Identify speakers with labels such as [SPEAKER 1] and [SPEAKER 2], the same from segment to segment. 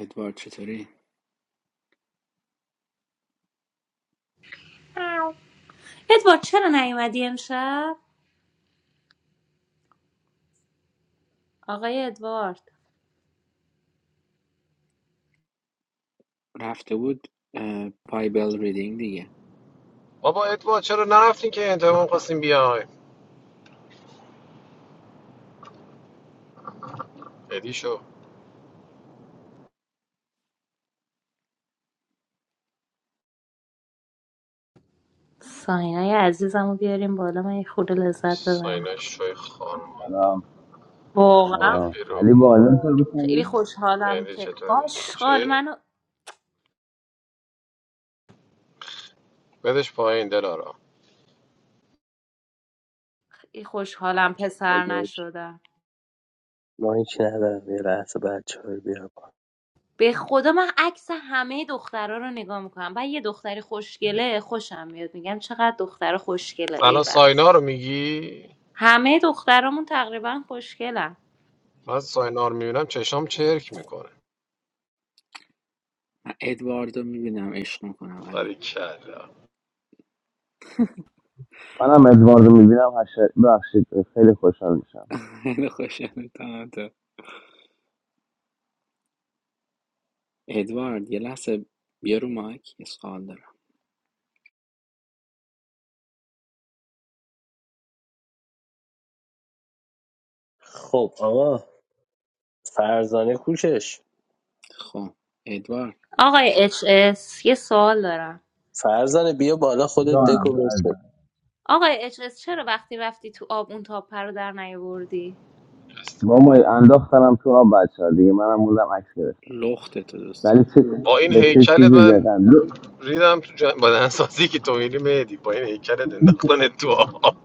[SPEAKER 1] ادوارد چطوری؟
[SPEAKER 2] ادوارد چرا نیومدی امشب؟ آقای ادوارد
[SPEAKER 1] رفته بود اه، بایبل ریدینگ دیگه
[SPEAKER 3] بابا ادوارد چرا نرفتین که انتقام خواستیم بیای ادی شو
[SPEAKER 2] ساینای عزیزمو بیاریم بالا من یه خورده لذت ببرم
[SPEAKER 3] ساینا شوی خانم
[SPEAKER 4] Hello.
[SPEAKER 3] برو
[SPEAKER 2] واقعا
[SPEAKER 3] بیرو
[SPEAKER 2] خیلی خوشحالم
[SPEAKER 3] مهدی
[SPEAKER 2] که
[SPEAKER 3] چطوری
[SPEAKER 2] آشغال
[SPEAKER 3] چه؟
[SPEAKER 2] منو
[SPEAKER 3] بدش پایین دلارا
[SPEAKER 2] خیلی خوشحالم پسر
[SPEAKER 5] مایک
[SPEAKER 2] نشدم
[SPEAKER 5] مایک ندارم یه لحظه بچه های بیا بالا.
[SPEAKER 2] به خدا من عکس همه دخترها رو نگاه میکنم بعد یه دختری خوشگله خوشم میاد میگم چقدر دختر خوشگله ای
[SPEAKER 3] الان
[SPEAKER 2] بابا
[SPEAKER 3] ساینا رو میگی
[SPEAKER 2] همه دخترامون تقریبا خوشگلن
[SPEAKER 3] من ساینا رو میبینم چشام چرک میکنه
[SPEAKER 1] من ادوارد رو میبینم عشق میکنم
[SPEAKER 3] ولی
[SPEAKER 1] علی
[SPEAKER 3] کلا
[SPEAKER 1] خیلی خوشحال تو ادوارد یه لحظه بیا رو مایک یه سوال دارم
[SPEAKER 5] خب آقا فرزانه کوشش
[SPEAKER 1] خب ادوارد
[SPEAKER 2] آقای اچ اس یه سوال دارم
[SPEAKER 5] فرزانه بیا بالا خودت دکو بچین
[SPEAKER 2] آقای اچ اس، چرا وقتی رفتی تو آب اون تاپه رو در نیاوردی
[SPEAKER 1] لخته تو دوست
[SPEAKER 3] با این هیکلت من ریدم تو جن... بدنسازی که تو میری مهدی با این هیکلت انداختن تو آب.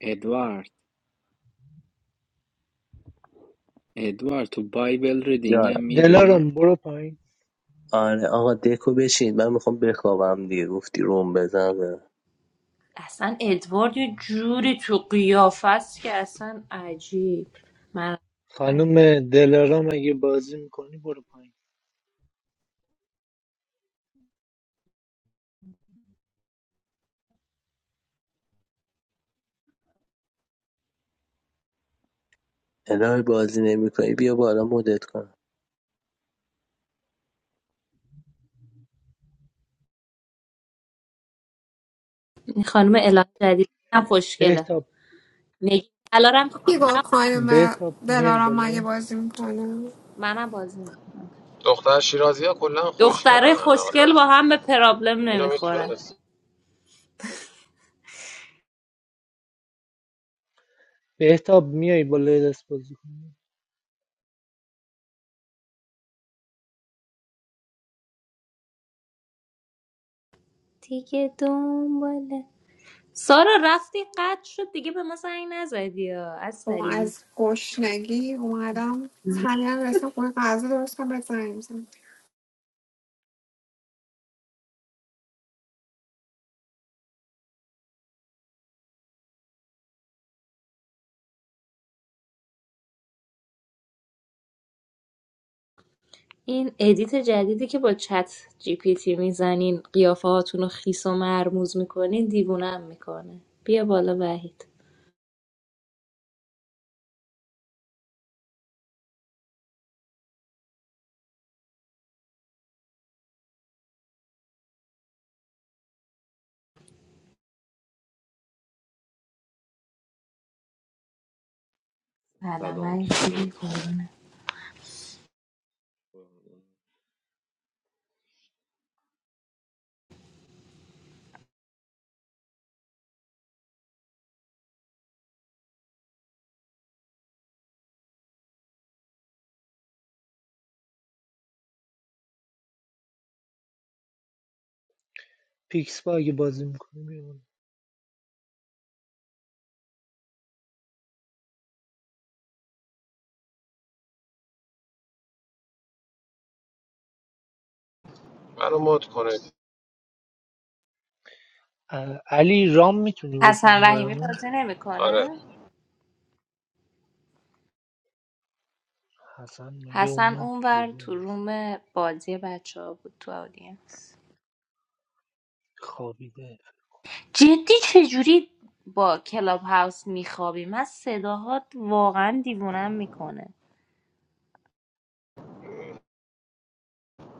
[SPEAKER 1] ادوارد ادوارد تو بایبل ریدینگ
[SPEAKER 5] جان
[SPEAKER 1] هم میری؟
[SPEAKER 6] دلارام برو پایین
[SPEAKER 5] آره آقا دکو بچین من میخوام بخوابم دیگه گفتی روم بزنم
[SPEAKER 2] اصلا ادوارد یه جوری تو قیافه است که اصلا عجیب من
[SPEAKER 6] خانم دلارام اگه بازی میکنی برو پایین
[SPEAKER 5] الهی بازی نمیکنی بیا بالا مدت کنم
[SPEAKER 2] این خانم الهه جدید هم خوشگله
[SPEAKER 6] بهتاب
[SPEAKER 2] نگین الارم که
[SPEAKER 7] He goes
[SPEAKER 2] رفت،
[SPEAKER 7] home and
[SPEAKER 6] بهتاب
[SPEAKER 7] I'm at
[SPEAKER 6] میای
[SPEAKER 7] home. I'm
[SPEAKER 6] بالا
[SPEAKER 7] going to eat.
[SPEAKER 2] منم بازی میکنم
[SPEAKER 3] دختر شیرازی ها کلا خوشگلن
[SPEAKER 2] دختره
[SPEAKER 3] همه حالا
[SPEAKER 2] خوشگل با هم به پرابلم
[SPEAKER 3] اینو
[SPEAKER 2] نمیخورن
[SPEAKER 3] میتونست
[SPEAKER 6] بهتاب میای بالا یه دست بازی کن
[SPEAKER 2] دیگه دنباله سارا رفتی قد شد دیگه به ما زنگ نزدی یا
[SPEAKER 7] We're going to
[SPEAKER 2] اصلی
[SPEAKER 7] go shopping. We're going to do something. We're going to do something.
[SPEAKER 2] این ادیت جدیدی که با چت جی پی تی میزنین قیافه هاتون رو خیس و مرموز میکنین دیوونم میکنه بیا بالا وحید سلام
[SPEAKER 8] سلام
[SPEAKER 2] وحید خوبی؟
[SPEAKER 8] چطورید خوبی
[SPEAKER 2] قربونه.
[SPEAKER 6] پیکس با اگه بازی میکنی میای بالا
[SPEAKER 3] منو مد کنه
[SPEAKER 6] اه، علی رام میتونی
[SPEAKER 2] حسن
[SPEAKER 6] بکنی
[SPEAKER 2] رحیمی
[SPEAKER 6] برامون
[SPEAKER 2] بازی
[SPEAKER 3] آره
[SPEAKER 2] نمیکنه
[SPEAKER 6] حسن میگه
[SPEAKER 2] حسن
[SPEAKER 6] اومد تو
[SPEAKER 2] اونور
[SPEAKER 6] روم
[SPEAKER 2] تو
[SPEAKER 6] است.
[SPEAKER 2] روم بازی بچه ها بود تو آدینس
[SPEAKER 6] خوابیده
[SPEAKER 2] جدی چجوری با کلاب هاوس میخوابی من صداهات واقعا دیوونم میکنه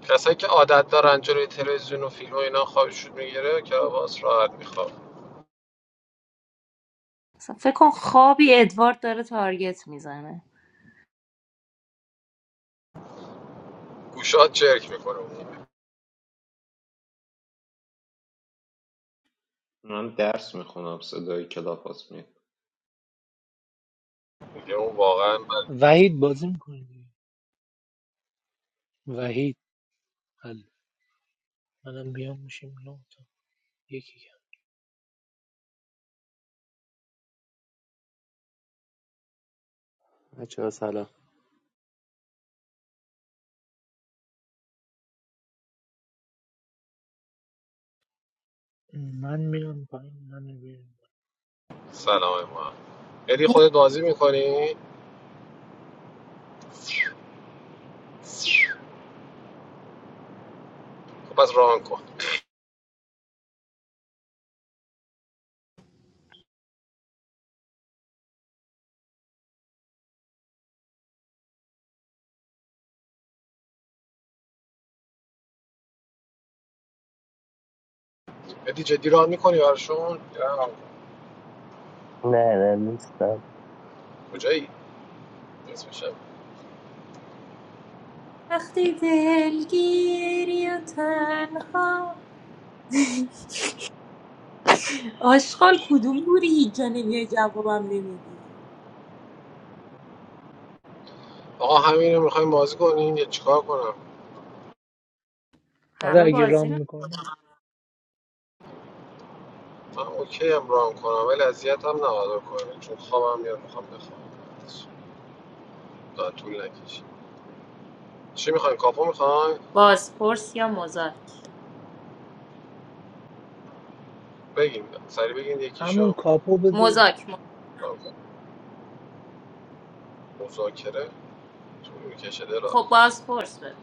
[SPEAKER 3] کسایی که عادت دارن جلوی تلویزیون و فیلم و اینا خوابشون میگیره که باز راحت میخواب
[SPEAKER 2] مثلا فکر کن خوابی ادوارد داره تارگت میزنه
[SPEAKER 3] گوشات چرک میکنه عمومی
[SPEAKER 8] من درس میخونم صدای کلاب هاست میاد
[SPEAKER 3] میگه اون واقعا من
[SPEAKER 6] وحید بازی میکنی وحید حل منم بیام میشیم نه تا یکی کم
[SPEAKER 9] بچه ها سلام
[SPEAKER 6] من میرم پایین من بیرم
[SPEAKER 3] سلام ما ادی خودت بازی میکنی خب پس ران کن ادی جدی ران میکنی براشون میرم.
[SPEAKER 5] نه نه نیستم
[SPEAKER 3] کجایی اسمشم
[SPEAKER 2] وقتی دلگیری و تنها آشغال کدوم بوری هیچ جا نمیای جوابم نمیدی
[SPEAKER 3] آقا همین رو میخوایم بازی کنیم یه چیکار کنم
[SPEAKER 6] آره
[SPEAKER 2] همه
[SPEAKER 6] اگه
[SPEAKER 2] بازی
[SPEAKER 6] رام
[SPEAKER 2] می-
[SPEAKER 6] میکنی
[SPEAKER 3] من اوکی هم ران کنم ولی اذیت هم نباید کنم چون خوابم میاد میخوام بخوام تا طول نکشه چی میخواین کاپو میخواین
[SPEAKER 2] بازپرس یا مزاک
[SPEAKER 3] بگین سری بگین
[SPEAKER 6] همون
[SPEAKER 3] یکیشو
[SPEAKER 6] کاپو بده
[SPEAKER 2] مزاک مزاک.
[SPEAKER 3] ران کن. مذاکره طول میکشه دلا
[SPEAKER 2] خب بازپرس بده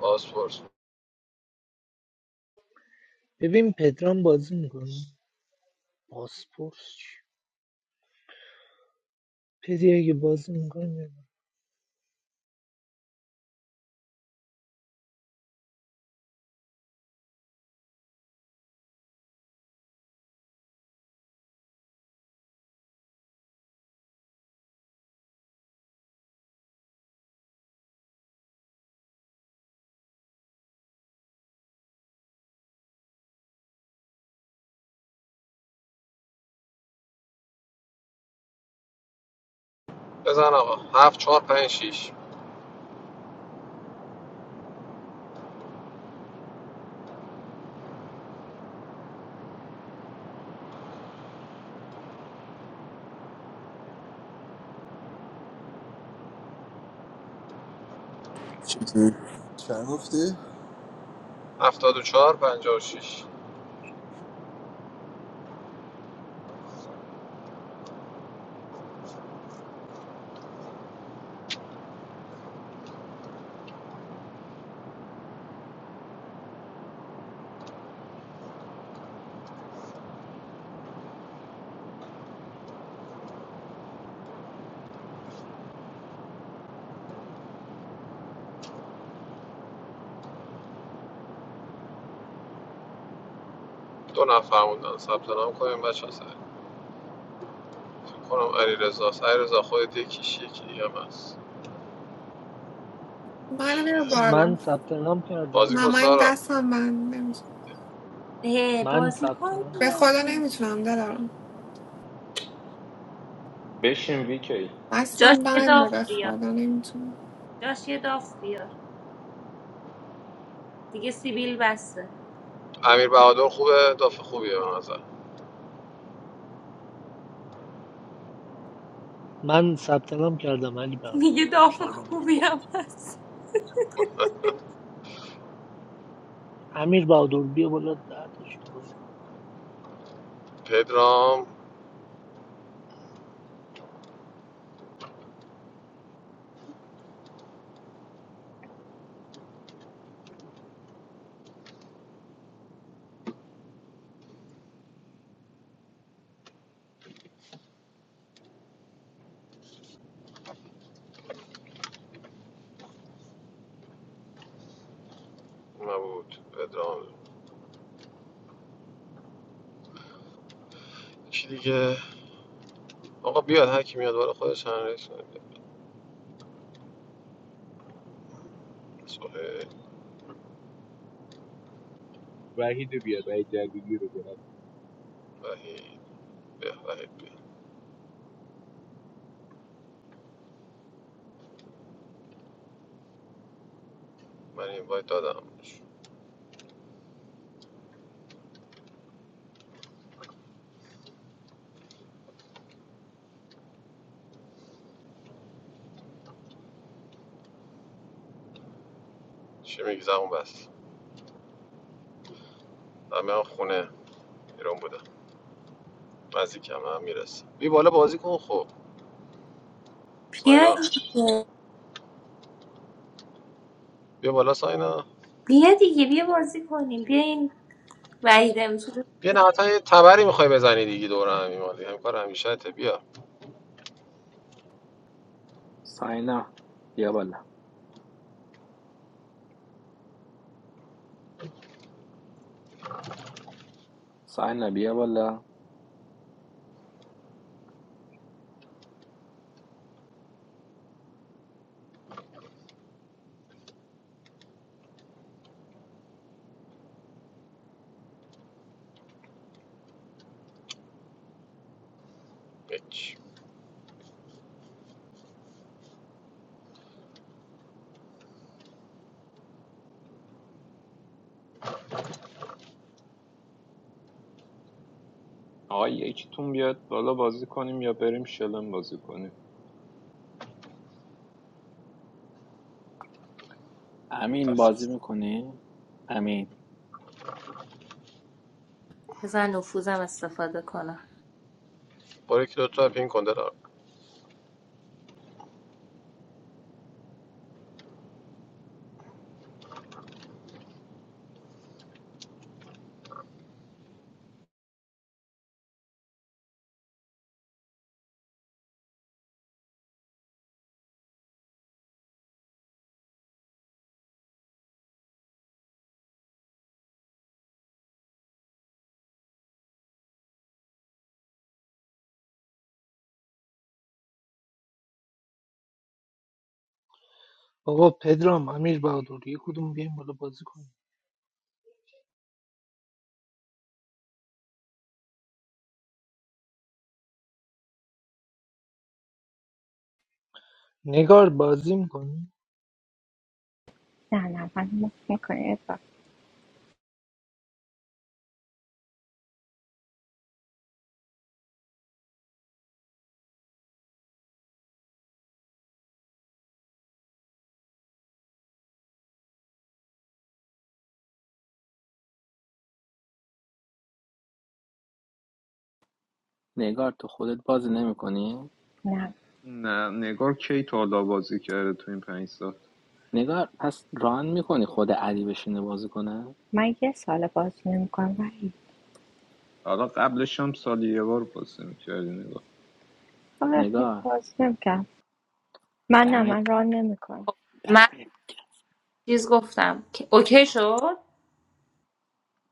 [SPEAKER 3] آسپورس
[SPEAKER 6] ببین پدرام بازی میکنه پاسپورت چی؟ پدی اگه بازی میکنه
[SPEAKER 3] بزن آقا هفت چهار پنج شیش
[SPEAKER 10] چطوری؟ چند گفتی؟
[SPEAKER 3] هفتاد و چهار پنجاه و شیش دو نفر موندن ثبت نام کنیم بچه ها سریع فکر کنم علیرضا رضا رضا خودت یکیش یکی دیگه هم
[SPEAKER 7] I'm very tall.
[SPEAKER 6] من
[SPEAKER 7] I'm
[SPEAKER 6] ثبت نام کردم
[SPEAKER 3] بازی کن
[SPEAKER 7] 10
[SPEAKER 3] سارا
[SPEAKER 7] cm. I'm
[SPEAKER 2] اه،
[SPEAKER 6] من
[SPEAKER 2] بازی
[SPEAKER 6] ثبت
[SPEAKER 2] کن
[SPEAKER 6] نام
[SPEAKER 2] دیگه.
[SPEAKER 8] بشین ویکی
[SPEAKER 7] not
[SPEAKER 2] جاش یه داف
[SPEAKER 7] tall.
[SPEAKER 2] بیار
[SPEAKER 7] I'm not tall.
[SPEAKER 2] جاش یه داف بیار دیگه سیبیل بسته
[SPEAKER 3] امیر بهادر خوبه دافع خوبیه به نظر
[SPEAKER 6] من ثبت نام کردم علی بهایی
[SPEAKER 2] میگه داف
[SPEAKER 6] چهارمین
[SPEAKER 2] خوبی
[SPEAKER 3] خب،
[SPEAKER 6] نفر
[SPEAKER 2] هم هست
[SPEAKER 6] امیر بهادر بیا بالا دهتشون بازی کن.
[SPEAKER 3] پدرام نبود پدرام چی دیگه آقا بیاد هر کی میاد بالا خودش هم رئیس نمیاد. سهیل
[SPEAKER 9] وحید رو بیار وحید جلیلی رو بیار
[SPEAKER 3] وحید به وحید بیا من این وایت دادم چی میگی زمون بس همه خونه ایران بودم نزدیک هم هم میرسه بی بالا بازی کن خب
[SPEAKER 2] بیا
[SPEAKER 3] ساینا
[SPEAKER 2] دیگه
[SPEAKER 3] بیا بالا ساینا
[SPEAKER 2] بیا دیگه بیا بازی کنیم بیا این وحیده میتونه
[SPEAKER 3] بیا نهایتا یه تبری میخوای بزنی دیگه دور هم ایمالی هم کار همیشه ته بیا
[SPEAKER 1] ساینا بیا بالا ساینا بیا بالا
[SPEAKER 3] هیچ
[SPEAKER 8] آقا یکیتون بیاد بالا بازی کنیم یا بریم شلم بازی کنیم
[SPEAKER 1] امین بازی
[SPEAKER 3] تاسیس
[SPEAKER 1] میکنی؟ امین
[SPEAKER 2] بزن نفوذم استفاده کنم
[SPEAKER 3] برو که دوتا پین کن دلار
[SPEAKER 6] آقا پدرام امیر بهادر یه کدوم بیایم بالا بازی کنیم نگار بازی میکنی
[SPEAKER 11] Na na, man, not not like that.
[SPEAKER 1] نگار تو خودت بازی نمیکنی؟
[SPEAKER 11] Na,
[SPEAKER 8] نه نگار کی تا حالا بازی کرده تو این پنج سال
[SPEAKER 1] نگار پس ران میکنی خود علی بشینه بازی کنه
[SPEAKER 11] my guess all about something wrong. Why?
[SPEAKER 8] حالا قبلش هم سالی یه بار بازی میکردی نگار
[SPEAKER 11] Oh, it's
[SPEAKER 1] نگار
[SPEAKER 11] all something wrong. Man,
[SPEAKER 1] دمت
[SPEAKER 11] man, run something
[SPEAKER 1] دمت گرم.
[SPEAKER 2] چیز گفتم که اوکی شد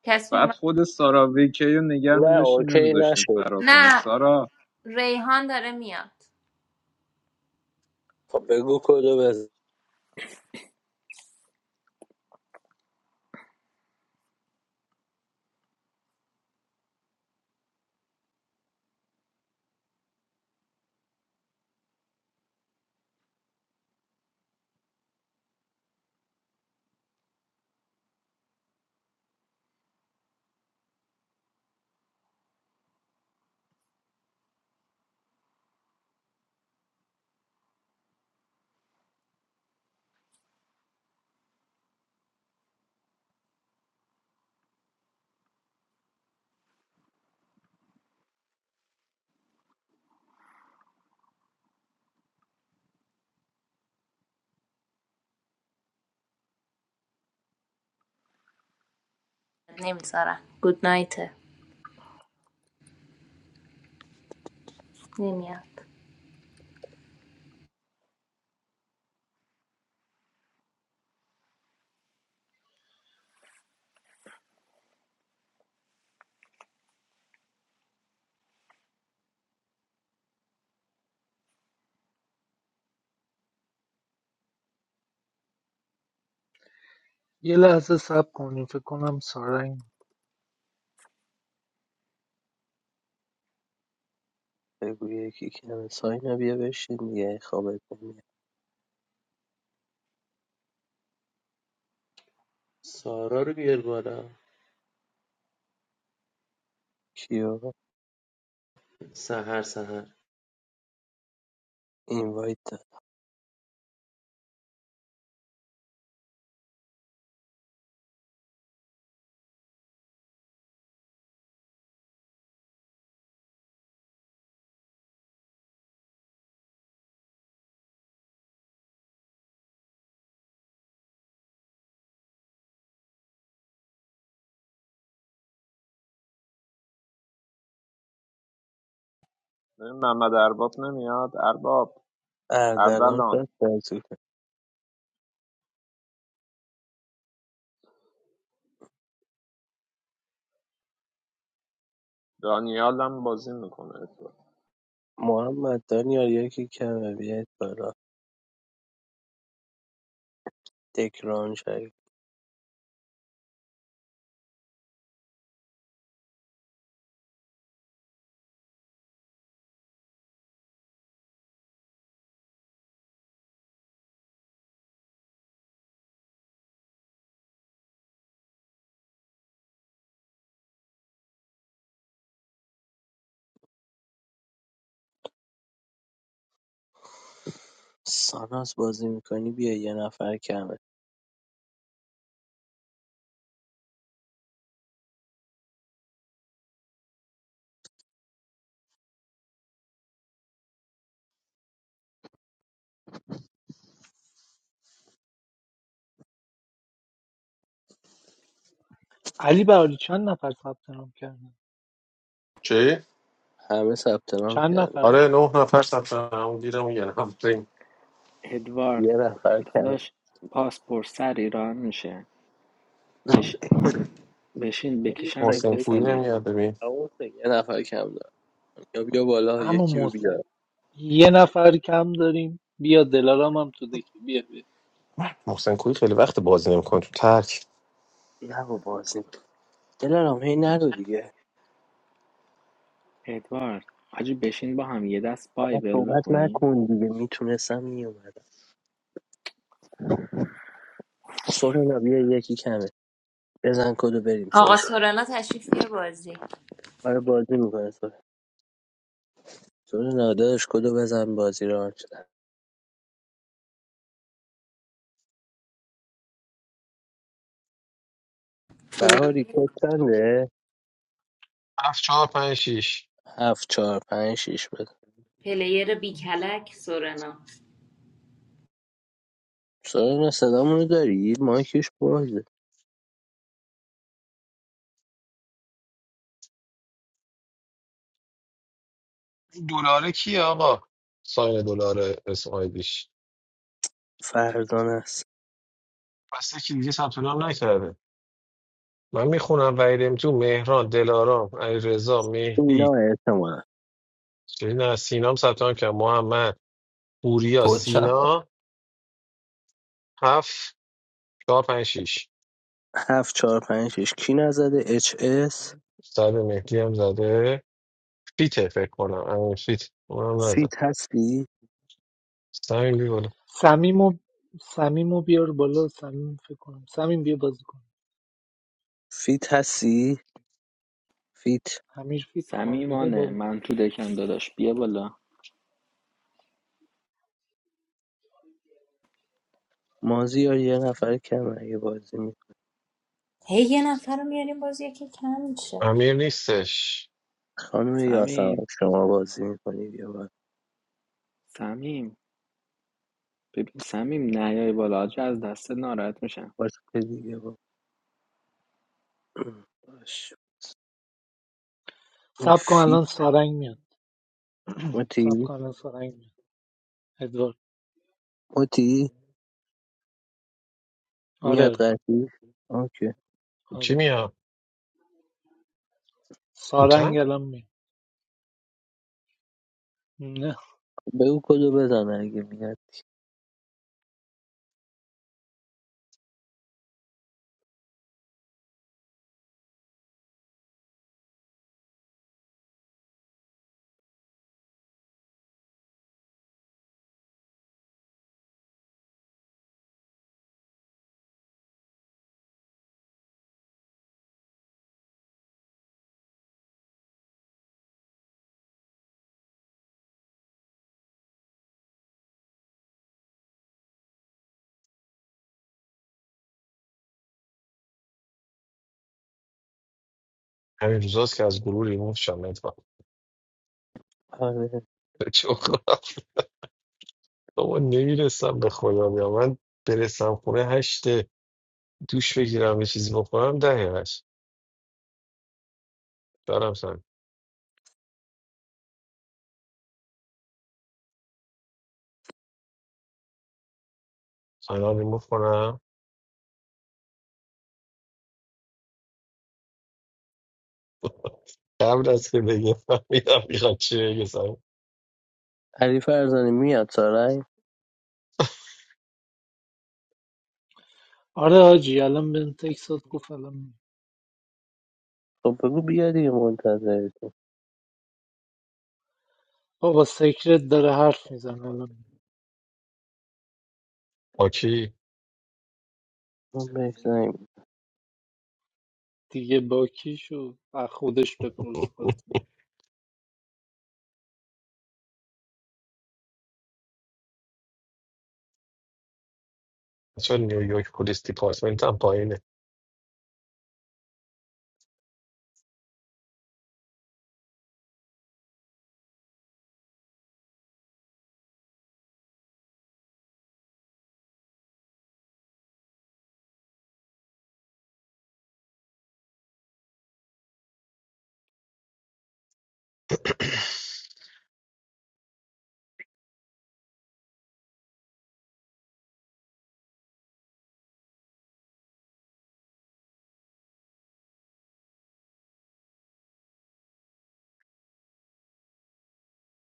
[SPEAKER 2] کسی
[SPEAKER 8] بعد
[SPEAKER 2] اومد
[SPEAKER 8] خود سارا ویکی رو نگر
[SPEAKER 5] نه
[SPEAKER 8] میداشتیم
[SPEAKER 5] اوکی
[SPEAKER 8] نمیذاشتیم
[SPEAKER 5] نشد
[SPEAKER 8] فرار کنه
[SPEAKER 2] نه
[SPEAKER 8] سارا
[SPEAKER 2] ریحان داره میاد
[SPEAKER 5] خب بگو کدو بزن
[SPEAKER 2] نمیذارم گود نایت نمیاد
[SPEAKER 6] یه لحظه صبر کنیم فکر کنم سارنگ
[SPEAKER 5] بگو یکی که همه ساینا بیا بشین دیگه خوابت نمیاد
[SPEAKER 9] سارا رو بیار بالا
[SPEAKER 5] کیو
[SPEAKER 9] سهر سهر
[SPEAKER 5] اینوایت داد
[SPEAKER 8] ببین محمد ارباب نمیاد ارباب
[SPEAKER 5] اردلان
[SPEAKER 8] اردلان
[SPEAKER 5] شد
[SPEAKER 8] دانیال هم بازی میکنه
[SPEAKER 5] محمد دانیال یکی کمه بیاید بالا دکران شریف ساناس بازی میکنی بیا یه نفر کمه
[SPEAKER 6] علی بهادر چند نفر ثبت نام کردن
[SPEAKER 3] چی؟
[SPEAKER 5] همه ثبت نام
[SPEAKER 6] چند
[SPEAKER 5] کرده
[SPEAKER 6] نفر
[SPEAKER 3] آره
[SPEAKER 1] ادوارد
[SPEAKER 5] یه نفر کمه
[SPEAKER 1] داداش پاسپورت سر ایران میشه بش... بشین
[SPEAKER 5] همون
[SPEAKER 1] بکشمت
[SPEAKER 5] سگ-
[SPEAKER 1] به
[SPEAKER 5] یکی-
[SPEAKER 1] صلیب
[SPEAKER 5] همون سگ. یه نفر کم دارم یا بیا بالا
[SPEAKER 6] اما
[SPEAKER 5] یکی رو بیار
[SPEAKER 6] محسن یه نفر کم داریم بیا دلارام هم تو دکی بیا بیا
[SPEAKER 5] نه با بازی دلارام هی نرو دیگه
[SPEAKER 1] ادوارد حاجی بشین با هم یه دست
[SPEAKER 5] آقا
[SPEAKER 1] بایبل
[SPEAKER 5] صحبت
[SPEAKER 1] بخونیم
[SPEAKER 5] نکن دیگه میتونستم میومدم سورنا بیا یکی کمه بزن کدو بریم
[SPEAKER 2] آقا
[SPEAKER 5] سورنا
[SPEAKER 2] سورنا تشریف بیار بازی
[SPEAKER 5] آره بازی میکنه سورنا سورنا داداش کدو بزن بازی رو آن شدن
[SPEAKER 2] پلی...
[SPEAKER 5] بهاری کد چنده
[SPEAKER 3] هفت چهار پنج شیش
[SPEAKER 5] هفت چهار پنج شیش بده
[SPEAKER 2] پلیر بی کلک سورنا
[SPEAKER 5] سارا صدامونو داری؟ مایکش بازه
[SPEAKER 3] دلاره کیه آقا ساین دلار اسم آیدیش
[SPEAKER 5] فردان است
[SPEAKER 3] پس یکی دیگه ثبت نام نکرده من میخونم وحید تو مهران دلارام علیرضا
[SPEAKER 5] اینا
[SPEAKER 3] مهدی
[SPEAKER 5] احتمالا
[SPEAKER 3] چه نه سینام ثبت نام کرد محمد پوریا
[SPEAKER 12] کوچم
[SPEAKER 3] سینا هفت چهار پنج شیش
[SPEAKER 5] هفت چهار پنج شیش کی نزده اچ اس
[SPEAKER 3] سر مهدی هم زده فیته فکر کنم امیر فیت اونم نزد
[SPEAKER 5] فیت هستی؟
[SPEAKER 3] سمیم بی بالا
[SPEAKER 6] سمیمو سمیمو بیار بالا سمیم فکر کنم سمیم بیا بازی کن
[SPEAKER 5] فیت هستی؟ فیت
[SPEAKER 6] همیر فیت خوابیده
[SPEAKER 1] سمیمانه
[SPEAKER 6] بابا
[SPEAKER 1] من تو دکم داداش بیا بالا
[SPEAKER 5] مازیار یه نفر کم اگه بازی می
[SPEAKER 2] هی یه نفر رو میاریم بازی یکی کم میشه
[SPEAKER 3] امیر نیستش
[SPEAKER 5] خانم یاسم
[SPEAKER 1] سمیم
[SPEAKER 5] شما بازی میکنی بیا باید
[SPEAKER 1] سمیم ببین سمیم نیای بالا حاجی از دست ناراحت میشم
[SPEAKER 5] باش دیگه با باش
[SPEAKER 6] سب کن
[SPEAKER 5] فیت
[SPEAKER 6] الان سارنگ میاد سب
[SPEAKER 5] متی
[SPEAKER 6] کن الان سارنگ میاد ادوارد
[SPEAKER 5] متی
[SPEAKER 6] آره
[SPEAKER 5] میاد
[SPEAKER 6] آره
[SPEAKER 5] قرطی اوکی
[SPEAKER 3] کی
[SPEAKER 6] آره
[SPEAKER 3] میاد بوتن
[SPEAKER 6] سارنگ الان میاد نه
[SPEAKER 5] بگو کدو بزنه اگه میاد
[SPEAKER 3] همین روزاست که از گروه ریموف شم اتفاق
[SPEAKER 5] آره.
[SPEAKER 3] چون بابا نمیرسم به خدا بیا من برسم خونه هشته دوش بگیرم یه چیزی بخورم دهه هشت دارم سم فنا ریموف کنم قبل از که بگه فهمیدم میخواد چی بگه سمیم
[SPEAKER 5] علی فرزانه میاد سارنگ
[SPEAKER 6] آره آجی الان به تکسات گفت الان میاد
[SPEAKER 5] خب بگو بیا دیگه منتظرتیم
[SPEAKER 6] بابا سیکرت داره حرف میزنه الان میاد.
[SPEAKER 3] آکی
[SPEAKER 5] من بهش
[SPEAKER 6] دیگه باکیشو از خودش بپرس خواست
[SPEAKER 3] چون نیویورک پلیس دیپارتمنت هم پایینه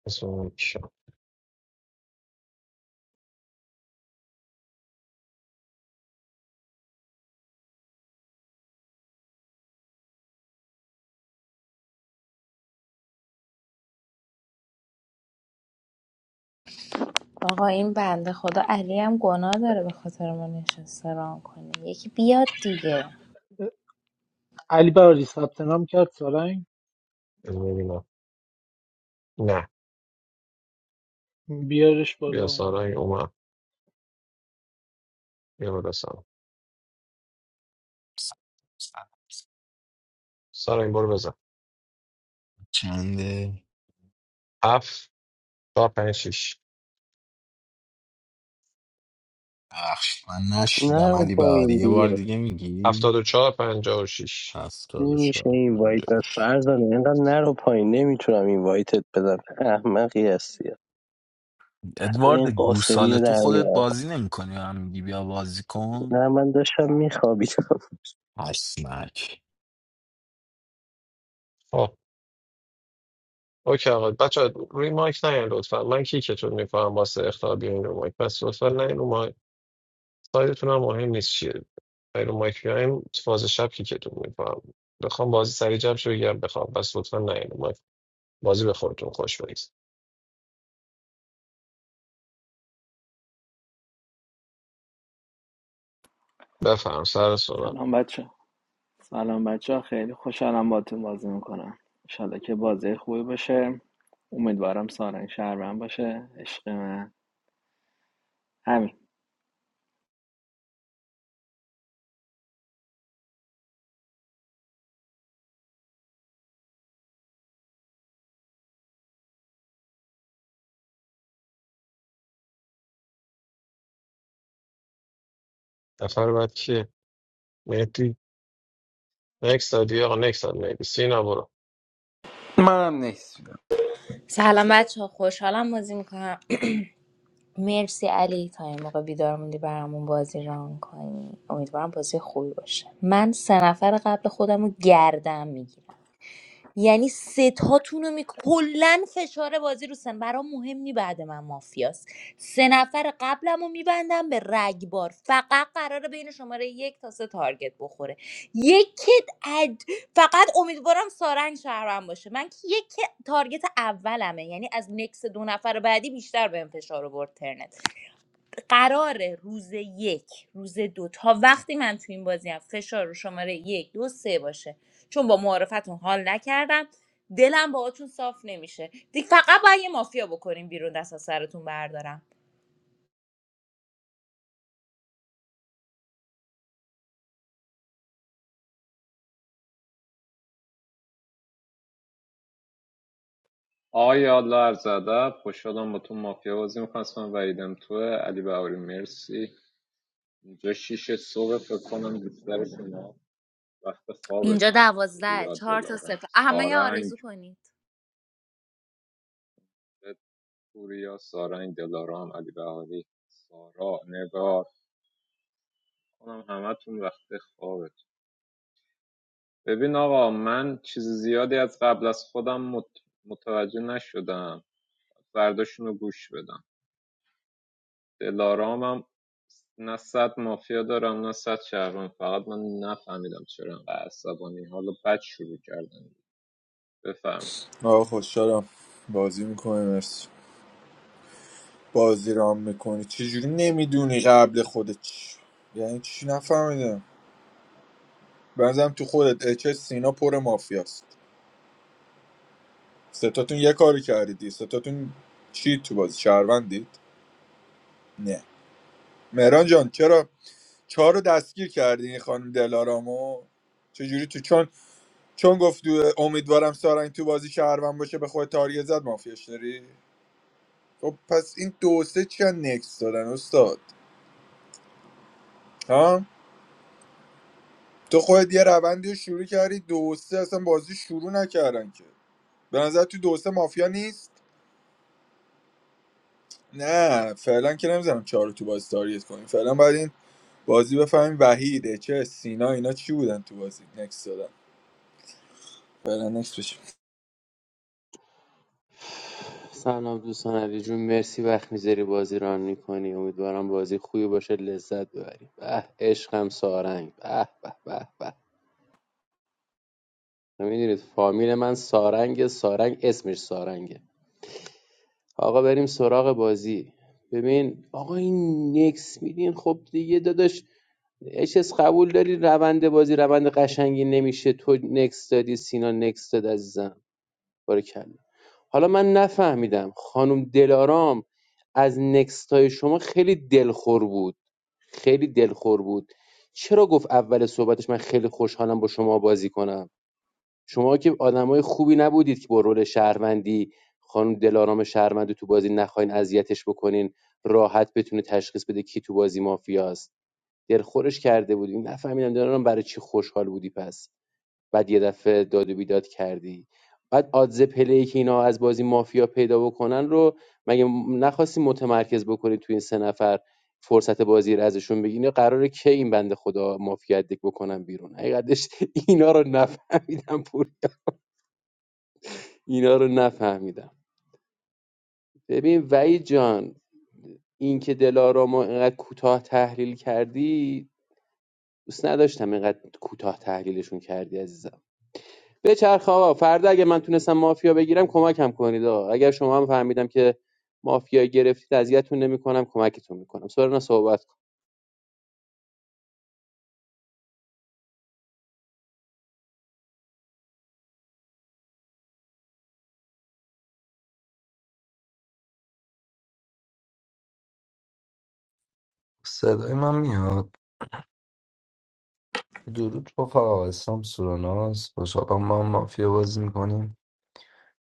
[SPEAKER 3] اسم چی؟
[SPEAKER 2] آقا این بنده خدا علی هم گناه داره به خاطر ما نشسته ران کنه یکی بیاد دیگه
[SPEAKER 6] علی بهاری ثبت نام کرد سارنگ
[SPEAKER 3] بذار ببینم نه
[SPEAKER 6] بیارش
[SPEAKER 3] بیا
[SPEAKER 6] بالا اومد
[SPEAKER 3] سارنگ اومد بیا بالا سارنگ سارنگ برو بزن
[SPEAKER 13] چنده
[SPEAKER 3] هفت چهار پنج شیش
[SPEAKER 13] بخش من نشیدم
[SPEAKER 5] نرو
[SPEAKER 13] علی بهاری
[SPEAKER 5] پایین
[SPEAKER 13] یه بار
[SPEAKER 5] دیگه
[SPEAKER 13] دیگه میگی
[SPEAKER 3] هفتاد و چهار پنجاه و شیش
[SPEAKER 13] هفتاد و
[SPEAKER 5] نمیشه
[SPEAKER 13] چهار
[SPEAKER 5] این وایت دست
[SPEAKER 13] پنجاش
[SPEAKER 5] فرزانه اینقدر نرو پایین نمیتونم این وایتت بدم احمقی هستی ادا این
[SPEAKER 13] ادوارد
[SPEAKER 5] قاسمی
[SPEAKER 13] گوساله
[SPEAKER 5] رو
[SPEAKER 13] تو
[SPEAKER 5] در
[SPEAKER 13] خودت
[SPEAKER 5] میارم
[SPEAKER 13] بازی نمیکنی و هم میگی بیا بازی کن
[SPEAKER 5] نه من داشتم میخوابیدم
[SPEAKER 13] اسمک
[SPEAKER 3] خب اوکی آقا بچه روی مایک نیاین لطفا من کیکتون میکنم واسه اختار بیاین رو مایک پس لطفا نیاین رو مایک سایدتون هم مهم نیست چیه غیر مایک بیایم فاز شب کیکتون میکنم بخوام بازی سریع جمع شه بگیرم بخوام پس لطفا نیاین مایک بازی به خودتون خوش بگذره بفهم سر صحبت
[SPEAKER 1] سلام بچه سلام بچه ها خیلی خوشحالم باتون بازی میکنم انشالله که بازی خوبی باشه امیدوارم سارنگ شهرم باشه عشق من همین
[SPEAKER 3] نفر بعد کیه مهدی نکس دادی آقا نکس داد مهدی سینا برو
[SPEAKER 14] منم نیست
[SPEAKER 2] سلام بچه ها، خوشحالم بازی مرسی علی تا این موقع بیدار موندی برامون بازی ران کنی امیدوارم بازی خوبی باشه من سه نفر قبل خودم رو گردم میگیرم یعنی ستاتون رو می کلا فشار بازی رو سن برام مهم نی بعد من مافیاست سه نفر قبلم رو میبندم به رگبار فقط قراره بین شماره یک تا سه تارگت بخوره یکت اد... فقط امیدوارم سارنگ شهرم باشه من که یک تارگت اولمه یعنی از نکس دو نفر بعدی بیشتر بهم فشار آورد قراره روز یک روز دو تا وقتی من تو این بازی هم فشار رو شماره یک دو سه باشه چون با معارفتون حال نکردم دلم باهاتون صاف نمیشه دیگه فقط باید یه مافیا بکنیم بیرون دست از سرتون بردارم
[SPEAKER 8] آقای یالا عرض ادب خوشحالم با تو مافیا بازی میکنم اسمم وحیدم توه علی بهاری مرسی اینجا شیشه صبح فکر کنم بیشتر شما وقت
[SPEAKER 2] اینجا
[SPEAKER 8] خوابتون
[SPEAKER 2] دوازده
[SPEAKER 8] پوریا
[SPEAKER 2] چهار تا
[SPEAKER 8] دلارام
[SPEAKER 2] صفر همه یه
[SPEAKER 8] سارنگ
[SPEAKER 2] آرزو کنید
[SPEAKER 8] پوریا سارنگ دلارام علی بهاری سارا نگار کنم همه همتون وقت خوابتون ببین آقا من چیز زیادی از قبل از خودم مت- متوجه نشدم فرداشونو گوش بدم دلارامم نه صد مافیا دارم نه صد شهروند فقط من نفهمیدم چرا انقدر عصبانی حالا بد شروع کردن بفهم
[SPEAKER 10] آه خوشحالم بازی میکنی مرسی بازی رام میکنی چجوری نمیدونی قبل خودت چی؟ یعنی چی نفهمیدم بنظرم تو خودت اچ اس، سینا پر مافیاست ستاتون یه کاری کردید ستاتون چی تو بازی شهروندید نه مهران جان چرا چهار رو دستگیر کردی این خانم دلارامو چجوری تو چون چون گفت امیدوارم سارنگ تو بازی شهروند باشه به خود تاریه زد مافیاش داری خب پس این دو سه چی نکس دادن استاد ها تو خودت یه روندی رو شروع کردی دو سه اصلا بازی شروع نکردن که به نظر تو دو سه مافیا نیست نه فعلا که نمیزنم چهار رو تو بازی تاریت کنیم فعلا باید این بازی بفهمیم وحیده چه سینا اینا چی بودن تو بازی نکس دادن فعلا نکس بشیم
[SPEAKER 9] سلام دوستان علی جون مرسی وقت میذاری بازی ران میکنی امیدوارم بازی خوبی باشه لذت ببری به عشقم سارنگ به به به به میدونید فامیل من سارنگ سارنگ اسمش سارنگه آقا بریم سراغ بازی ببین آقا این نکس میدین خب دیگه داداش اچس قبول داری روند بازی روند قشنگی نمیشه تو نکس دادی سینا نکس داد عزیزم بارکلا حالا من نفهمیدم خانم دلارام از نکست شما خیلی دلخور بود خیلی دلخور بود چرا گفت اول صحبتش من خیلی خوشحالم با شما بازی کنم شما که آدمای خوبی نبودید که با رول شهروندی خانم دلارام شهروندی تو بازی نخواین اذیتش بکنین راحت بتونه تشخیص بده کی تو بازی مافیاست دلخورش کرده بودیم نفهمیدم دارم برای چی خوشحال بودی پس بعد یه دفعه داد و بیداد کردی بعد آدز پلی که اینا از بازی مافیا پیدا بکنن رو مگه نخواستی متمرکز بکنی تو این سه نفر فرصت بازی رو ازشون بگیرین قراره کی این بنده خدا مافیا دک بکنن بیرون حقیقتش اینا رو نفهمیدم پور اینا رو نفهمیدم ببین وحید جان اینکه دلارام رو اینقدر کوتاه تحلیل کردی دوست نداشتم اینقدر کوتاه تحلیلشون کردی عزیزم بچرخ آقا فردا اگه من تونستم مافیا بگیرم کمکم کنید آقا اگر شما هم فهمیدم که مافیا گرفتید اذیتتون نمیکنم کمکتون میکنم سورنا صحبت کن
[SPEAKER 12] صدای من میاد درود رفقا اسلام سوراناس خوشحالم ما هم مافیا بازی میکنیم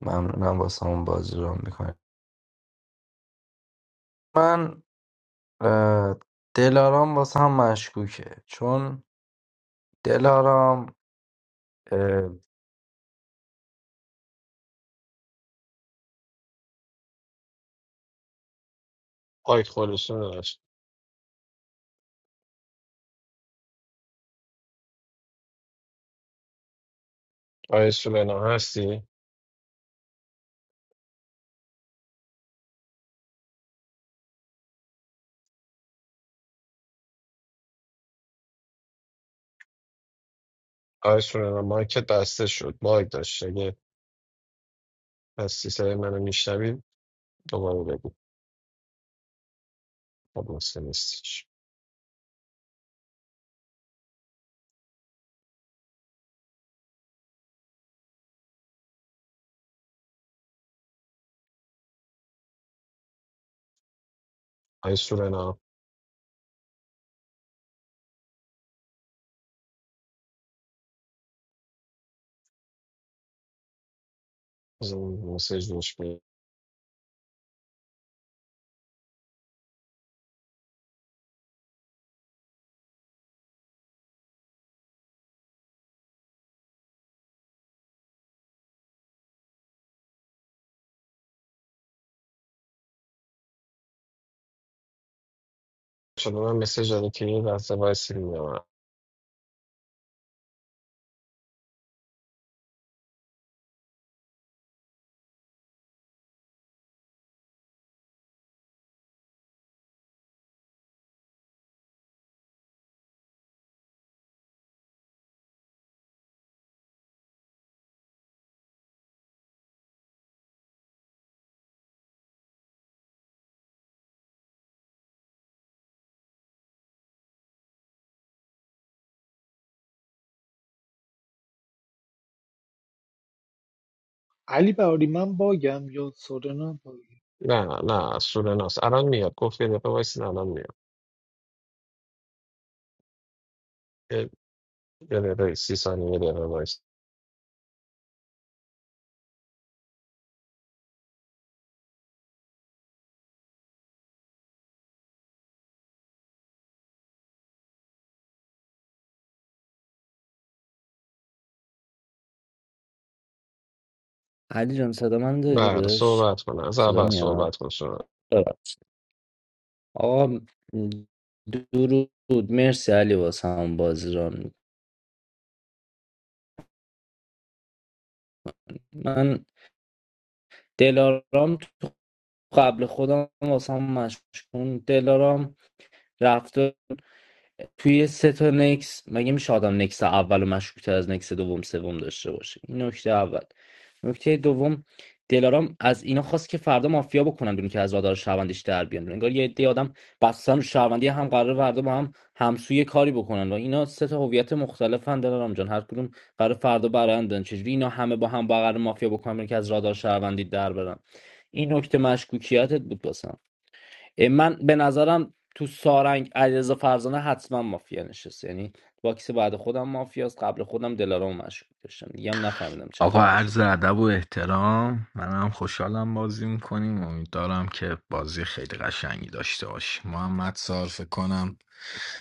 [SPEAKER 12] ممنونم واسه همون بازی رو میکنیم من اه، دلارام واسه هم مشکوکه چون دلارام اه،
[SPEAKER 3] مایک خودشون نداشت آیه سولنا هستی آیه سولنا مایکت بسته شد مایک داشت اگه هستی سر منو میشنوی دوباره بگو خب مسئله نیستش آیه سولنا از اون مسیج روش بیاد. شده من مسیج داده که یه لحظه وایسی میام
[SPEAKER 6] علی بهاری من باگم یا سورنا باگم
[SPEAKER 3] نه نه سورناس الان میاد گفت یه دقیقه وایسی الان میاد یه یه دقیقه سی ثانیه یه دقیقه وایسی
[SPEAKER 12] علی جان صدا من داری
[SPEAKER 3] بله
[SPEAKER 12] داداش
[SPEAKER 3] صحبت کن از
[SPEAKER 12] صدا
[SPEAKER 3] اول
[SPEAKER 12] میاد
[SPEAKER 3] صحبت کن شما
[SPEAKER 12] ببخشید. آقا درود مرسی علی واسه هم بازران من دلارام تو قبل خودم واسه هم مشکون دلارام رفته توی سه تا نکس مگه میشه آدم نکس اولو و مشکوکتر از نکس دوم سوم داشته باشه این نکته اول نکته دوم دلارام از اینا خواست که فردا مافیا بکنن بیرون که از رادار شهروندیش در بیان انگار یه عده آدم بستن رو شهروندی هم قرار فردا با هم همسوی کاری بکنن و اینا سه تا هویت مختلفن دلارام جان هر کدوم قرار فردا برندن چجوری اینا همه با هم با قرار مافیا بکنن بیرون که از رادار شهروندی در برن این نکته مشکوکیتت بود واسم. اه، من به نظرم تو سارنگ علیرضا فرزانه حتما مافیا نشست یعنی باکس بعد خودم مافیاست قبل خودم دلارام مشکوک داشتم دیگه هم نفهمیدم چه
[SPEAKER 13] آقا
[SPEAKER 12] خبر شد
[SPEAKER 13] عرض
[SPEAKER 12] دیگه
[SPEAKER 13] ادب و احترام منم خوشحالم بازی میکنیم امیدوارم که بازی خیلی قشنگی داشته باشی محمد صار فکر کنم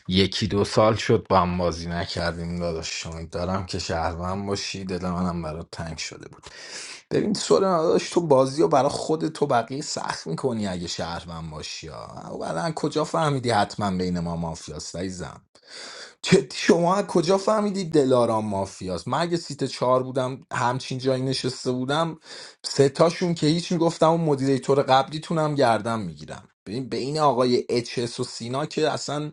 [SPEAKER 13] یکی دو سال شد با هم بازی نکردیم داداش شما دارم که شهروند باشی دل منم برات تنگ شده بود ببین سوال داداش تو بازی رو برای خود تو بقیه سخت میکنی اگه شهروند باشی ها بعدا کجا فهمیدی حتما بین ما مافیاست عزیزم جدی شما از کجا فهمیدی دلارام مافیاست من اگه سیت چهار بودم همچین جایی نشسته بودم سه تاشون که هیچ میگفتم و مدیریتور قبلیتونم گردم میگیرم ببین بین آقای اچ اس و سینا که اصلا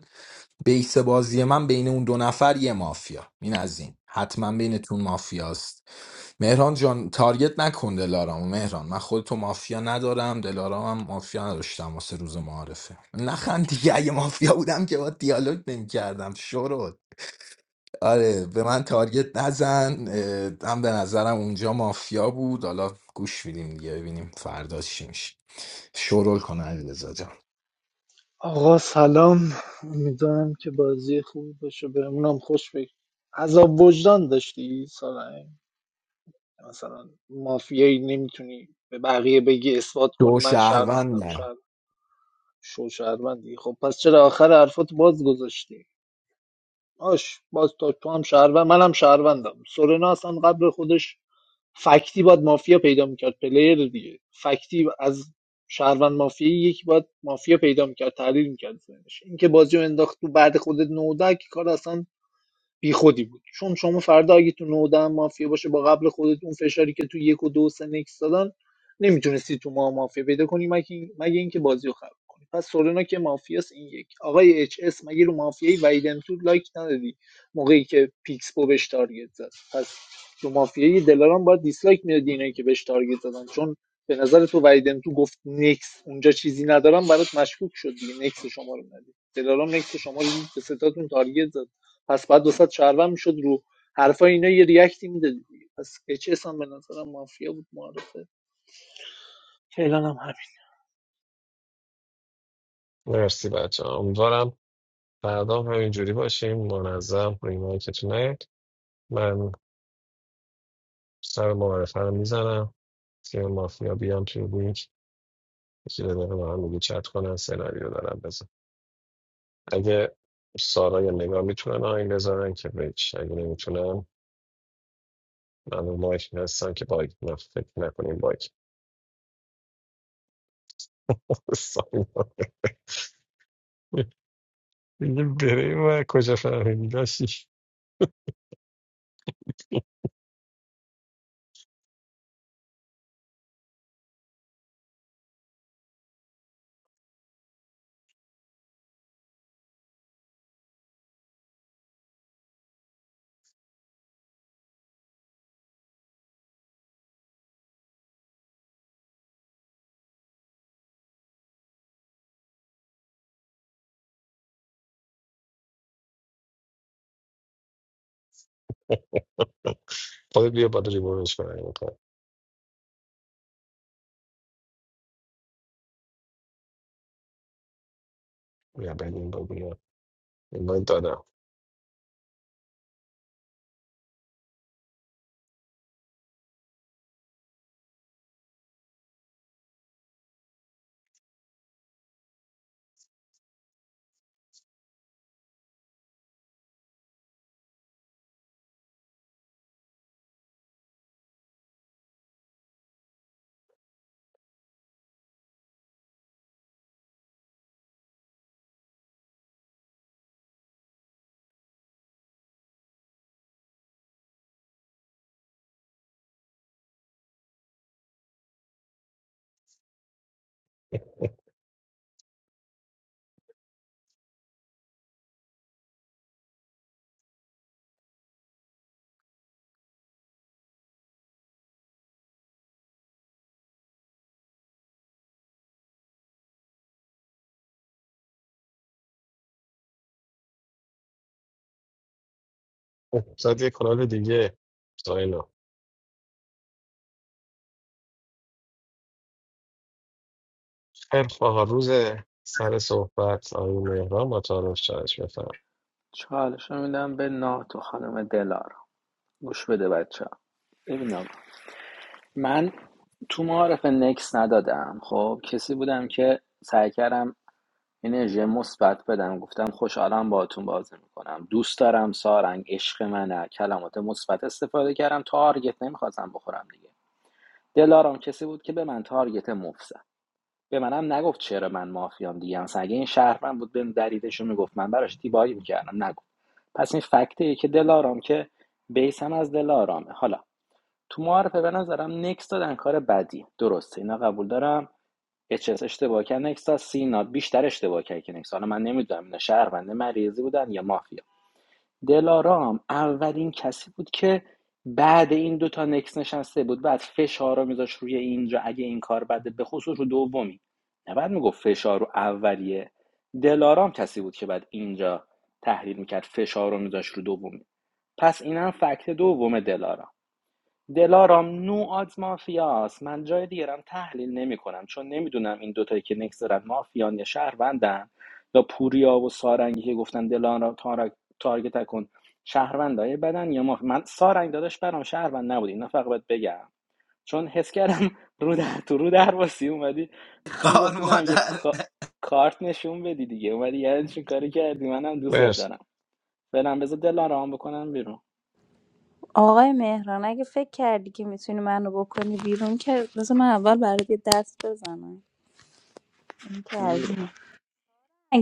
[SPEAKER 13] بیس بازی من بین اون دو نفر یه مافیا این از این حتما بینتون مافیاست مهران جان تارگت نکن دلارامو مهران من خودتو مافیا ندارم دلارام هم مافیا نداشتم واسه روز معارفه نخند دیگه اگه مافیا بودم که با دیالوگ نمیکردم شروع آره به من تارگت نزن اه، هم به نظرم اونجا مافیا بود حالا گوش میدیم دیگه ببینیم فردا چی میشه شورول کن علیرضا جان
[SPEAKER 6] آقا سلام امیدوارم که بازی خوبی باشه بهمونم خوش بگذره عذاب وجدان داشتی سارنگ مثلا مافیایی نمیتونی به بقیه بگی اثبات
[SPEAKER 13] دو
[SPEAKER 6] کنی من شهروندم
[SPEAKER 13] شهروندم
[SPEAKER 6] شهر شو شهروندی خب پس چرا آخر حرفات باز گذاشتی آش باز تا تو هم شهروند منم شهروندم سورنا اصلا قبل خودش فکتی باید مافیا پیدا میکرد پلیر دیگه فکتی از شهروند مافیایی یکی باید مافیا پیدا میکرد تحلیل میکرد ذهنش اینکه بازی رو انداخت تو بعد خودت نودک کار اصلا بی خودی بود چون شما فردا اگه تو نودن مافیا باشه با قبل خودت اون فشاری که تو یک و دو و سه نکس دادن نمیتونستی تو ما مافیا پیدا کنی مگه این- مگه اینکه بازی رو خراب کنی پس سورنا که مافیاس این یک آقای اچ اس مگه رو مافیای ویدم تو لایک ندادی موقعی که پیکس بو بهش تارگت زد پس رو مافیای دلاران باید دیسلایک میدادی اینایی که بهش تارگت زدن چون به نظر تو ویدم تو گفت نکس اونجا چیزی ندارم برات مشکوک شد دیگه نکس شما رو ندید دلاران نکس شما رو دید، به ستاتون تارگت زد پس بعد 200 شهروند میشد رو حرفای اینا یه ریاکتی میده دیگه پس اچ اس هم به نظرم مافیا بود معرفه فعلا هم همین
[SPEAKER 3] مرسی بچه ها، امیدوارم فردا هم همینجوری باشیم منظم ریمایکتون نیاد من سر معارفه رو میزنم تیم مافیا بیان توی لینک یکی دو دقیقه با هم میگه چت کنن سناریو دارن بزن اگه سارا یا نگاه میتونن آین بذارن که بچ اگه نمیتونن من مایک هستم که باگ نه فکر نکنیم باگ ساینا. دیگه بره و کجا فهمیدی داشتی خود بیا باید ریمونش کنم میکنم یا بعد این با بیا این باگ دادم اوه، زد یه کانال دیگه ساینا خیلی خب، آقا روز سر صحبت آقای مهران با تعارف چالش بفهم
[SPEAKER 1] چالشو میدم به ناتو خانم دلارا گوش بده بچه ها ببین من تو معارف نکس ندادم خب کسی بودم که سعی کردم انرژی مثبت بدم گفتم خوشحالم باهاتون بازی میکنم دوست دارم سارنگ عشق منه کلمات مثبت استفاده کردم تارگت نمیخواستم بخورم دیگه دلارام کسی بود که به من تارگت مفت زد به منم نگفت چرا من مافیام دیگه مثلا اگه این شهر بود بهم دلیلش رو میگفت من براش دیبایی میکردم نگفت پس این فکته که دلارام که بیسم از دلارامه حالا تو معارفه به نظرم نکس دادن کار بدی درسته اینا قبول دارم اچس اشتباه کرد نکس از سینا بیشتر اشتباه کرد که نکس حالا من نمیدونم اینا شهرونده مریضی بودن یا مافیا دلارام اولین کسی بود که بعد این دوتا نکس نشسته بود بعد فشار رو میذاش روی اینجا اگه این کار بده به خصوص رو دومی نه بعد میگفت فشار رو اولیه دلارام کسی بود که بعد اینجا تحلیل میکرد فشار رو میذاش رو دومی پس اینم فکت دوم دلارام دلارام نو آدز مافیاست من جای دیگرم تحلیل نمی کنم چون نمیدونم این دوتایی که نکس دارن مافیان یا شهروندن یا پوریا و سارنگی که گفتن دلارام تارک تارگت کن شهروندای بدن یا مافیا من سارنگ داداش برام شهروند نبودی نه فقط باید بگم چون حس کردم رو در تو رو در واسی اومدی بعدی
[SPEAKER 13] خار
[SPEAKER 1] گفتی نه یه
[SPEAKER 13] مادر
[SPEAKER 1] کا- کارت نشون بدی دیگه اومدی یعنی چی کاری کردی منم دوستت
[SPEAKER 3] مرسی
[SPEAKER 1] دارم برم بذار دلارام بکنم بیرون
[SPEAKER 2] آقای مهران اگه فکر کردی که میتونی منو بکنی بیرون که بذار من اول برات یه دست بزنم این
[SPEAKER 1] میری
[SPEAKER 2] که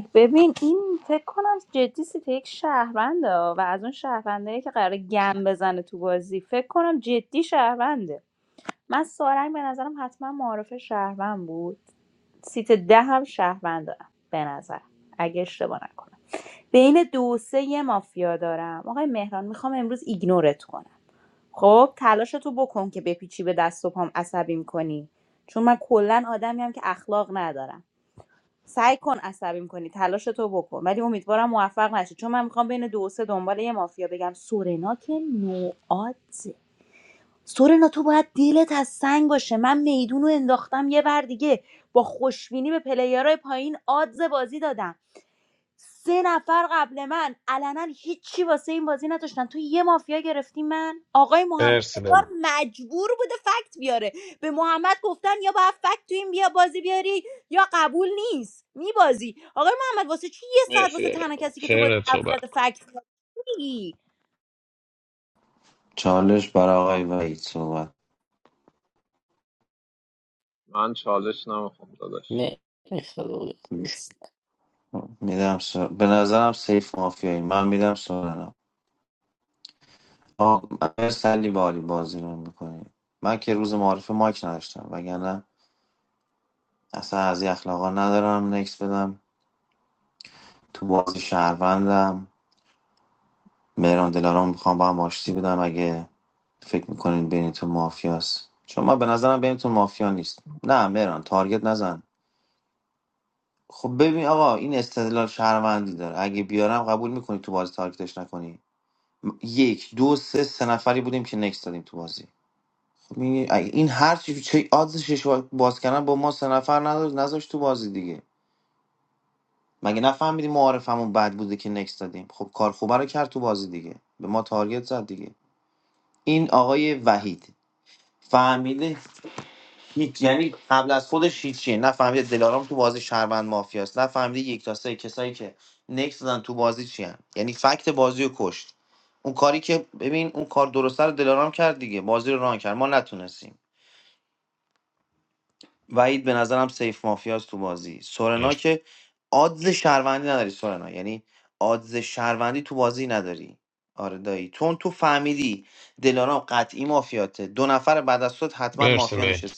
[SPEAKER 2] Like, ببین این فکر کنم جدی سیته یک شهرونده ها و از اون شهروندهایی که قراره گم بزنه تو بازی فکر کنم جدی شهرونده من سارنگ به نظرم حتما معارف شهروند بود سیت ده هم شهروند دارم به نظر اگه اشتباه نکنم بین دو و سه یه مافیا دارم آقای مهران میخوام امروز ایگنورت کنم خب تلاش تو بکن که بپیچی به دست و پام عصبیم کنی چون من کلا آدمی هم که اخلاق ندارم سعی کن عصبیم کنی تلاش تو بکن ولی امیدوارم موفق نشی چون من میخوام بین دو و سه دنبال یه مافیا بگم سورنا که نوعاته سورنا تو باید دیلت از سنگ باشه من میدون رو انداختم یه بر دیگه با خوشبینی به پلیرهای پایین آدز بازی دادم سه نفر قبل من علنا هیچی واسه این بازی نداشتن تو یه مافیا گرفتی من آقای محمد
[SPEAKER 3] مرسی دم.
[SPEAKER 2] انگار مجبور بوده فکت بیاره به محمد گفتن یا باید فکت تو این بیا بازی بیاری یا قبول نیست میبازی آقای محمد واسه چی یه ساعت واسه
[SPEAKER 3] مرسی
[SPEAKER 2] تنها
[SPEAKER 3] دارم
[SPEAKER 2] کسی که تو بازی
[SPEAKER 3] ترنت
[SPEAKER 2] حرف
[SPEAKER 3] صحبت
[SPEAKER 2] زده
[SPEAKER 3] کن
[SPEAKER 2] فکت میگی
[SPEAKER 8] من چالش نمیخوام داداش
[SPEAKER 12] نه
[SPEAKER 3] مرسی مرسی مهدی.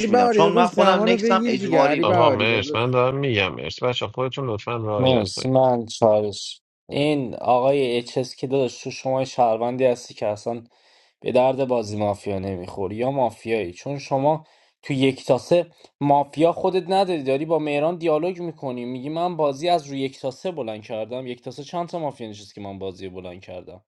[SPEAKER 14] علی بهاری داداش زمان رو بگیر دیگه علی
[SPEAKER 3] آقا
[SPEAKER 14] بهاری
[SPEAKER 3] مرس من
[SPEAKER 14] داداش
[SPEAKER 3] دارم میگم مرس بچه خودتون لطفا رعایت
[SPEAKER 12] مرسی
[SPEAKER 3] کنید
[SPEAKER 12] من چالش این آقای اچس که داداش تو شما شهروندی هستی که اصلا به درد بازی مافیا نمیخوری یا مافیایی چون شما تو یک تاسه مافیا خودت نداری داری با مهران دیالوگ میکنی میگی من بازی از روی یک تاسه بلند کردم یک تاسه چند تا مافیا نشست که من بازی رو بلند کردم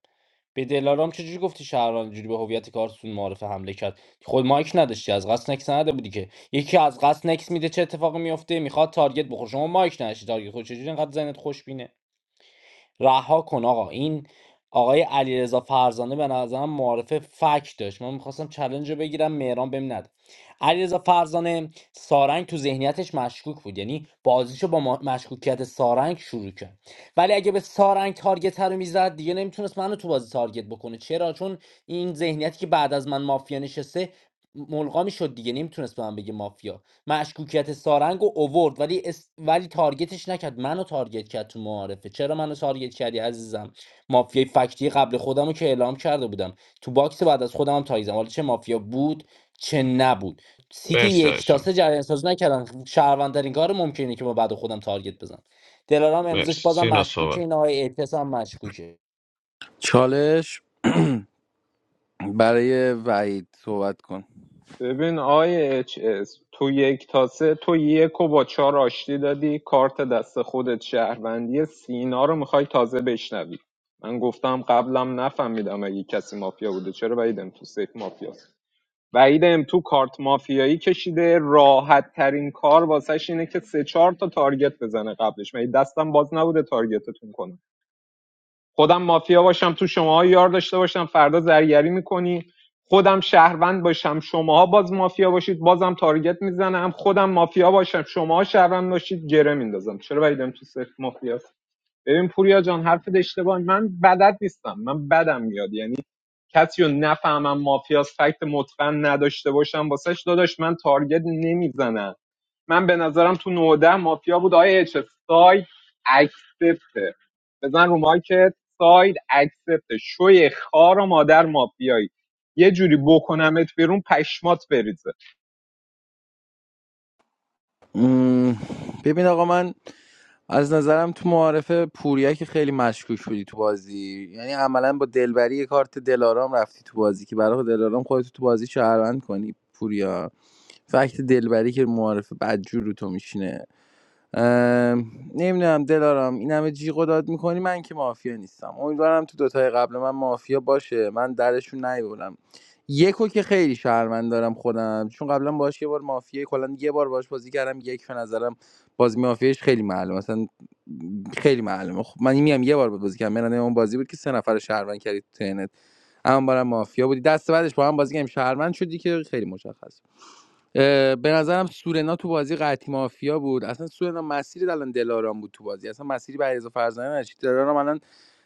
[SPEAKER 12] به دلارام چجوری گفتی شهروند جوری به هویت کارتون معرف حمله کرد خود مایک نداشتی از قصد نکس نده بودی که یکی از قصد نکس میده چه اتفاقی میفته میخواد تارگت بخوره شما مایک نداشتی تارگت خود چجوری اینقدر ذهنت خوشبینه رها کن آقا این آقای علیرضا فرزانه به نظرم معارف فک داشت من میخواستم چلنج رو بگیرم مهران بهم ند علیرضا فرزانه سارنگ تو ذهنیتش مشکوک بود یعنی بازیشو با ما- مشکوکیت سارنگ شروع کرد ولی اگه به سارنگ تارگت رو میزد دیگه نمیتونست منو تو بازی تارگت بکنه چرا چون این ذهنیتی که بعد از من مافیا نشسته ملغی می‌شد دیگه نمیتونست به من بگه مافیا مشکوکیت سارنگ رو اوورد ولی اس... ولی تارگتش نکرد منو تارگت کرد تو معارفه چرا منو تارگت کردی عزیزم مافیای فکتی قبل خودم رو که اعلام کرده بودم تو باکس بعد از خودم هم تایزم حالا چه مافیا بود چه نبود سیتی
[SPEAKER 3] مرسی
[SPEAKER 12] یک
[SPEAKER 3] آیسون
[SPEAKER 12] تاسه جریان سازی نکردن شهروندترین کار ممکنه که ما بعد خودم تارگت بزنم دلارام امروزش
[SPEAKER 3] مرسی
[SPEAKER 12] بازم
[SPEAKER 3] سینا
[SPEAKER 12] مشکوکه
[SPEAKER 3] صحبت
[SPEAKER 12] این آقای اعتصام مشکوکه
[SPEAKER 14] چالش برای وعید صحبت کن
[SPEAKER 8] ببین آیه اچ اس تو یک تا سه تو یک و با چهار آشتی دادی کارت دست خودت شهروندی سینا رو میخوای تازه بشنوی من گفتم قبلم نفهمیدم اگه کسی مافیا بوده چرا بعیدم تو سیف مافیاست وحید ام تو کارت مافیایی کشیده راحت ترین کار واسش اینه که سه چهار تا تارگت بزنه قبلش من دستم باز نبوده تارگتتون کنم خودم مافیا باشم تو شماها یار داشته باشم فردا زرگری میکنی خودم شهروند باشم شماها باز مافیا باشید بازم تارگت میزنم خودم مافیا باشم شماها شهروند باشید گره میندازم چرا وحید ام تو صفر مافیا ببین پوریا جان حرفت اشتباه من بدت نیستم من بدم میاد یعنی کسی رو نفهمم مافیاس فکت متقن نداشته باشم واسش داداش من تارگت نمیزنم من به نظرم تو 19 مافیا بود آیا اچ ساید اکسپت. بزن رو مایکت ساید اکسپت. شوی خار و مادر مافیایی یه جوری بکنمت بیرون پشمات بریزه
[SPEAKER 14] مم، ببین آقا من از نظرم تو معارفه پوریا که خیلی مشکوک بودی تو بازی یعنی عملا با دلبری یه کارت دلارام رفتی تو بازی که برای دلارام خودت تو بازی شهروند کنی پوریا فکت دلبری که معارفه بدجور رو تو میشینه نمیدونم دلارم این همه جیغ و داد میکنی من که مافیا نیستم امیدوارم تو دوتای قبل من مافیا باشه من درشون نیبرم یکو که خیلی شهروند دارم خودم چون قبلا باش یه بار مافیا کلا یه بار باش بازی کردم یک به نظرم بازی مافیاش خیلی معلومه مثلا خیلی معلومه خب من میام یه بار باهات بازی کردم من اون بازی بود که سه نفر شهروند کردی تو تنت اما بارم مافیا بودی دست بعدش با هم بازی کردیم شهروند شدی که خیلی مشخص اه، به نظرم سورنا تو بازی قطعی مافیا بود اصلا سورنا مسیر الان دلارام بود تو بازی اصلا مسیری به علیرضا فرزانه نشید دلارام الان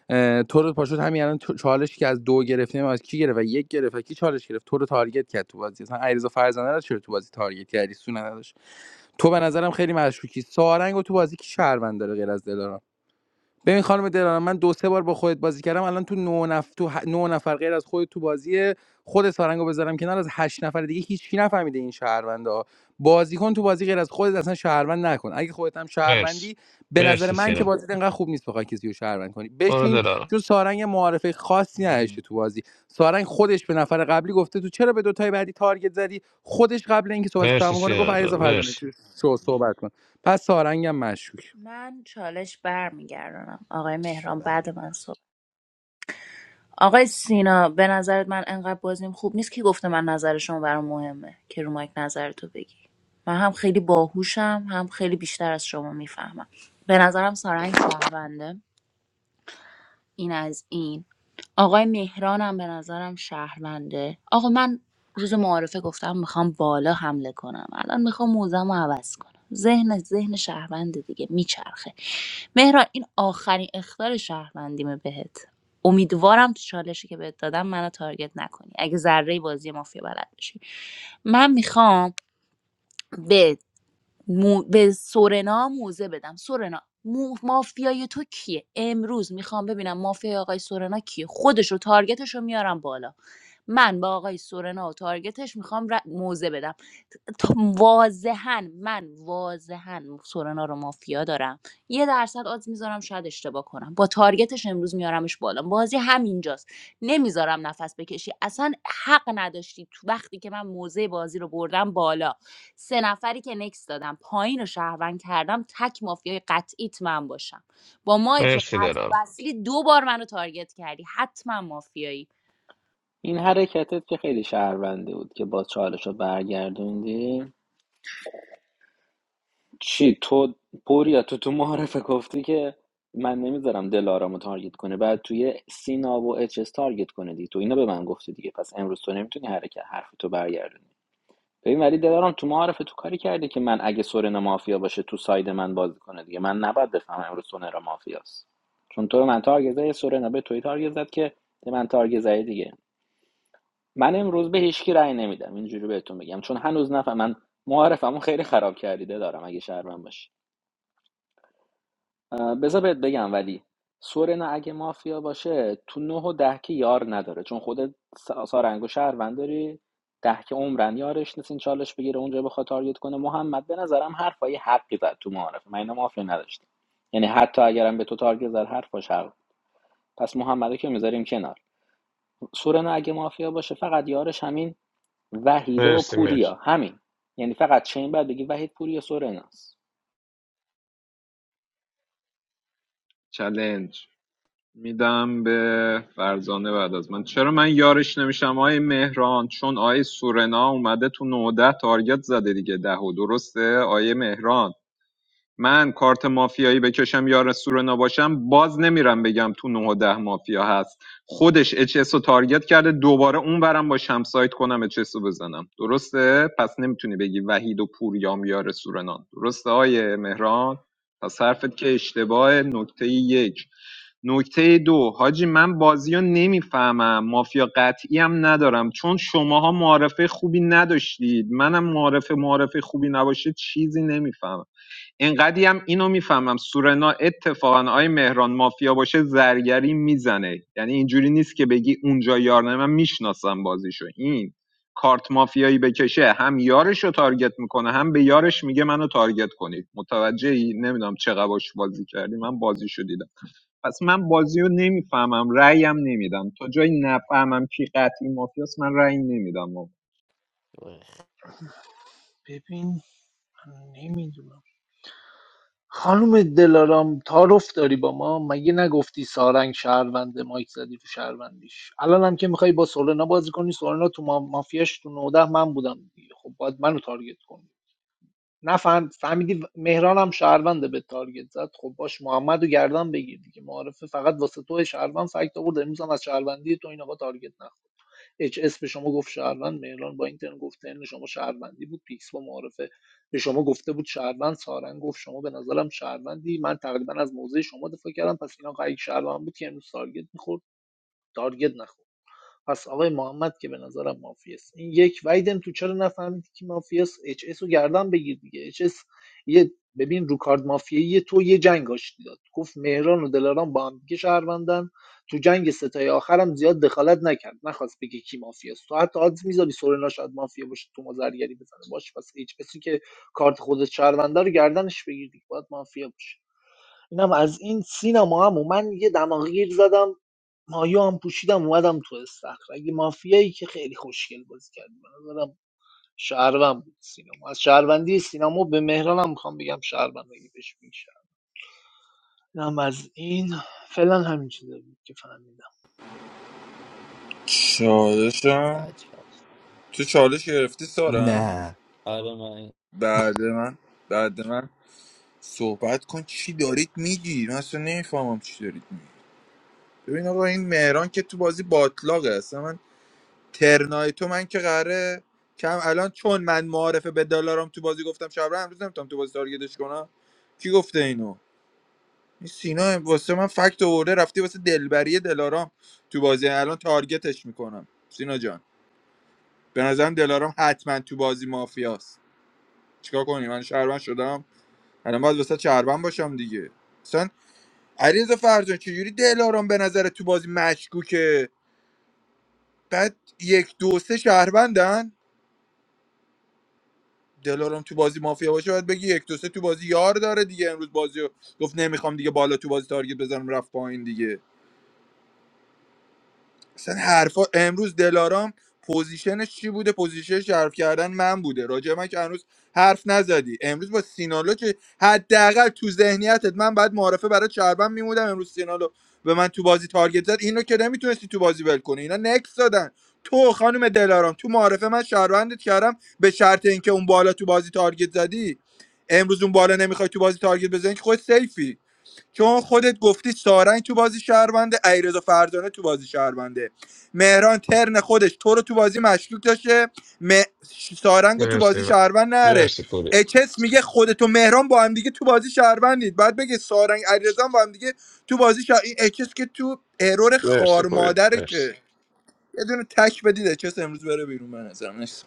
[SPEAKER 14] اه، تو رو پاشوت همین الان تو- چالشی که از دو گرفتیم از کی گرفت و یک گرفت و کی چالش گرفت تو رو تارگت کرد تو بازی اصلا علیرضا فرزانه رو چرا تو بازی تارگت کردی سورنا نداشت تو به نظرم خیلی مشکوکی سارنگ و تو بازی کی شهروند داره غیر از دلارام ببین خانم دلارا من دو سه بار با خودت بازی کردم الان تو نه نفر تو ه- نه نفر غیر از خودت تو بازی خود سارنگو بذارم کنار از هشت نفر دیگه هیچکی نفهمیده این شهرونده ها بازیکن تو بازی غیر از خودت اصلا شهروند نکن اگه خودت هم
[SPEAKER 3] مرس
[SPEAKER 14] شهروندی به نظر
[SPEAKER 3] مرسی
[SPEAKER 14] من که
[SPEAKER 3] سینا
[SPEAKER 14] بازی انقدر خوب نیست بخوای کسی رو شهروند کنی
[SPEAKER 3] برو
[SPEAKER 14] بشین
[SPEAKER 3] دلارم
[SPEAKER 14] چون سارنگ یه معارفه خاصی نداشته تو بازی سارنگ خودش به نفر قبلی گفته تو چرا به دو تای بعدی تارگت زدی خودش قبل اینکه صحبتش
[SPEAKER 3] مرسی
[SPEAKER 14] تمام کنه گفت
[SPEAKER 3] سینا
[SPEAKER 14] علیرضا
[SPEAKER 3] جان
[SPEAKER 14] فرزانه
[SPEAKER 3] مرسی
[SPEAKER 14] شو شو صحبت کن پس سارنگم مشکوک
[SPEAKER 2] من چالش برمیگردونم آقای
[SPEAKER 13] چی
[SPEAKER 2] مهران
[SPEAKER 13] بدم
[SPEAKER 2] بعد من صحبت آقای سینا به نظرت من انقدر بازیم خوب نیست کی گفته من نظر شما برام مهمه که رو مایک نظرتو بگی من هم خیلی باهوشم هم خیلی بیشتر از شما میفهمم به نظرم سارنگ شهرونده این از این آقای مهرانم به نظرم شهرونده آقا من روز معارفه گفتم میخوام بالا حمله کنم الان میخوام موزم رو عوض کنم ذهن ذهن شهرونده دیگه میچرخه مهران این آخرین اختار شهروندیمه بهت امیدوارم تو چالشی که بهت دادم منو تارگت نکنی اگه ذره بازی مافیا بلد باشی من میخوام به مو... به سورنا موزه بدم سورنا مو... مافیای تو کیه امروز میخوام ببینم مافیای آقای سورنا کیه خودش رو تارگتش رو میارم بالا من با آقای سورنا و تارگتش میخوام ر... موزه بدم تا- واضحا من واضحا سورنا رو مافیا دارم یه درصد آز میذارم شاید اشتباه کنم با تارگتش امروز میارمش بالا بازی همینجاست نمیذارم نفس بکشی اصلا حق نداشتی تو وقتی که من موزه بازی رو بردم بالا سه نفری که نکس دادم پایین رو شهروند کردم تک مافیای قطعیت من باشم با مایی که
[SPEAKER 3] مرسی
[SPEAKER 2] قطع
[SPEAKER 3] دلارم
[SPEAKER 2] و وصلی دو بار منو تارگت کردی حتما مافیایی
[SPEAKER 1] این حرکتت که خیلی شهرونده بود که باز چالش رو برگردوندی چی تو پوریا تو تو معرفه گفتی که من نمیذارم دلارامو رو تارگت کنه بعد توی سینا و اچ اس تارگت کنه دیگه تو اینا به من گفتی دیگه پس امروز تو نمیتونی حرکت حرف تو برگردونی ببین ولی دلارام تو معرفه تو کاری کرده که من اگه سورنا مافیا باشه تو ساید من بازی کنه دیگه من نباید بفهمم امروز سورنا مافیاست چون تو به من تارگت زدی سورنا به توی تارگت زد که به من تارگت زدی دیگه من امروز به هیچکی رأی نمیدم اینجوری بهتون بگم چون هنوز نفهم من معارفمو خیلی خراب کردیده دارم اگه شهرمن باشی بذار بهت بگم ولی سورنا اگه مافیا باشه تو نه و ده که یار نداره چون خود سارنگو شهروند داری ده که عمرن یارش نیست این چالش بگیره اونجا بخواد تارگت کنه محمد به نظرم حرفای حقی زد تو معارفه من اینو مافیا نداشتم یعنی حتی اگرم به تو تارگت زد حرفاش حق پس محمدو که میذاریم کنار سورنا اگه مافیا باشه فقط یارش همین وحیده و
[SPEAKER 3] مرسی مرسی
[SPEAKER 1] پوریا همین یعنی فقط چین بعد بگی وحید پوریا سورناس
[SPEAKER 8] چلنج میدم به فرزانه بعد از من چرا من یارش نمیشم آقای مهران چون آقای سورنا اومده تو 19 تارگت زده دیگه ده و درسته آقای مهران من کارت مافیایی بکشم یا رسول نباشم باز نمیرم بگم تو 9 و 10 مافیا هست خودش اچ اس رو تارگت کرده دوباره اون برم با شمسایت کنم اچ اس رو بزنم درسته پس نمیتونی بگی وحید و پوریام یا سورنان درسته آیه مهران پس حرفت که اشتباه نکته یک نکته دو حاجی من بازی رو نمیفهمم مافیا قطعی هم ندارم چون شماها معارفه خوبی نداشتید منم معارفه معارفه خوبی نباشه چیزی نمیفهمم انقدی هم اینو میفهمم سورنا اتفاقا آی مهران مافیا باشه زرگری میزنه یعنی اینجوری نیست که بگی اونجا یار نه من میشناسم بازیشو این کارت مافیایی بکشه هم یارش رو تارگت میکنه هم به یارش میگه منو تارگت کنید متوجهی ای نمیدونم چقدر باش بازی کردی من بازیشو دیدم پس من بازیو نمیفهمم رأیم نمیدم تا جایی نفهمم کی قطعی مافیاست من رأی نمیدم آقا
[SPEAKER 6] ببین من نمیدونم خانم دلارام تعارف داری با ما مگه نگفتی سارنگ شهرونده مایک زدی تو شهروندیش الان هم که میخوای با سولنا بازی کنی سولنا تو ما... مافیاش تو نوده من بودم دیگه خب باید منو تارگت کنی نفهم فهمیدی مهران هم شهرونده به تارگت زد خب باش محمد رو گردن بگیر دیگه معارفه فقط واسه تو شهروند فکت آورد امروز هم از شهروندی تو این آقا تارگت نخورد اچ اس به شما گفت شهروند مهران با این ترم گفت ترم شما شهروندی بود پیکس با معارفه به شما گفته بود شهروند سارنگ گفت شما به نظرم شهروندی من تقریبا از موضع شما دفاع کردم پس اینا قایق شهروند بود که امروز تارگت میخورد تارگت نخورد پس آقای محمد که به نظرم مافیاست این یک ویدم تو چرا نفهمیدی که مافیاست اچ اس رو گردن بگیر دیگه اچ اس یه ببین رو کارد مافیایی تو یه جنگ آشتی داد گفت مهران و دلاران با هم دیگه شهروندن تو جنگ ستای آخرم زیاد دخالت نکرد نخواست بگه کی مافیاست تو حتی آدز میذاری سورنا شاید مافیا باشه تو مازرگری بزنه باش پس اچ اسی که کارت خودت شهرونده رو گردنش بگیر دیگه باید مافیا باشه اینم از این سینما هم من یه دماغگیر زدم مایه هم پوشیدم اومدم تو استخر اگه مافیایی که خیلی خوشگل بازی کرد به نظرم شهروند بود سینما از شهروندی سینما به مهرانم میخوام بگم شهروند اگه بهش میشه هم از این فعلا همین چیزا بود که فهمیدم
[SPEAKER 10] چالشم
[SPEAKER 12] عجب.
[SPEAKER 10] تو چالش گرفتی سارن
[SPEAKER 13] نه
[SPEAKER 12] آره من
[SPEAKER 10] بعد من بعد من صحبت کن چی دارید میگی من اصلا نمیفهمم چی دارید میگی ببین آقا این مهران که تو بازی باطلاقه اصلا من ترنای تو من که قراره کم الان چون من معارفه به دلارم تو بازی گفتم شب امروز نمیتونم تو بازی تارگتش کنم کی گفته اینو این سینا واسه من فکت آورده رفتی واسه دلبری دلارام تو بازی الان تارگتش میکنم سینا جان به نظرم دلارام حتما تو بازی مافیاست چیکار کنی من شهروند شدم الان باید واسه شهروند باشم دیگه مثلا علیرضا فرزان چجوری دلارام به نظر تو بازی مشکوکه بعد یک دو سه شهروندن دلارم تو بازی مافیا باشه باید بگی یک دو سه تو بازی یار داره دیگه امروز بازی رو گفت نمیخوام دیگه بالا تو بازی تارگت بزنم رفت پایین دیگه اصلا حرفا امروز دلارام پوزیشنش چی بوده پوزیشنش حرف کردن من بوده راجع من که هنوز حرف نزدی امروز با سینالو که حداقل تو ذهنیتت من بعد معارفه برای چربن میمودم امروز سینالو به من تو بازی تارگت زد اینو که نمیتونستی تو بازی ول کنی اینا نکس دادن تو خانم دلارام تو معارفه من شهروندت کردم به شرط اینکه اون بالا تو بازی تارگت زدی امروز اون بالا نمیخوای تو بازی تارگت بزنی که خود سیفی چون خودت گفتی سارنگ تو بازی شهرونده ایرزا فرزانه تو بازی شهرونده مهران ترن خودش تو رو تو بازی مشکوک داشته م... سارنگ رو تو
[SPEAKER 3] مرسی
[SPEAKER 10] بازی
[SPEAKER 3] و-
[SPEAKER 10] شهروند نره
[SPEAKER 3] مرسی پوری
[SPEAKER 10] اچس میگه خودت و مهران با هم دیگه تو بازی شهروندید بعد بگه سارنگ علیرضا هم با هم دیگه تو بازی شهر... این اچس که تو ارور
[SPEAKER 3] مرسی
[SPEAKER 10] خار
[SPEAKER 3] پوری
[SPEAKER 10] مادره
[SPEAKER 3] مرسی
[SPEAKER 10] که یه دونه تک بدید اچس امروز بره بیرون من نظرم نیست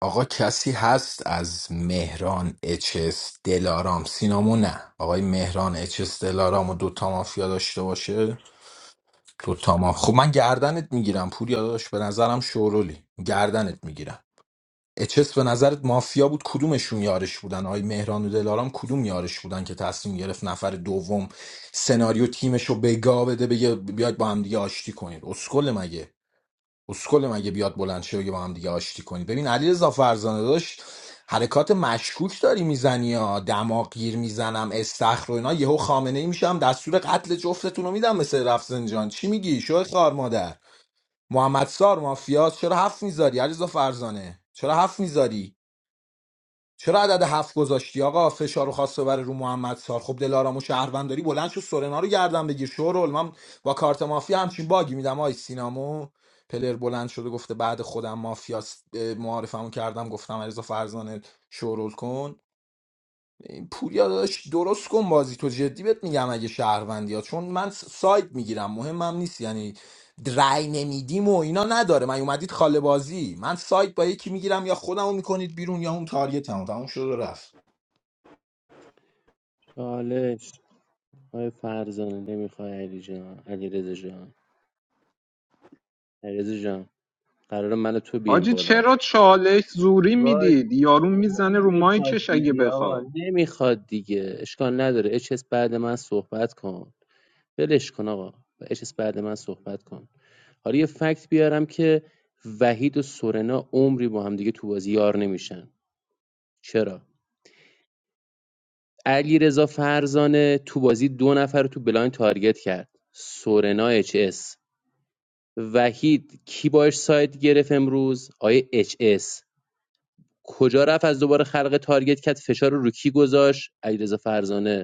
[SPEAKER 13] آقا کسی هست از مهران اچس دلارام سینامو نه آقای مهران اچس دلارام و دوتا مافیا داشته باشه دوتا ما خب من گردنت میگیرم پوریا داداش به نظرم شورولی گردنت میگیرم اچس به نظرت مافیا بود کدومشون یارش بودن آقای مهران و دلارام کدوم یارش بودن که تصمیم گرفت نفر دوم سناریو تیمش رو بگاه بده بگه بیاید با هم دیگه آشتی کنید اسکل مگه اسکل مگه بیاد بلند شه بگه با هم دیگه آشتی کنی ببین علیرضا فرزانه داشت حرکات مشکوک داری میزنی ها دماغ گیر میزنم استخر و اینا یهو خامنه ای میشم دستور قتل جفتتون رو میدم مثل رفسنجان چی میگی شو خار مادر محمد سار مافیاس چرا هفت میذاری علیرضا فرزانه چرا هفت میذاری چرا عدد هفت گذاشتی آقا فشار رو خواست ببره رو محمد سار خب دلارام و شهرونداری بلند شو سورنا رو گردن بگیر شورول من با کارت مافیا همچین باگی میدم آی سینامو پلر بلند شده گفته بعد خودم مافیا معارفمو کردم گفتم علیرضا فرزانه شورول کن این پوریا داداش درست کن بازی تو جدی بهت میگم اگه شهروندی ها چون من س- ساید میگیرم مهمم نیست یعنی رای نمیدیم و اینا نداره من اومدید خاله بازی من سایت با یکی میگیرم یا خودمو میکنید بیرون یا اون تارگتمو تموم شد و رفت
[SPEAKER 9] چالش آقای فرزانه نمیخوای علی جان علی رضا جان علی جان قرار من تو بیم
[SPEAKER 8] حاجی
[SPEAKER 9] بالا
[SPEAKER 8] چرا چالش زوری
[SPEAKER 9] باش
[SPEAKER 8] میدید یارو میزنه رو
[SPEAKER 9] نمیخواد
[SPEAKER 8] مایکش اگه
[SPEAKER 9] دیگه
[SPEAKER 8] بخواد
[SPEAKER 9] آقا نمیخواد دیگه اشکال نداره اچس بعد من صحبت کن بلش کن آقا و اچس بعد من صحبت کن حالا یه فکت بیارم که وحید و سورنا عمری با هم دیگه تو بازی یار نمیشن چرا علیرضا فرزانه تو بازی دو نفر رو تو بلاین تارگت کرد سورنا اچ اس وحید کی باش سایت گرفت امروز آیه اچ اس کجا رفت از دوباره خلق تارگت کرد فشار رو رو کی گذاشت علیرضا فرزانه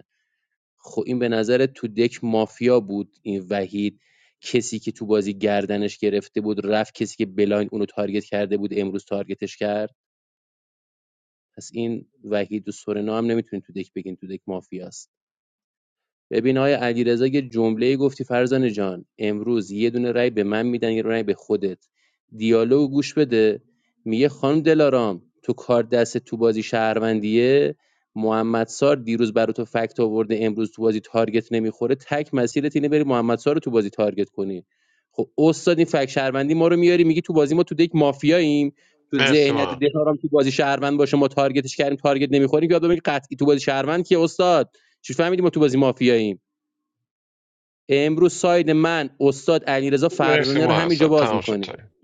[SPEAKER 9] خب این به نظر تو دک مافیا بود این وحید کسی که تو بازی گردنش گرفته بود رفت کسی که بلایند اونو تارگت کرده بود امروز تارگتش کرد پس این وحید و سورنا هم نمیتونین تو دک بگین تو دک مافیاست ببین آقای علیرضا یه جمله گفتی فرزانه جان امروز یه دونه رای به من میدن یه رای به خودت دیالوگ گوش بده میگه خانم دلارام تو کار دست تو بازی شهروندیه محمد سار دیروز برای تو فکت آورده امروز تو بازی تارگت نمیخوره تک مسیرت اینه بری محمد سار رو تو بازی تارگت کنی خب استاد این فکت شهروندی ما رو میاری میگی تو بازی ما تو دک مافیاییم تو
[SPEAKER 3] مرسی
[SPEAKER 9] ذهنیت
[SPEAKER 3] ما
[SPEAKER 9] دلارام تو بازی شهروند باشه ما تارگتش کردیم تارگت نمیخوریم یادم میگه قطعی تو بازی شهروند که استاد چی فهمیدیم ما تو بازی مافیاییم امروز ساید من استاد علیرضا
[SPEAKER 3] مرسی
[SPEAKER 9] فرزانه رو
[SPEAKER 3] ما
[SPEAKER 9] همینجا
[SPEAKER 3] اصلا
[SPEAKER 9] باز
[SPEAKER 3] تمام شد
[SPEAKER 9] میکنی
[SPEAKER 3] تایم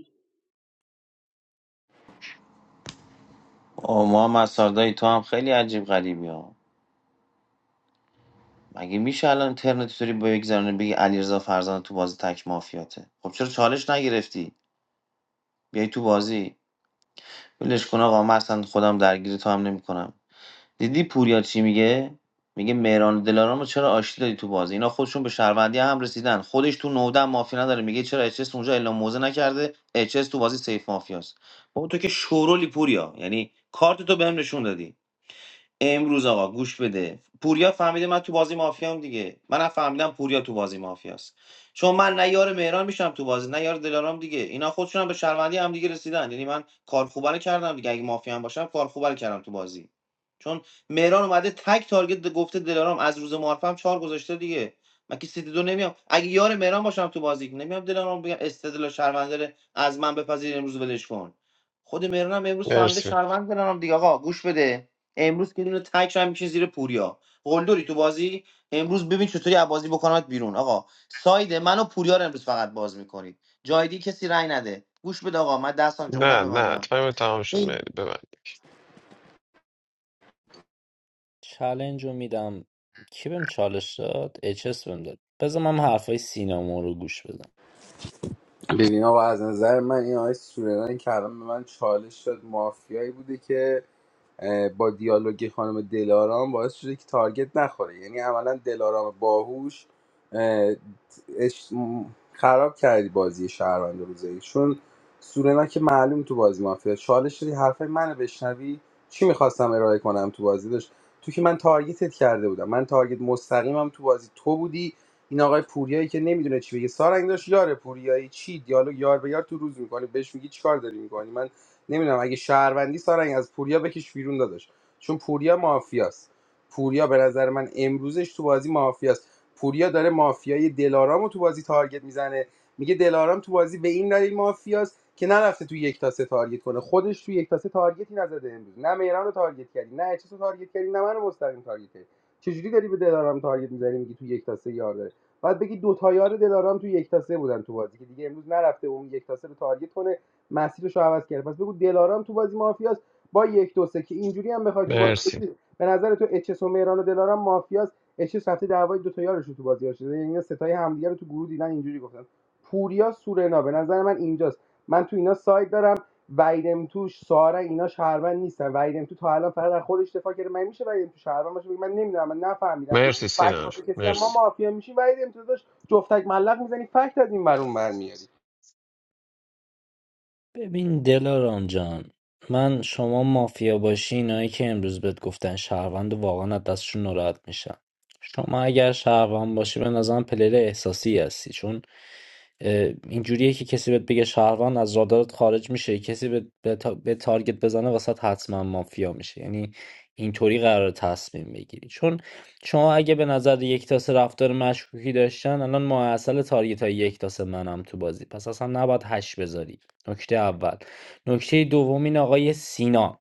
[SPEAKER 3] مرسی نه نه تایم تمام شد مهدی ببند
[SPEAKER 12] چلنج رو میدم کی بهم چالش داد اچس بهم داد بذار من حرفای سینامو رو گوش بدم
[SPEAKER 14] ببین آقا از نظر من این آقای سورنان که الان به من چالش داد مافیایی بوده که با دیالوگ خانم دلارام باعث شده که تارگت نخوره یعنی عملا دلارام باهوش اش- خراب کردی بازی شهروند روزه چون سورنا که معلوم تو بازی مافیا چالش شدی حرفای منو بشنوی چی میخواستم ارائه کنم تو بازی داشت تو که من تارگتت کرده بودم من تارگت مستقیمم تو بازی تو بودی این آقای پوریایی که نمیدونه چی بگه سارنگ داشت یار پوریایی چی دیالوگ یار به یار تو روز میکنی بهش میگی چیکار داری میکنی نمیدونم اگه شهروندی سارنگ از پوریا بکش بیرون داداش چون پوریا مافیاست پوریا به نظر من امروزش تو بازی مافیاست پوریا داره مافیای دلارامو تو بازی تارگت میزنه میگه دلارام تو بازی به این دلیل مافیاست که نرفته تو یک تا سه تارگت کنه خودش تو یک تا سه تارگتی نزده امروز نه مهران رو تارگت کردی نه اچس رو تارگت کردی نه منو مستقیم تارگت کردی چجوری داری به دلارام تارگت میزنی میگی تو یک تا سه یار داره بعد بگی دو تا یار دلارام تو یک تا سه بودن تو بازی که دیگه امروز نرفته اون یک تا سه رو تارگت کنه مسیرش رو عوض کرده پس بگو دلارام تو بازی مافیاست با یک دو سه که اینجوری هم بخوای تو بازی
[SPEAKER 3] مرسی
[SPEAKER 14] به نظر تو اچس و مهران و دلارام مافیاست اچس رفته دعوای دو تا یارشون تو بازی شده یعنی اینا ستای همدیگه رو تو گروه دیدن اینجوری گفتن پوریا سورنا به نظر من اینجاست من تو اینا سایت دارم ویدم توش ساره اینا شهروند نیستن ویدم تو تا الان فقط از خودش دفاع کرده من میشه ویدم تو شهروند باشه بگه من نمیدونم من نفهمیدم
[SPEAKER 3] مرسی
[SPEAKER 14] فکت
[SPEAKER 3] سینا
[SPEAKER 14] واسه
[SPEAKER 3] جان
[SPEAKER 14] کسی نه. ما
[SPEAKER 3] مرسی
[SPEAKER 14] مافیا میشیم ویدم تو داشت جفتک ملق میزنی فکت از این برون برمیاری
[SPEAKER 12] ببین دلارام جان من شما مافیا باشی اینایی که امروز بهت گفتن شهروند واقعا از دستشون ناراحت میشم شما اگر شهروند باشی به نظرم پلیر احساسی هستی چون اه، اینجوریه که کسی بهت بگه شهروند از رادارت خارج میشه کسی به, به, تا- به تارگت بزنه وسط حتما مافیا میشه یعنی اینطوری قرار تصمیم بگیری چون شما اگه به نظر یک تاسه رفتار مشکوکی داشتن الان ماه اصل تارگت های یک تاسه منم تو بازی پس اصلا نباید هش بذاری نکته اول نکته دوم این آقای سینا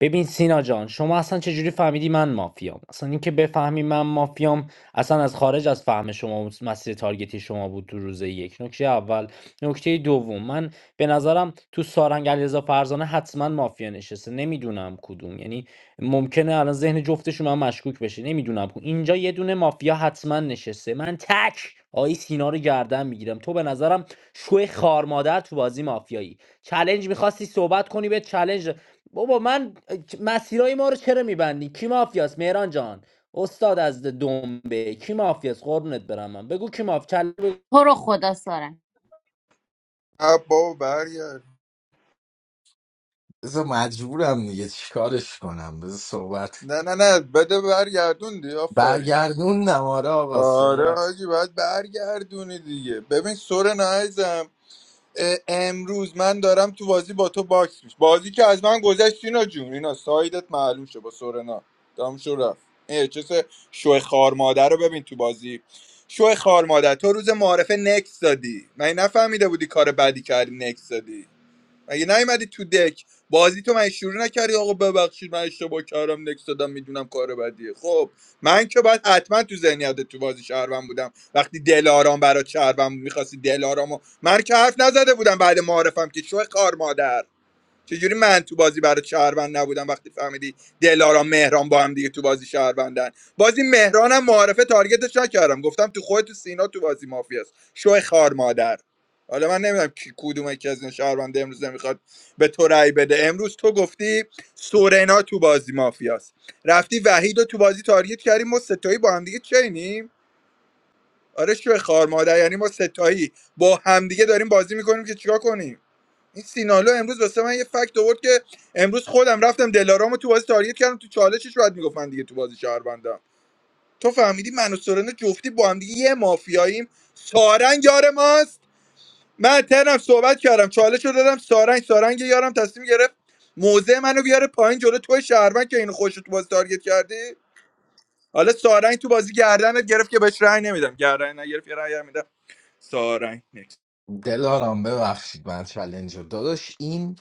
[SPEAKER 12] ببین سینا جان شما اصلا چجوری فهمیدی من مافیام اصلا اینکه بفهمی من مافیام اصلا از خارج از فهم شما و مسیر تارگتی شما بود تو روز یک نکته اول نکته دوم من به نظرم تو سارنگ علیرضا فرزانه حتما مافیا نشسته نمیدونم کدوم یعنی ممکنه الان ذهن جفتشون من مشکوک بشه نمیدونم کدوم. اینجا یه دونه مافیا حتما نشسته من تک آی سینا رو گردن میگیرم تو به نظرم شوی خارمادر تو بازی مافیایی چلنج میخواستی صحبت کنی به چلنج بابا من مسیرهای ما رو چرا میبندی کی مافیاست مهران جان استاد از دنبه کی مافیاست قربونت برم من بگو کی ماف کله بگو
[SPEAKER 2] تو رو خدا سارنگ
[SPEAKER 10] اه بابا برگرد
[SPEAKER 13] بذار مجبورم دیگه چیکارش کنم بذار صحبت
[SPEAKER 10] نه نه نه بده برگردون دی آفرین
[SPEAKER 13] برگردوندم آره آقا
[SPEAKER 10] آره
[SPEAKER 13] صحبت
[SPEAKER 10] حاجی باید برگردونی دیگه ببین سر نایزم امروز من دارم تو بازی با تو باکس میش بازی که از من گذشت اینا جون اینا سایدت معلوم شه با سورنا دام شو رفت اه، چه سه شو خار مادر رو ببین تو بازی شو خار مادر تو روز معارفه نکس دادی من نفهمیده بودی کار بدی کردی نکس دادی مگه نیومدی تو دک بازی تو من شروع نکردی آقا ببخشید من اشتباه کردم نکس دادم میدونم کار بدیه خب من که باید حتما تو ذهنیت تو بازی شهروند بودم وقتی دلارام برات شهروند بود، میخواستی دلارامو من که حرف نزده بودم بعد معارفم که شو کار مادر چجوری من تو بازی برای شهروند نبودم وقتی فهمیدی دلارا مهران با هم دیگه تو بازی شهروندن بازی مهرانم معارفه تارگتش نکردم گفتم تو خود تو سینا تو بازی مافیاست شو خار مادر حالا من نمیدونم کی کدوم یکی از این شهروند امروز نمیخواد به تو رأی بده امروز تو گفتی سورنا تو بازی مافیاست رفتی وحید رو تو بازی تارگت کردیم ما ستایی با هم دیگه چینیم آره شو خار مادر یعنی ما ستایی با همدیگه داریم بازی میکنیم که چیکار کنیم این سینالو امروز واسه من یه فکت آورد که امروز خودم رفتم دلارامو تو بازی تاریت کردم تو چالشش باید میگفتن دیگه تو بازی شهروندم تو فهمیدی من و سورنا جفتی با هم دیگه یه مافیاییم سارنگ یار ماست من ترم صحبت کردم چالش رو دادم سارنگ سارنگ یارم تصمیم گرفت موزه منو بیاره پایین جلو توی شهروند که اینو خوش تو بازی تارگت کردی حالا سارنگ تو بازی گردنت گرفت که بهش رأی نمیدم گردن نگرفت یه رأی هم میدم سارنگ نکس
[SPEAKER 13] دلارام ببخشید من چلنج رو داداش این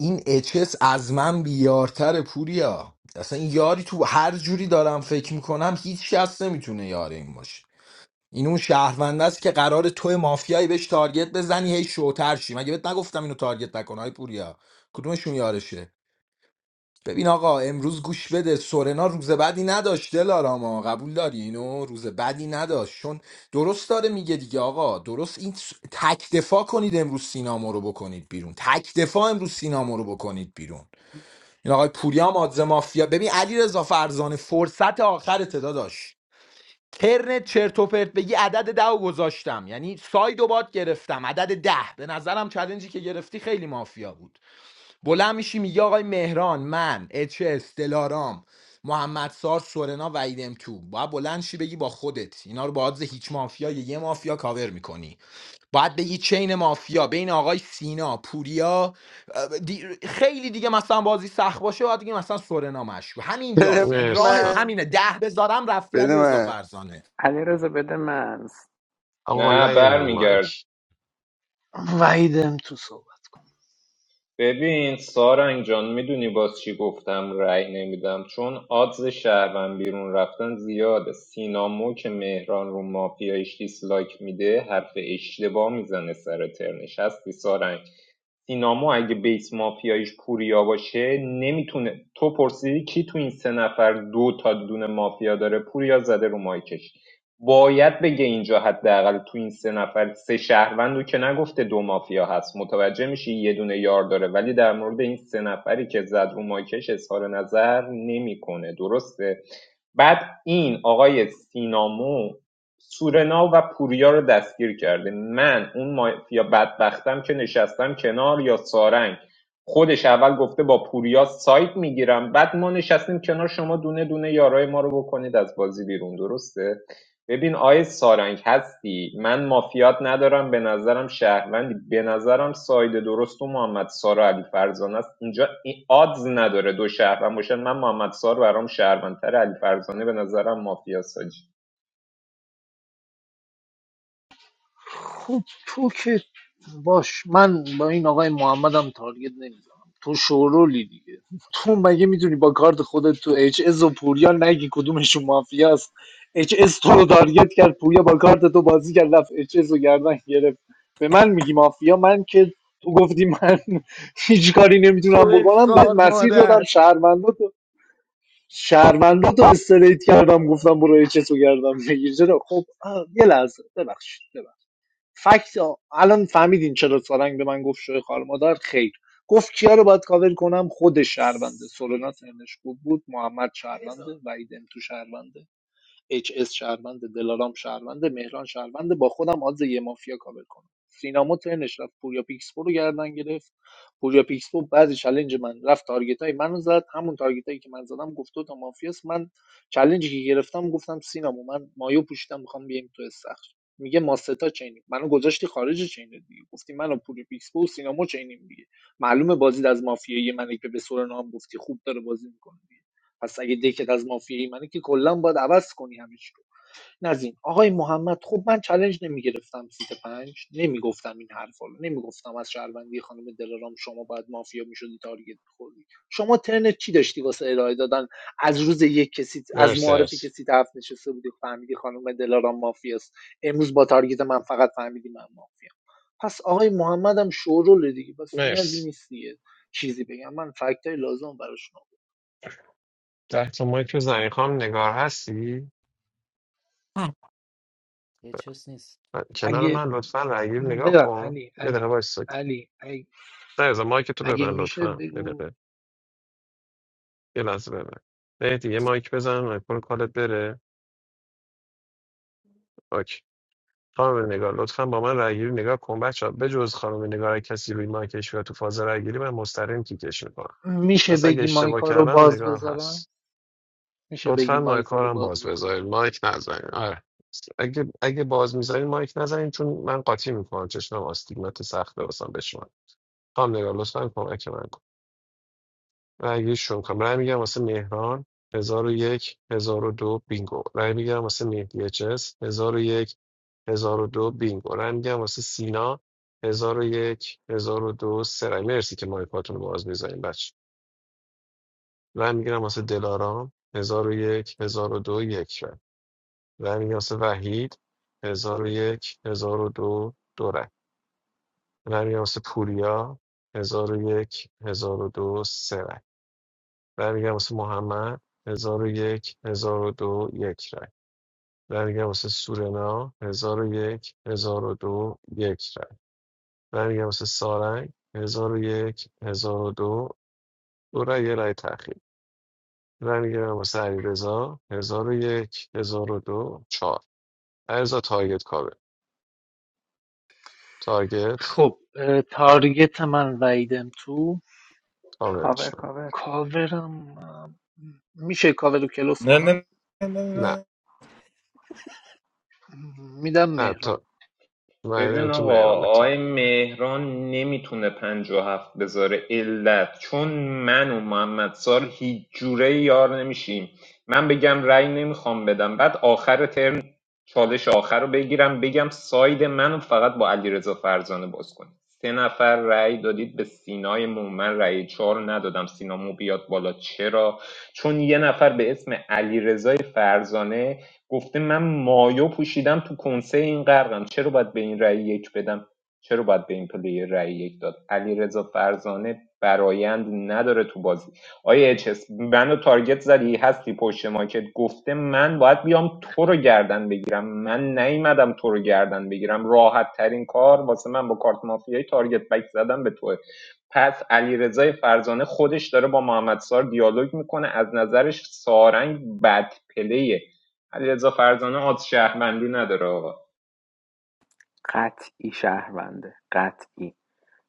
[SPEAKER 13] این اچس از من بیارتر پوریا اصلا این یاری تو هر جوری دارم فکر میکنم هیچ کس نمیتونه یار این باشه این اون شهرونده است که قرار تو مافیایی بهش تارگت بزنی هی شوتر شی مگه بهت نگفتم اینو تارگت نکن های پوریا کدومشون یارشه ببین آقا امروز گوش بده سورنا روز بدی نداشت دلاراما قبول داری اینو روز بدی نداشت چون درست داره میگه دیگه آقا درست این س- تک دفاع کنید امروز سینامو رو بکنید بیرون تک دفاع امروز سینامو رو بکنید بیرون این آقای پوریا مادز مافیا ببین علی رضا فرزانه فرصت آخر تدا داشت ترنت چرت و پرت بگی عدد ده و گذاشتم یعنی ساید و باد گرفتم عدد ده به نظرم چلنجی که گرفتی خیلی مافیا بود بلند میشی میگه آقای مهران من اچ اس دلارام محمد سار سورنا ویدم تو باید بلند شی بگی با خودت اینا رو با عادز هیچ مافیا یا یه مافیا کاور میکنی باید بگی چین مافیا بین آقای سینا پوریا اه، دی- خیلی دیگه مثلا بازی سخت باشه باید دیگه مثلا سورنا مشکو
[SPEAKER 14] بده
[SPEAKER 13] همینجاست یعنی
[SPEAKER 3] مرسی سن.
[SPEAKER 13] راهت
[SPEAKER 14] من
[SPEAKER 13] همینه ده بذارم رفتی
[SPEAKER 14] بده
[SPEAKER 13] علی رضا
[SPEAKER 14] من
[SPEAKER 13] فرزانه
[SPEAKER 1] علی بده من
[SPEAKER 3] آقا نه
[SPEAKER 8] نه
[SPEAKER 3] این رو
[SPEAKER 8] برمیگرد
[SPEAKER 3] مایک
[SPEAKER 6] وحیدم تو صحبت
[SPEAKER 8] ببین سارنگ جان میدونی باز چی گفتم رأی نمیدم چون آدز شهروند بیرون رفتن زیاده سینامو که مهران رو مافیایش دیسلایک میده حرف اشتباه میزنه سر ترنش هستی سارنگ سینامو اگه بیس مافیایش پوریا باشه نمیتونه تو پرسیدی کی تو این سه نفر دو تا دونه مافیا داره پوریا زده رو مایکش باید بگه اینجا حداقل تو این سه نفر سه شهروندو که نگفته دو مافیا هست متوجه میشی یه دونه یار داره ولی در مورد این سه نفری که زد رو مایکش اظهار نظر نمیکنه درسته بعد این آقای سینامو سورنا و پوریا رو دستگیر کرده من اون مافیا بدبختم که نشستم کنار یا سارنگ خودش اول گفته با پوریا سایت میگیرم بعد ما نشستیم کنار شما دونه دونه یارای ما رو بکنید از بازی بیرون درسته ببین آیه سارنگ هستی من مافیات ندارم به نظرم شهروندی به نظرم ساید درست و محمد سارا علی فرزانه است اینجا این آدز نداره دو شهروند باشن من محمد سار برام شهروندتر علی فرزانه به نظرم مافیاست
[SPEAKER 6] تو تو که باش من با این آقای محمدم تارگت نمیزنم تو شورولی دیگه تو مگه میتونی با کارت خودت تو اچ اس و پوریا نگی کدومشون مافیا است اچ اس تو رو تارگت کرد پوریا با کارت تو بازی کرد رفت اچ اس رو گردن گرفت به من میگی مافیا من که تو گفتی من هیچ کاری نمیتونم
[SPEAKER 13] شوه
[SPEAKER 6] بکنم بهت
[SPEAKER 13] خار
[SPEAKER 6] مسیر دادم
[SPEAKER 13] مادر
[SPEAKER 6] شهروندا تو شهروندا تو استریت کردم گفتم برو اچ اس رو گردم بگیر چرا؟ خب آه، یه لحظه ببخشید ببخشید. فکت الان فهمیدین چرا سارنگ به من گفت شوی خار مادر خیر گفت کیا رو باید کاور کنم خود شهرونده سورنا ترنش خوب بود محمد شهرونده وحید تو شهرونده اچ اس شهروند دلارام شهروند مهران شهروند با خودم آدز یه مافیا کاور کنم سینا ترنش رفت پوریا پیکسپو رو گردن گرفت پوریا پیکسپو بعضی چلنج من رفت تارگت های منو زد همون تارگت هایی که من زدم گفت تو تا مافیاست من چلنجی که گرفتم گفتم سینامو من مایو پوشیدم میخوام بیایم تو استخر میگه ما ستا چینیم منو گذاشتی خارج چین دیگه گفتی منو پوری پیکسپو و سینامو چینیم دیگه معلومه بازی از مافیایی منه که به سورنا هم گفتی خوب داره بازی میکنه پس اگه دکت از مافیایی منه که کلا باید عوض کنی همه چی رو این آقای محمد خب من چالش نمیگرفتم سیت پنج نمیگفتم این حرفا رو نمیگفتم از شهروندی خانم دلارام شما باید مافیا میشدی تارگت میخوردی شما ترنت چی داشتی واسه ارائه دادن از روز یک کسی از
[SPEAKER 3] مرسی
[SPEAKER 6] معارفی که
[SPEAKER 3] مرسی
[SPEAKER 6] سیت هفت نشسته بودی فهمیدی خانم دلارام مافیاست امروز با تارگت من فقط فهمیدی من مافیا پس آقای محمد هم شوروله دیگه پس نیازی
[SPEAKER 3] مرسی.
[SPEAKER 6] نیست دیگه چیزی بگم من فکتای لازم براشون آوردم.
[SPEAKER 3] ده تا مایک رو زنی خانم نگار هستی
[SPEAKER 12] یه چیز نیست
[SPEAKER 3] من- کنار
[SPEAKER 6] اگه
[SPEAKER 3] من لطفا رگیر
[SPEAKER 6] م،
[SPEAKER 3] نگاه
[SPEAKER 6] ببر
[SPEAKER 3] کن
[SPEAKER 6] علی
[SPEAKER 3] یه دقیقه
[SPEAKER 6] علی
[SPEAKER 3] باش سکت
[SPEAKER 6] علی ای-
[SPEAKER 3] نه مایک تو
[SPEAKER 6] اگه
[SPEAKER 3] ببند
[SPEAKER 6] میشه
[SPEAKER 3] لطفا یه
[SPEAKER 6] بگو
[SPEAKER 3] دقیقه یه لحظه ببند مهدی یه مایک بزن مایکل کالت بره اوکی خانم نگار لطفا با من رگیر نگاه کن بچه ها بجز خانم نگار اگه کسی روی مایکش و تو فاز رگیری من مستقیم کیکش میکنم
[SPEAKER 6] میشه
[SPEAKER 3] پس اگه
[SPEAKER 6] بگی
[SPEAKER 3] اشتباه
[SPEAKER 6] مایکا رو
[SPEAKER 3] کردم
[SPEAKER 6] باز
[SPEAKER 3] نگار هست
[SPEAKER 6] بذارم میشه بگی
[SPEAKER 3] لطفا مایک
[SPEAKER 6] مایکا
[SPEAKER 3] ها
[SPEAKER 6] رو
[SPEAKER 3] رو هم
[SPEAKER 6] باز
[SPEAKER 3] باز
[SPEAKER 6] بذارم
[SPEAKER 3] بذارید مایک نزنید آره اگه اگه باز میذارید مایک نزنید چون من قاطی میکنم چشمم آستیگمات سخت واسم به شما خانم نگار لطفا کمک من کن رأی شروع کنم رأی میگم واسه مهران 1001 دو بینگو رأی میگم واسه مهدی اچ اس 1001 دو بینگو رأی میگم واسه سینا 1001 1002 سه رأی مرسی که مایکاتون رو باز میذارید بچه رأی میگیرم واسه دلارام 1001 دو یک رأی رمیاس وحید هزار و یک هزار و دو دو رای رمیاس پوریا هزار و یک هزار و دو سه رای رمیاس محمد هزار و یک هزار و دو یک رای رمیاس سورنا هزار و یک هزار و دو یک رای رمیاس سارنگ هزار و یک هزار و دو دو رای یه رای تأخیر رمیاس علیرضا هزار و یک هزار و دو چهار علیرضا تارگت کاوه تارگت
[SPEAKER 6] خب اه، تارگت من ویدم تو
[SPEAKER 1] کاور
[SPEAKER 3] کاورش
[SPEAKER 1] کاور
[SPEAKER 6] کاورم اه، میشه کاور رو کلوف
[SPEAKER 10] نه
[SPEAKER 6] کنم
[SPEAKER 10] نه نه
[SPEAKER 3] نه
[SPEAKER 10] نه
[SPEAKER 6] میدم
[SPEAKER 3] نه
[SPEAKER 6] مهران
[SPEAKER 3] تو
[SPEAKER 8] ببین
[SPEAKER 3] من تو
[SPEAKER 8] آقا
[SPEAKER 3] مهران تر
[SPEAKER 8] آقای مهران نمیتونه پنج و هفت بذاره علت چون من و محمد سال هیچ جوره یار نمیشیم من بگم رأی نمیخوام بدم بعد آخر ترم چالش آخر رو بگیرم بگم ساید منو فقط با علیرضا فرزانه باز کنیم سه نفر رأی دادید به سینای مومن رأی چهار ندادم سینا مو بیاد بالا چرا چون یه نفر به اسم علیرضا فرزانه گفته من مایو پوشیدم تو کنسه این غرقم چرا باید به این رأی یک بدم چرا باید به این پلیر رأی یک داد علیرضا فرزانه برایند نداره تو بازی آیا اچ اس منو تارگت زدی هستی پشت ماکت گفته من باید بیام تو رو گردن بگیرم من نیومدم تو رو گردن بگیرم راحت ترین کار واسه من با کارت مافیایی تارگت بک زدم به تو پس علیرضا فرزانه خودش داره با محمد سار دیالوگ میکنه از نظرش سارنگ بد پلیه علیرضا فرزانه آز شهروندی نداره آقا
[SPEAKER 1] قطعی شهرونده قطعی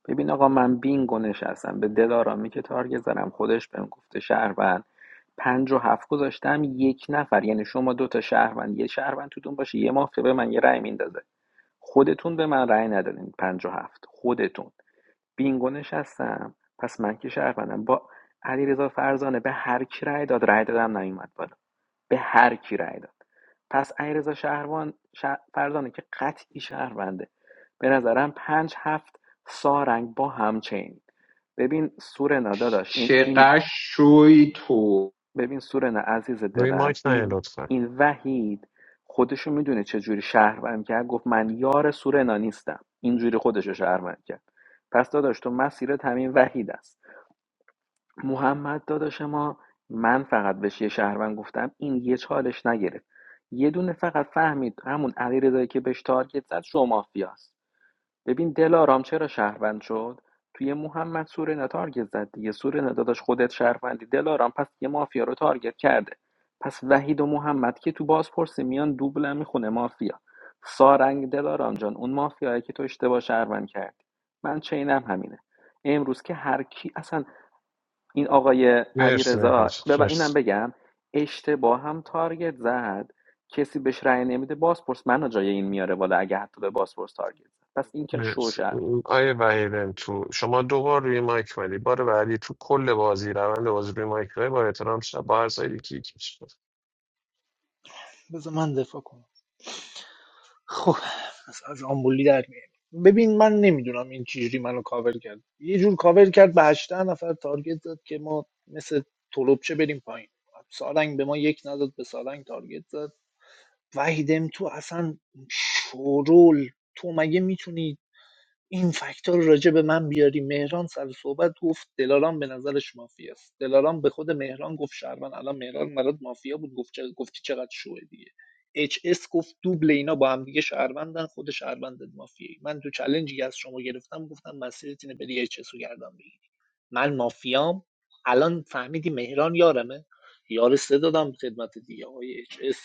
[SPEAKER 1] ببین آقا من بینگو نشستم به دلارامی که تارگت زدم خودش بهم گفته شهروند پنج و هفت گذاشتم یک نفر یعنی شما دو تا شهروند یه شهروند توتون باشه یه مافیا به من یه رأی میندازه خودتون به من رأی ندادین پنج و هفت خودتون بینگو نشستم پس من که شهروندم با علیرضا فرزانه به هر کی رأی داد رأی دادم نیومد بالا به هر کی رأی داد پس علیرضا شهروان شه- فرزانه که قطعی شهرونده به نظرم پنج هفت سارنگ با همچین ببین سورنا داداش این این
[SPEAKER 8] چقدر شوی تو
[SPEAKER 1] ببین سورنا عزیز
[SPEAKER 3] روی
[SPEAKER 1] دلم
[SPEAKER 3] مایک نه
[SPEAKER 1] این
[SPEAKER 3] لطفا
[SPEAKER 1] این وحید خودشو میدونه چه جوری شهروند کرد گفت من یار سورنا نیستم اینجوری خودشو شهروند کرد پس داداش تو مسیرت همین وحید است محمد داداش ما من فقط بهش یه شهروند گفتم این یه چالش نگرفت یه دونه فقط فهمید همون علیرضایی که بهش تارگت زد شو مافیاست ببین دلارام چرا شهروند شد توی محمد سورنا تارگت زد دیگه سورنا داداش خودت شهروندی دلارام پس یه مافیا رو تارگت کرده پس وحید و محمد که تو بازپرسی میان دوبل هم میخونه مافیا سارنگ دلارام جان اون مافیایی که تو اشتباه شهروند کردی من چینم همینه امروز که هر کی اصلا این آقای
[SPEAKER 3] مرسی مهران
[SPEAKER 1] علیرضا
[SPEAKER 3] جان.
[SPEAKER 1] ببین اینم
[SPEAKER 3] مرسی
[SPEAKER 1] بگم اشتباه هم تارگت زد کسی بهش رأی نمیده بازپرس منو جای این میاره بالا اگه حتی به بازپرس تارگت زد پس این که شوش
[SPEAKER 3] مرسی آیه وحیدن تو شما دو بار روی مایک ولی بار بعدی تو کل بازی روند بازی روی مایک ولی با احترام شد با هر سایدی کیک میشه
[SPEAKER 6] بذار من دفاع کنم خب از از آمبولی در میاد ببین من نمیدونم این چجوری منو کاور کرد یه جور کاور کرد به 18 نفر تارگت داد که ما مثل تلوپچه بریم پایین سارنگ به ما یک نداد به سارنگ تارگت داد وحیدم تو اصلا شورول تو مگه میتونی این فکت‌ها رو راجع به من بیاری مهران سر صحبت گفت دلارام به نظرش مافیا است دلارام به خود مهران گفت شهروند الان مهران برات مافیا بود گفت چه- گفتی چقدر شوه دیگه اچ اس گفت دوبل اینا با هم دیگه شهروندن خود شهروندت مافیایی من تو چلنجی که از شما گرفتم گفتم مسیرت اینه بری اچ اس رو گردن بگیری من مافیام الان فهمیدی مهران یارمه یار سه دادم خدمت دیگه آقای اچ اس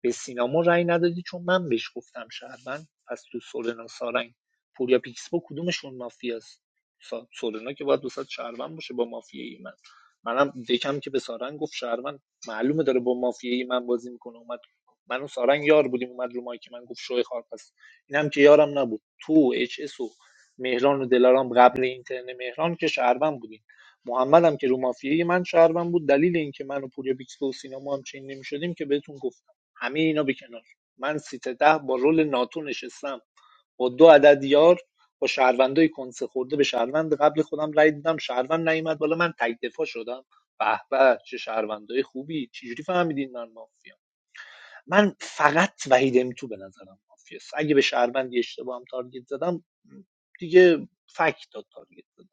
[SPEAKER 6] به سینما رأی ندادی چون من بهش گفتم شهروند پس تو سورنا سارنگ پوریا پیکسپو کدومشون مافیاست سا- سورنا که باید وسط شهروند باشه با مافیایی من منم دکم که به سارنگ گفت شهروند معلومه داره با مافیایی من بازی میکنه اومد من و سارنگ یار بودیم اومد رو مایی که من گفت شوی خار پس اینم که یارم نبود تو اچ اس و مهران و دلارام قبل اینترنت مهران که شهروند بودیم محمدم که رو مافیایی من شهروند بود دلیل اینکه من و پوریا پیکسپو و سینما هم چین نمیشدیم که بهتون گفتم همه اینا به کنار من سیت ده با رول ناتو نشستم با دو عدد یار با شهروندای کنسه خورده به شهروند قبل خودم رای دیدم شهروند نیومد بالا من تک دفاع شدم به به چه شهروندای خوبی چجوری فهمیدین من مافیا من فقط وحید تو به نظرم مافیاست اگه به شهروندی اشتباه هم تارگت زدم دیگه فکت داد تارگت زدم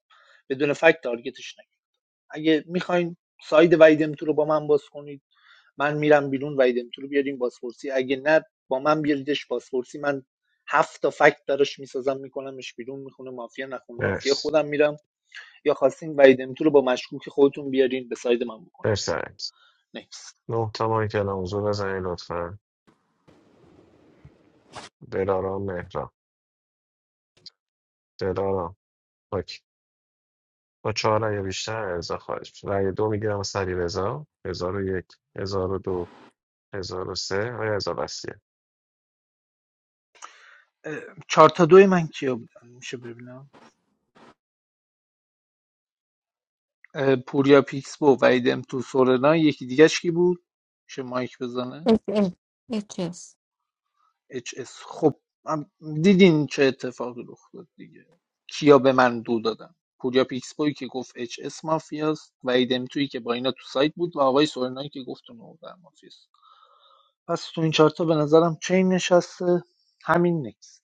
[SPEAKER 6] بدون فکت تارگتش نکن اگه میخواین ساید وحید تو رو با من باز کنید من میرم بیرون وحید امیتو رو بیاریم بازپرسی اگه نه با من بیاریدش بازپرسی من هفت تا فکت براش میسازم میکنمش بیرون میخونه مافیا نخونه مافیا
[SPEAKER 3] مرسی
[SPEAKER 6] خودم میرم یا خواستین وحید امیتو رو با مشکوک خودتون بیارین به ساید من بکن
[SPEAKER 3] مرسی عزیز.
[SPEAKER 6] نکس
[SPEAKER 3] نه تا مایک الان حضور بزنید لطفا دلارام مهران دلارام اوکی با چهار رأی یا بیشتر رضا خارج میشه رأی دو میگیرم سری رضا هزار و یک هزار و دو هزار و سه آیا رضا بسیه
[SPEAKER 6] چهار تا دوی من کیا بودن میشه ببینم پوریا پیکس و وحید امیتو سورنا یکی دیگه کی بود میشه مایک بزنه
[SPEAKER 11] wrong. Yes, yes.
[SPEAKER 6] اچ اس خب هم دیدین چه اتفاقی رخ داد دیگه کیا به من دو دادن پوریا پیکسپوی که گفت اچ اس مافیاست و ایدم تویی که با اینا تو سایت بود و آقای سورنایی که گفت اون اون مافیاست پس تو این چارتا به نظرم چین نشسته همین نکس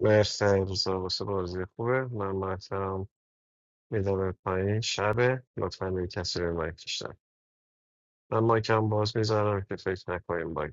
[SPEAKER 3] مرسی انگیزا واسه بازی خوبه من محترم میدم به پایین شبه لطفا روی کسی روی مایک کشتن من مایکم باز میذارم که فکر نکنیم باگ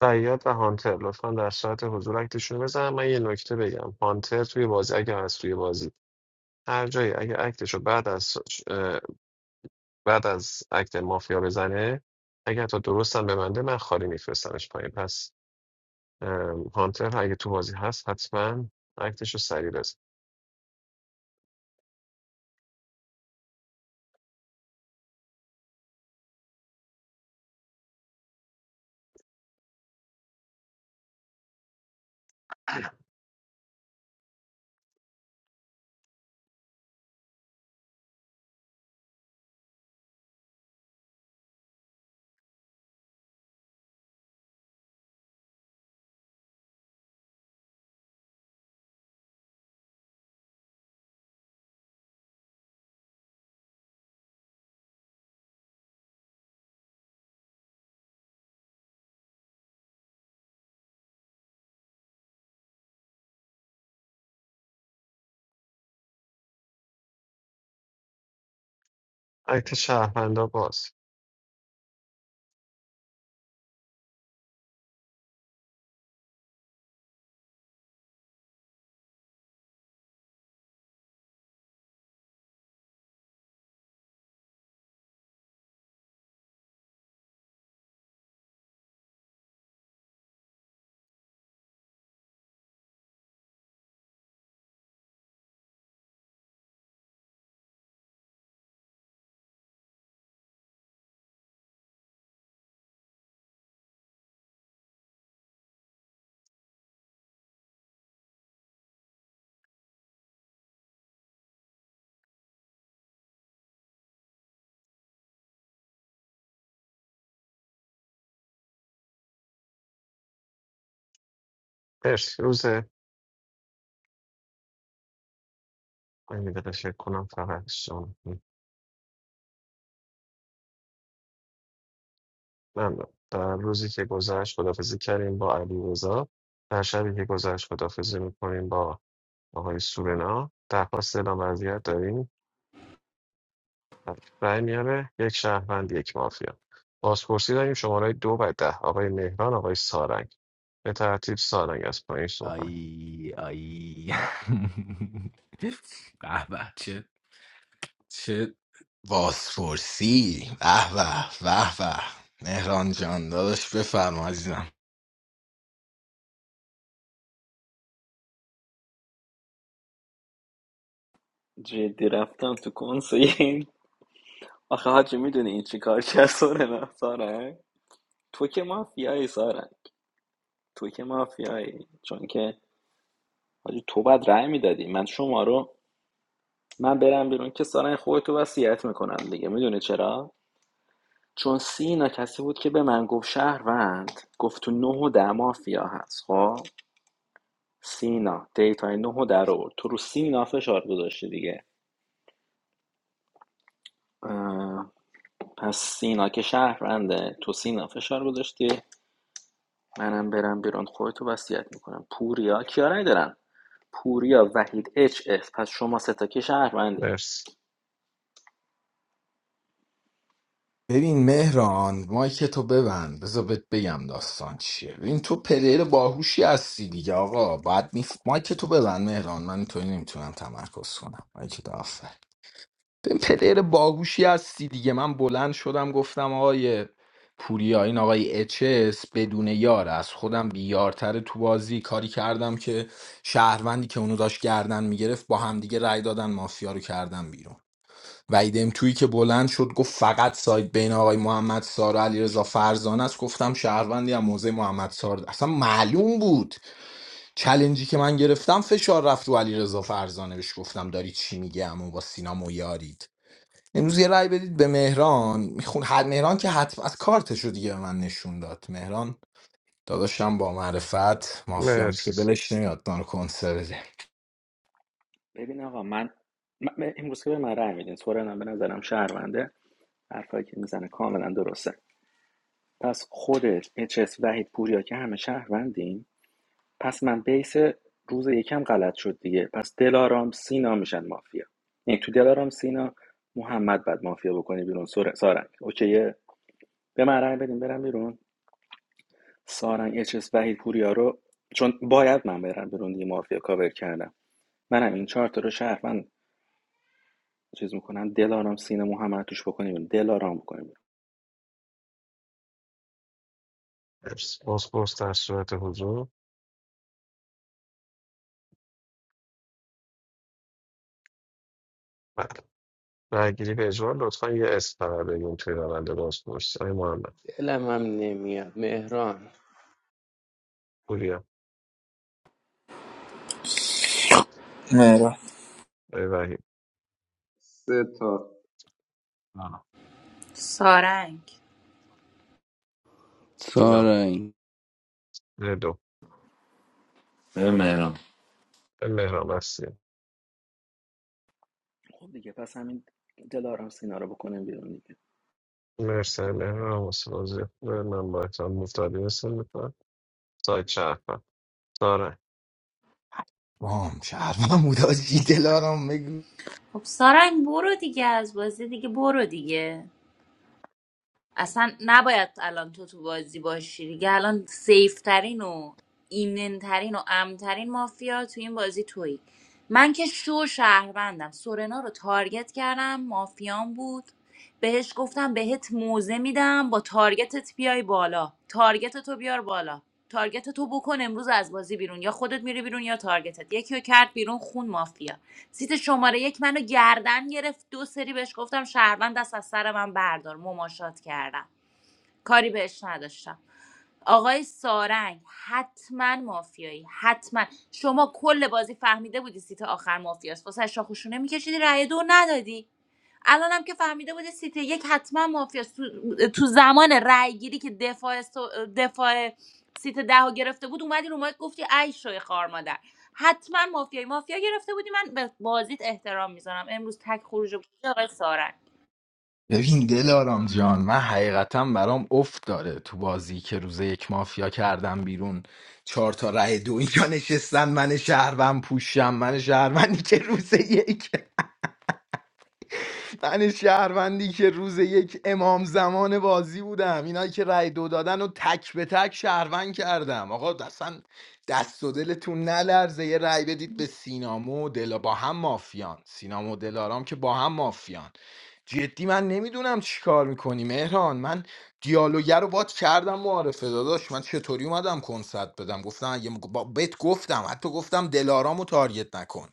[SPEAKER 3] سیاد و هانتر لطفا در ساعت حضور اکتشون رو بزنم من یه نکته بگم هانتر توی بازی اگه هست توی بازی هر جایی اگه اکتش رو بعد از اه، بعد از اکت مافیا بزنه اگه تا درستم ببنده من خالی میفرستمش پایین پس ام، هانتر اگه تو بازی هست حتما اکتش رو سریع بزن اکت شهروندا باز مرسی روز من یه دقیقه شک کنم فقط شما ممنون در روزی که گذشت خدافزی کردیم با علی رضا در شبی که گذشت خدافزی میکنیم با آقای سورنا درخواست اعلام وضعیت داریم بله. رای میاره یک شهروند یک مافیا بازپرسی داریم شماره دو و ده آقای مهران آقای سارنگ به ترتیب سارنگ از پایین صحبت
[SPEAKER 13] آی آی به به چه چه بازپرسی به به به به مهران جان داداش بفرما عزیزم
[SPEAKER 1] جدی رفتم تو کنسرت آخه حاجی میدونی این چی کار کرد سارنا سارنگ تو که مافیایی سارنگ تو که مافیایی چون که حاجی تو بعد رأی میدادی من شما رو من برم بیرون که سارنگ خودتو وصیت میکنم دیگه میدونی چرا چون سینا کسی بود که به من گفت شهروند گفت تو نه و ده مافیا هست خب سینا دیتای نه و در آورد تو رو سینا فشار گذاشتی دیگه پس سینا که شهرونده تو سینا فشار گذاشتی منم برم بیرون خودتو وصیت میکنم پوریا کیا رای دارن پوریا وحید اچ اف پس شما ستا که شهروندی
[SPEAKER 3] مرسی
[SPEAKER 13] ببین مهران مایک تو ببند بذار بهت بگم داستان چیه ببین تو پلیر باهوشی هستی دیگه آقا باید می... مایک تو ببند مهران من تو نمیتونم تمرکز کنم مایک تو آفر به پلیر باهوشی هستی دیگه من بلند شدم گفتم آقای پوریا این آقای اچس بدون یار از خودم بیارتر تو بازی کاری کردم که شهروندی که اونو داشت گردن میگرفت با همدیگه رأی دادن مافیا رو کردن بیرون و ایدم تویی که بلند شد گفت فقط سایت بین آقای محمد سار و علیرضا فرزانه است گفتم شهروندی هم موزه محمد سار ده. اصلا معلوم بود چلنجی که من گرفتم فشار رفت رو علیرضا فرزانه بهش گفتم داری چی میگی اما با سینا مویاری امروز یه رأی بدید به مهران میخون هر مهران که حتم از کارتشو دیگه به من نشون داد مهران داداشم با معرفت مافیا میشه
[SPEAKER 3] مرسی
[SPEAKER 13] بلش نمیاد دار کنسر بده
[SPEAKER 1] ببین آقا من, من- من- امروز که به من رای میدین سورنا به نظرم شهرونده حرفایی که میزنه کاملا درسته پس خودت، اچس، وحید پوریا که همه شهروندیم پس من بیس روز یکم غلط شد دیگه پس دلارام سینا میشن مافیا یعنی تو دلارام سینا محمد بعد مافیا بکنی بیرون سر... سارنگ اوکیه به من رأی بدین برم بیرون سارنگ اچس وحید پوریا رو چون باید من برم بیرون دیگه مافیا کاور کردم منم این چهار تا رو شهروند چیز میکنم دلارام سینا محمد توش بکنیم بیرون دلارام بکنیم بیرون
[SPEAKER 3] مرسی بازپرس در صورت حضور بله رای گیری به اجبار لطفا یه اسم فقط بگیم توی روند بازپرسی آقای محمد
[SPEAKER 9] دلم هم نمیاد مهران
[SPEAKER 3] پوریا
[SPEAKER 10] نه.
[SPEAKER 3] آقای وحید
[SPEAKER 8] سه تا
[SPEAKER 2] سارنگ
[SPEAKER 3] سینا
[SPEAKER 14] سارنگ
[SPEAKER 3] ردو آقای مهران هستی
[SPEAKER 1] خب دیگه پس همین دلارام سینا رو بکنیم بیرون دیگه
[SPEAKER 3] مرسی آقای مهران حوصله زیاد. من با احترام مفتادی مثل میکنم سایت شهروند سارنگ
[SPEAKER 13] وام شهرم بود آجی دلارام بگو
[SPEAKER 2] خب سارنگ برو دیگه از بازی دیگه برو دیگه اصلا نباید الان تو تو بازی باشی دیگه الان سیف ترین و ایمن ترین و امن ترین مافیا تو این بازی تویی من که شو شهروندم سورنا رو تارگت کردم مافیام بود بهش گفتم بهت موزه میدم با تارگتت بیای بالا تارگت تو بیار بالا تارگت تو بکن امروز از بازی بیرون یا خودت میری بیرون یا تارگتت یکی رو کرد بیرون خون مافیا سیت شماره یک منو گردن گرفت دو سری بهش گفتم شهروند دست از سر من بردار مماشات کردم کاری بهش نداشتم آقای سارنگ حتما مافیایی حتما شما کل بازی فهمیده بودی سیت آخر مافیاست واسه شاخوشونه میکشیدی رأی دو ندادی الان هم که فهمیده بودی سیت یک حتما مافیاست تو, تو زمان رأی گیری که دفاع, سو- دفاع سیت ده رو گرفته بود اومدی رو مایک گفتی ای شوی خار مادر حتما مافیایی مافیا گرفته بودی من به بازیت احترام میذارم امروز تک خروج بود آقای سارنگ
[SPEAKER 13] ببین دلارام جان من حقیقتا برام افت داره تو بازی که روز یک مافیا کردم بیرون چهار تا رأی دو اینجا نشستن من شهروند پوشم من شهروندی که روز یک من شهروندی که روز یک امام زمان بازی بودم اینایی که رای دو دادن و تک به تک شهروند کردم آقا اصلا دست و دلتون نلرزه یه رأی بدید به سینامو و دلا با هم مافیان سینامو و دلارام که با هم مافیان جدی من نمیدونم چی کار میکنی مهران من دیالوگر رو باد کردم معارفه داداش من چطوری اومدم کنسرت بدم گفتم اگه با- بهت گفتم حتی گفتم دلارامو تارگت نکن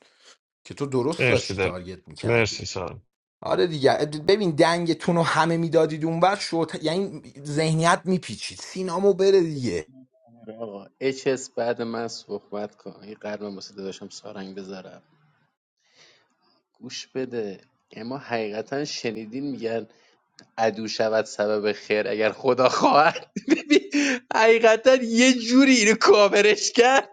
[SPEAKER 13] که تو درست
[SPEAKER 3] مرسی
[SPEAKER 13] داشتی
[SPEAKER 3] دل
[SPEAKER 13] تارگت
[SPEAKER 3] مرسی
[SPEAKER 13] میکردی
[SPEAKER 3] سال
[SPEAKER 13] آره دیگه ببین دنگتون رو همه میدادید اونور شد یعنی ذهنیت میپیچید سینامو بره دیگه
[SPEAKER 9] آقا اچس بعد من صحبت کن این قلبم واسه داداشم سارنگ بذارم گوش بده اما حقیقتا شنیدین میگن عدو شود سبب خیر اگر خدا خواهد ببین حقیقتا یه جوری اینو کاورش کرد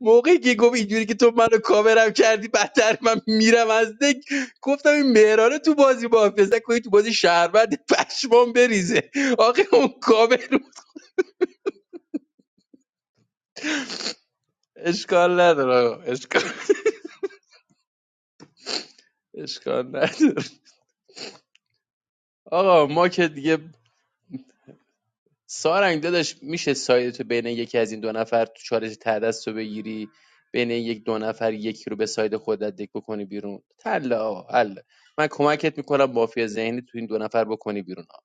[SPEAKER 9] موقعی که گفت اینجوری که تو منو کاورم کردی بدتر من میرم از دک گفتم این مهرانه تو بازی با کنی تو بازی شهروند پشمام بریزه آقا اون کاور اشکال نداره آقا اشکال اشکال نداره آقا ما که دیگه سارنگ داداش میشه سایدتو بین یکی از این دو نفر تو چالش تعدست رو بگیری بین یک دو نفر یکی رو به ساید خودت دک بکنی بیرون تلا آقا، حل من کمکت میکنم مافیا ذهنی تو این دو نفر بکنی بیرون آقا.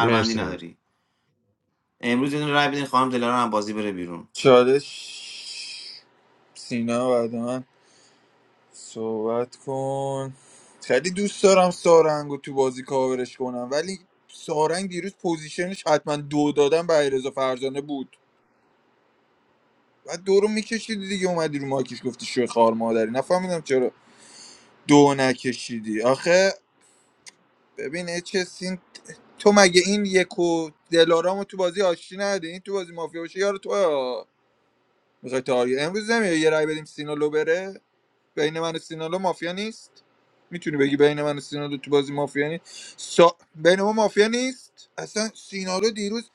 [SPEAKER 3] مرسی
[SPEAKER 10] چالش سینا بعد من صحبت کن خیلی دوست دارم سارنگو تو بازی کاورش کنم ولی سارنگ دیروز پوزیشنش حتما دو دادن به علیرضا فرزانه بود و دو رو میکشیدی دیگه اومدی رو ماکیش گفتی شو خار مادری نفهمیدم چرا دو نکشیدی آخه ببین اچسین تو مگه این یک و دلارامو تو بازی آشتی نده این تو بازی مافیا باشه یار تو میخوای تا آیه امروز نمیای یه رای بدیم سینا لو بره بین من و سینالو مافیا نیست میتونی بگی بین من و سینالو تو بازی مافیا نیست سا... بین ما مافیا نیست اصلا سینالو دیروز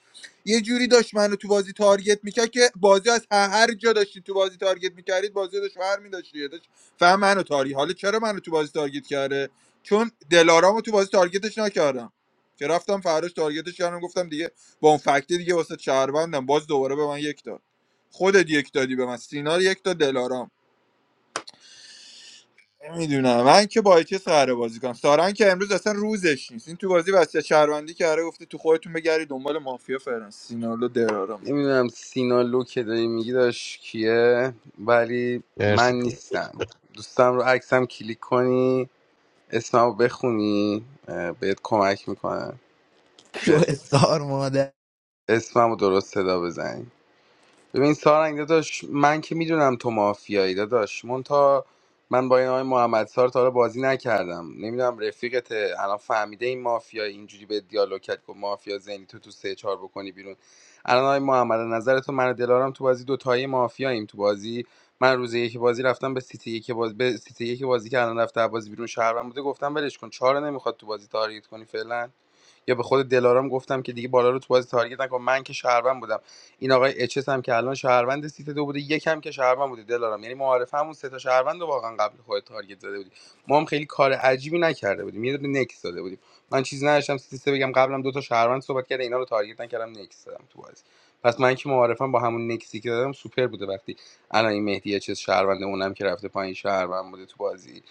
[SPEAKER 10] یه جوری داشت منو تو بازی تارگت میکرد که بازی از هر هر جا داشتی تو بازی تارگت میکردید بازی داشت ور میداشتی داشت فهم منو تاری حالا چرا منو تو بازی تارگت کرده چون دلارامو تو بازی تارگتش نکردم که رفتم فراش تارگتش کردم گفتم دیگه با اون فکتی دیگه واسه شهروندم باز دوباره به من یک داد خودت یک دادی به من سینا یک داد دلارام نمیدونم من که با چه قراره بازی کنم سارنگ که امروز اصلا روزش نیست این تو بازی واسه شهروندی که قراره گفته تو خودتون بگردید دنبال مافیا فرانسینالو درارم
[SPEAKER 14] نمیدونم سینا لو که داری میگی داشت کیه ولی
[SPEAKER 3] مرسی
[SPEAKER 14] من
[SPEAKER 3] پور
[SPEAKER 14] نیستم دوستم رو عکسم کلیک کنی اسمم رو بخونی اه، بهت کمک میکنم
[SPEAKER 13] شو
[SPEAKER 14] که
[SPEAKER 13] استار مادر
[SPEAKER 14] اسمم رو درست صدا بزنی ببین سارنگ داداش من که میدونم تو مافیایی داداش مونتا من با این آقای محمد سار تا حالا بازی نکردم نمیدونم رفیقت الان فهمیده این مافیایی اینجوری به دیالوگ کرد گفت مافیا زنی تو تو سه چهار بکنی بیرون الان آقای محمد از نظر تو من و دلارم تو بازی دوتایی مافیاییم تو بازی من روز یک بازی رفتم به سیتی یک بازی به سیتی یک بازی که الان رفته بازی بیرون شهرم بوده گفتم ولش کن چهار نمیخواد تو بازی تاریت کنی فعلا یا به خود دلارام گفتم که دیگه بالا رو تو بازی تارگت نکن من که شهروند بودم این آقای اچ اس هم که الان شهروند سیت دو بوده یکم که شهروند بوده دلارام یعنی معارفه همون سه تا شهروند رو واقعا قبل خود تارگت زده بودی ما هم خیلی کار عجیبی نکرده بودیم یه دونه نکس داده بودیم من چیزی نداشتم سیت سه بگم قبلم دو تا شهروند صحبت کرده اینا رو تارگت نکردم نکس دادم تو بازی پس من که معارفم با همون نکسی که دادم سوپر بوده وقتی الان این مهدی چه شهروند اونم که رفته پایین شهروند بوده تو بازی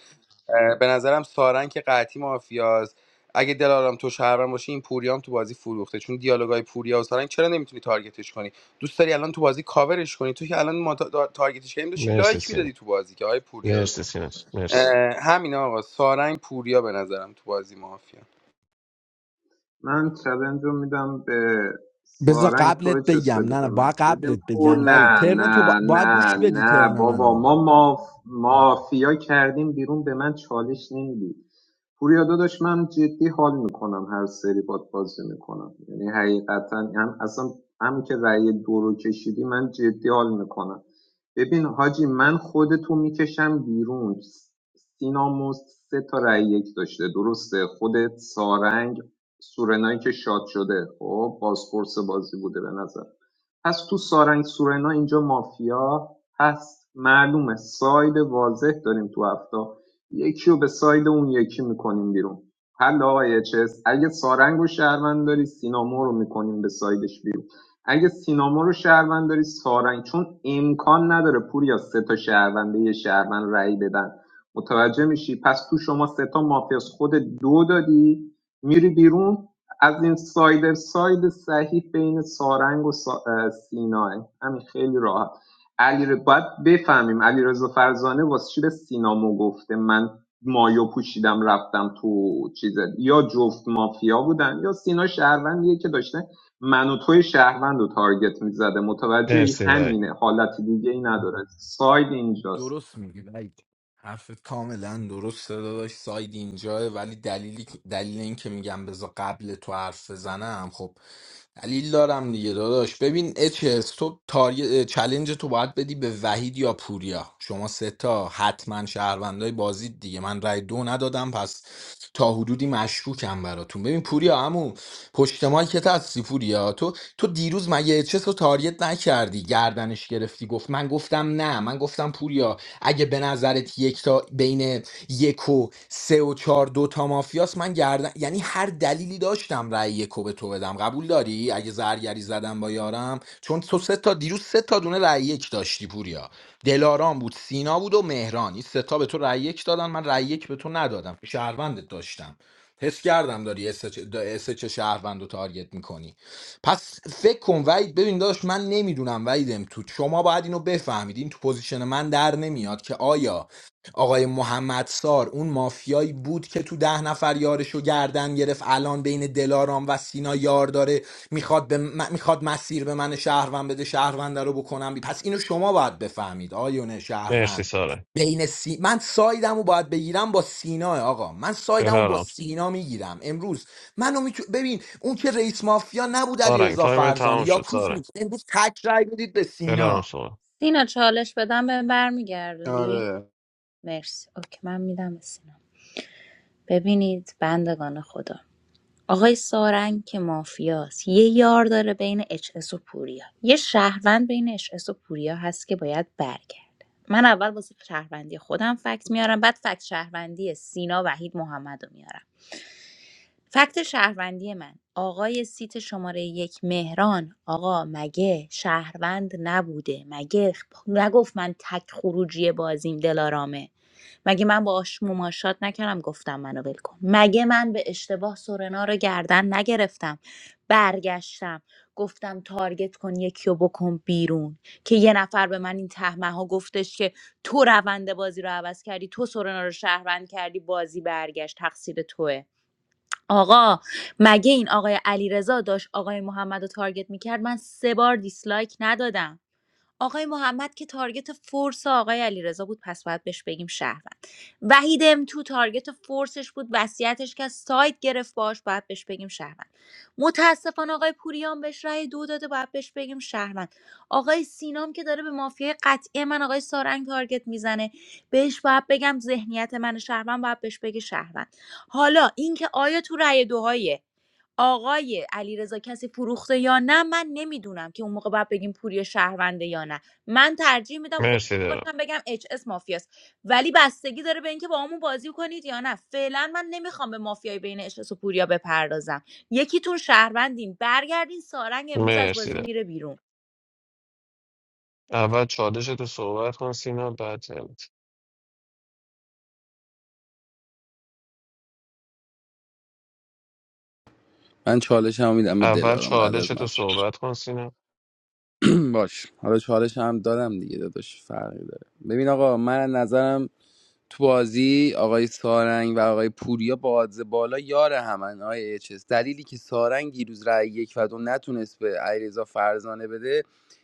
[SPEAKER 14] به نظرم سارن که قطعی مافیاز اگه دلارام تو شهرم باشه این پوریام تو بازی فروخته چون دیالوگای پوریا و سارنگ چرا نمیتونی تارگتش کنی دوست داری الان تو بازی کاورش کنی تو که الان ما تا- تارگتش کردیم داشتی
[SPEAKER 3] مرسی
[SPEAKER 14] لایک
[SPEAKER 3] سینا
[SPEAKER 14] میدادی تو بازی که آقای پوریا
[SPEAKER 3] مرسی سینا مرسی
[SPEAKER 14] همین آقا سارنگ پوریا به نظرم تو بازی مافیا
[SPEAKER 8] من چلنج رو میدم به
[SPEAKER 13] بذار
[SPEAKER 8] سارنگ
[SPEAKER 13] قبلت
[SPEAKER 8] تو چس
[SPEAKER 13] بگم
[SPEAKER 8] بده
[SPEAKER 13] نه نه
[SPEAKER 8] به من
[SPEAKER 13] باید قبلت
[SPEAKER 8] ببین پر
[SPEAKER 13] بگم ولی
[SPEAKER 8] نه
[SPEAKER 13] ترن تو با...
[SPEAKER 8] نه
[SPEAKER 13] باید
[SPEAKER 8] نه
[SPEAKER 13] گوش بدی
[SPEAKER 8] نه
[SPEAKER 13] ترن منو
[SPEAKER 8] بابا ما ماف... مافیا کردیم بیرون به من چالش نمیدی پوریا داداش من جدی حال میکنم هر سری باد بازی میکنم یعنی حقیقتا هم اصلا هم که رأی دو رو کشیدی من جدی حال میکنم ببین حاجی من خودتو میکشم بیرون سینا مست سه تا رأی یک داشته درسته خودت سارنگ سورنایی که شاد شده خب بازپرس بازی بوده به نظر پس تو سارنگ سورنا اینجا مافیا هست معلومه ساید واضح داریم تو هفته یکی رو به ساید اون یکی میکنیم بیرون حل آقای چس اگه سارنگ رو شهروند داری سینامو رو میکنیم به سایدش بیرون اگه سینامو رو شهروند داری سارنگ چون امکان نداره پوریا سه تا شهرونده یه شهروند رأی بدن متوجه میشی پس تو شما سه تا مافیاس خود دو دادی میری بیرون از این ساید ساید صحیح بین سارنگ و سا... اه، سیناه همین خیلی راحت علی ر- باید بفهمیم علی رضا فرزانه واسه چی به سینامو گفته من مایو پوشیدم رفتم تو چیز یا جفت مافیا بودن یا سینا شهروندیه که داشته من و توی شهروند رو تارگت میزده متوجه ای؟
[SPEAKER 3] مرسی وای
[SPEAKER 8] همینه حالت دیگه ای نداره ساید اینجاست
[SPEAKER 13] درست میگی وید حرفت کاملا درسته داداش ساید اینجاه ولی دلیلی دلیل این که میگم بذار قبل تو حرف بزنم خب دلیل دارم دیگه داداش ببین اچ اچس تو تاری... چلنج تو باید بدی به وحید یا پوریا شما سه تا حتما شهروندای بازی دیگه من رای دو ندادم پس تا حدودی مشکوکم براتون ببین پوریا عمو پشت مایکت هستی پوریا تو تو دیروز مگه اچس رو تاریت نکردی گردنش گردنش گرفتی گفت من گفتم نه من گفتم پوریا اگه به نظرت یک تا بین یک و سه و چهار دو تا مافیاست من گردن یعنی هر دلیلی داشتم رأی یکو به تو بدم قبول داری اگه زرگری زدم با یارم چون تو سه تا دیروز سه تا دونه رأی یک داشتی پوریا دلارام بود سینا بود و مهران این سه تا به تو رأی یک دادن من رأی یک به تو ندادم شهروندت داشتم حس کردم داری اس چه شهروند رو تارگت میکنی پس فکر کن وید ببین داشت من نمیدونم ویدم تو شما باید اینو بفهمید این تو پوزیشن من در نمیاد که آیا آقای محمد سار اون مافیایی بود که تو ده نفر یارشو گردن گرفت الان بین دلارام و سینا یار داره میخواد به م- میخواد مسیر به من شهروند بده شهروند رو بکنم بی- پس اینو شما باید بفهمید آیون
[SPEAKER 3] مرسی
[SPEAKER 13] شهروند
[SPEAKER 3] سارنگ
[SPEAKER 13] بین سی... من سایدمو باید بگیرم با سینا آقا من سایدمو با
[SPEAKER 3] دلارام
[SPEAKER 13] سینا میگیرم امروز منو میتو... ببین اون که رئیس مافیا نبود
[SPEAKER 3] سارنگ
[SPEAKER 13] علیرضا
[SPEAKER 3] تایم
[SPEAKER 13] فرزانه
[SPEAKER 3] تموم
[SPEAKER 13] یا
[SPEAKER 3] شد
[SPEAKER 13] کوز
[SPEAKER 3] سارنگ
[SPEAKER 13] نیست امروز تک رای بدید به
[SPEAKER 3] دلارام
[SPEAKER 13] سینا
[SPEAKER 3] صحبت
[SPEAKER 2] دینا چالش بدم به برمیگردونی
[SPEAKER 14] آره
[SPEAKER 2] مرسی اوکی من میدم به سینا ببینید بندگان خدا آقای سارنگ که مافیاست یه یار داره بین اچ اس و پوریا یه شهروند بین اچ اس و پوریا هست که باید برگرده من اول واسه شهروندی خودم فکت میارم بعد فکت شهروندی سینا وحید محمد رو میارم فکت شهروندی من آقای سیت شماره یک مهران آقا مگه شهروند نبوده مگه خ- نگفت من تک خروجی بازیم دلارامه مگه من با آش مماشات نکردم گفتم منو ول کن مگه من به اشتباه سورنا رو گردن نگرفتم برگشتم گفتم تارگت کن یکی رو بکن بیرون که یه نفر به من این تهمه ها گفتش که تو روند بازی رو عوض کردی تو سورنا رو شهروند کردی بازی برگشت تقصیر توه آقا مگه این آقای علیرضا داشت آقای محمد رو تارگت میکرد من سه بار دیسلایک ندادم آقای محمد که تارگت فورس آقای علیرضا بود پس باید بهش بگیم شهروند وحید ام تو تارگت فورسش بود وصیتش که سایت گرفت باش باید بهش بگیم شهروند متاسفانه آقای پوریان بهش رأی دو داده باید بهش بگیم شهروند آقای سینام که داره به مافیای قطعی من آقای سارنگ تارگت میزنه بهش باید بگم ذهنیت من شهروند باید بهش بگه شهروند حالا اینکه آیا تو رأی دوهای آقای علیرضا کسی فروخته یا نه من نمیدونم که اون موقع باید بگیم پوری شهرونده یا نه من ترجیح میدم خودم
[SPEAKER 3] مرسی دلارام
[SPEAKER 2] باشم بگم اچ اس مافیاست ولی بستگی داره به اینکه با همون بازی کنید یا نه فعلا من نمیخوام به مافیای بین اچ اس و پوریا بپردازم یکیتون شهروندین برگردین سارنگ امروز از
[SPEAKER 3] مرسی
[SPEAKER 2] بازی
[SPEAKER 3] دلارام
[SPEAKER 2] میره بیرون
[SPEAKER 3] اول چالش تو صحبت کن سینا بعد ترمت.
[SPEAKER 14] من چالش هم میدم به
[SPEAKER 3] اول
[SPEAKER 14] دلارام بعد
[SPEAKER 3] چالش
[SPEAKER 14] از من
[SPEAKER 3] تو صحبت کن سینا
[SPEAKER 14] باش حالا چالش هم دادم دیگه داداش فرقی داره ببین آقا من از نظرم تو بازی آقای سارنگ و آقای پوریا با آدز بالا یار همن آقای اچس دلیلی که سارنگ دیروز رای یک و دو نتونست به علیرضا فرزانه بده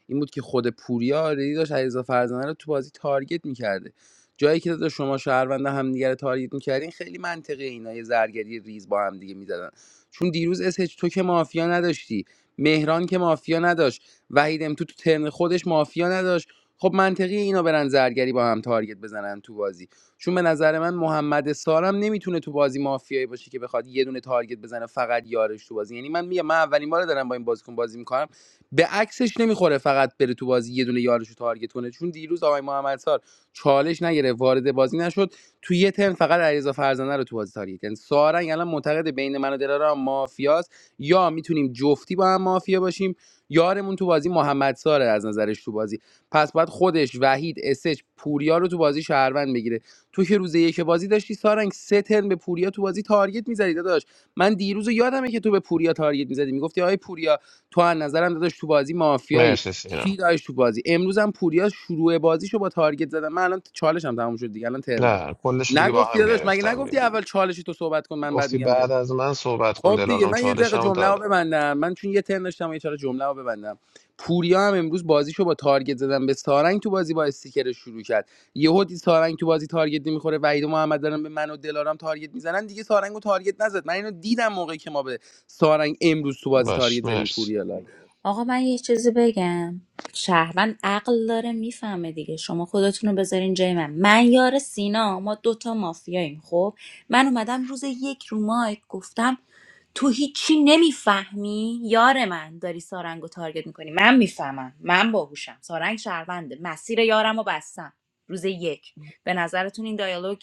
[SPEAKER 14] این بود که خود پوریا آلردی داشت علیرضا فرزانه رو تو بازی تارگت میکرده جایی که داده شما شهرونده هم دیگه رو تارگت میکردین خیلی منطقی اینا یه زرگری ریز با هم دیگه میزدن چون دیروز SH تو که مافیا نداشتی مهران که مافیا نداشت وحید ام تو تو ترن خودش مافیا نداشت خب منطقی اینا برن زرگری با هم تارگت بزنن تو بازی چون به نظر من محمد سارم نمیتونه تو بازی مافیایی باشه که بخواد یه دونه تارگت بزنه فقط یارش تو بازی یعنی من میگم من اولین بار دارم با این بازیکن بازی میکنم به عکسش نمیخوره فقط بره تو بازی یه دونه یارش رو تارگت کنه چون دیروز آقای محمد سار چالش نگرفت وارد بازی نشد تو یه ترم فقط علیرضا فرزانه رو تو بازی تاریخ یعنی سارنگ الان معتقد بین من و دلارام مافیاست یا میتونیم جفتی با هم مافیا باشیم یارمون تو بازی محمد ساره از نظرش تو بازی پس باید خودش وحید اسج پوریا رو تو بازی شهروند بگیره تو که روز یک بازی داشتی سارنگ سه ترم به پوریا تو بازی تارگت میزدی داداش من دیروز رو یادمه که تو به پوریا تارگت میزدی میگفتی آی پوریا تو از نظرم داداش تو بازی مافیایی
[SPEAKER 3] مرسی
[SPEAKER 14] چی
[SPEAKER 3] سینا
[SPEAKER 14] داشت تو بازی امروز هم پوریا شروع بازیشو با تارگت زدن من الان چالشم تموم شد دیگه الان ترنمه
[SPEAKER 3] نه کلش دیگه با
[SPEAKER 14] نگفتی
[SPEAKER 3] هم
[SPEAKER 14] داداش مگه
[SPEAKER 3] گرفتم
[SPEAKER 14] نگفتی
[SPEAKER 3] دیگه
[SPEAKER 14] اول چالشی تو صحبت کن من بعد
[SPEAKER 3] گفتی
[SPEAKER 14] میگم ده
[SPEAKER 3] بعد از من صحبت کن
[SPEAKER 14] خب دیگه
[SPEAKER 3] دلارام
[SPEAKER 14] من یه دقیقه
[SPEAKER 3] چالشمو
[SPEAKER 14] جمله رو
[SPEAKER 3] دادم
[SPEAKER 14] ببندم من چون یه ترن داشتم و یه چاره جمله رو ببندم پوریا هم امروز بازیشو با تارگت زدن به سارنگ تو بازی با استیکر شروع کرد یهو دید سارنگ تو بازی تارگت نمیخوره وحید و محمد دارن به من و دلارام تارگت میزنن دیگه سارنگ رو تارگت نزد من اینو دیدم موقعی که ما به سارنگ امروز تو بازی تارگت
[SPEAKER 3] باش
[SPEAKER 14] زدیم
[SPEAKER 3] مرسی
[SPEAKER 14] پوریا لای
[SPEAKER 2] آقا من یه چیزی بگم شهروند عقل داره میفهمه دیگه شما خودتون رو بذارین جای من من یار سینا ما دوتا مافیاییم خب من اومدم روز یک رو مایک گفتم تو هیچی نمیفهمی یار من داری سارنگ رو تارگت میکنی من میفهمم من باهوشم سارنگ شهرونده مسیر یارم رو بستم روز یک به نظرتون این دیالوگ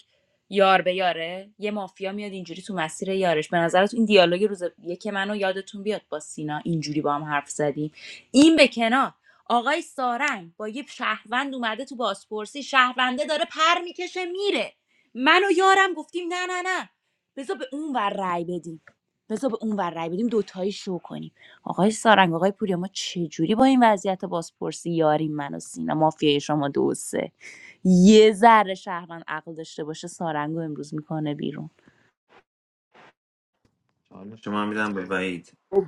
[SPEAKER 2] یار به یاره یه مافیا میاد اینجوری تو مسیر یارش به نظرت این دیالوگ روز یک منو یادتون بیاد با سینا اینجوری با هم حرف زدیم این به کنار آقای سارنگ با یه شهروند اومده تو بازپرسی شهرونده داره پر میکشه میره من و یارم گفتیم نه نه نه بذار به اون ور رأی بدیم بذار به اون ور رأی بدیم دوتایی شو کنیم آقای سارنگ آقای پوریا ما چجوری با این وضعیت بازپرسی یاریم من و سینا مافیای شما دو و سه یه ذره شهروند عقل داشته باشه سارنگو امروز میکنه بیرون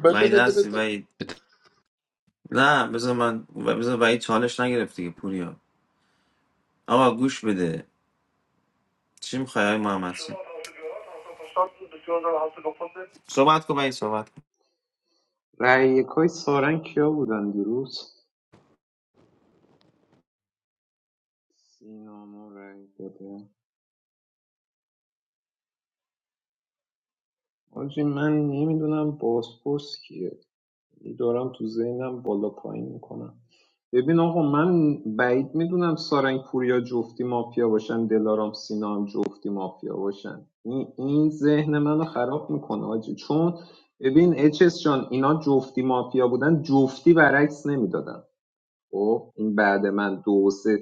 [SPEAKER 10] بده بده بده
[SPEAKER 8] رأی یکای سارنگ کیا بودن دیروز سینامو رأی داده آجی من نمیدونم بازپرس کیه یعنی دارم تو ذهنم بالا پایین میکنم ببین آقا من بعید میدونم سارنگ پوریا جفتی مافیا باشن دلارام سینا هم جفتی مافیا باشن این, این ذهن منو خراب میکنه آجی چون ببین اچس جان اینا جفتی مافیا بودن جفتی برعکس نمیدادن خب این بعد من دو و سه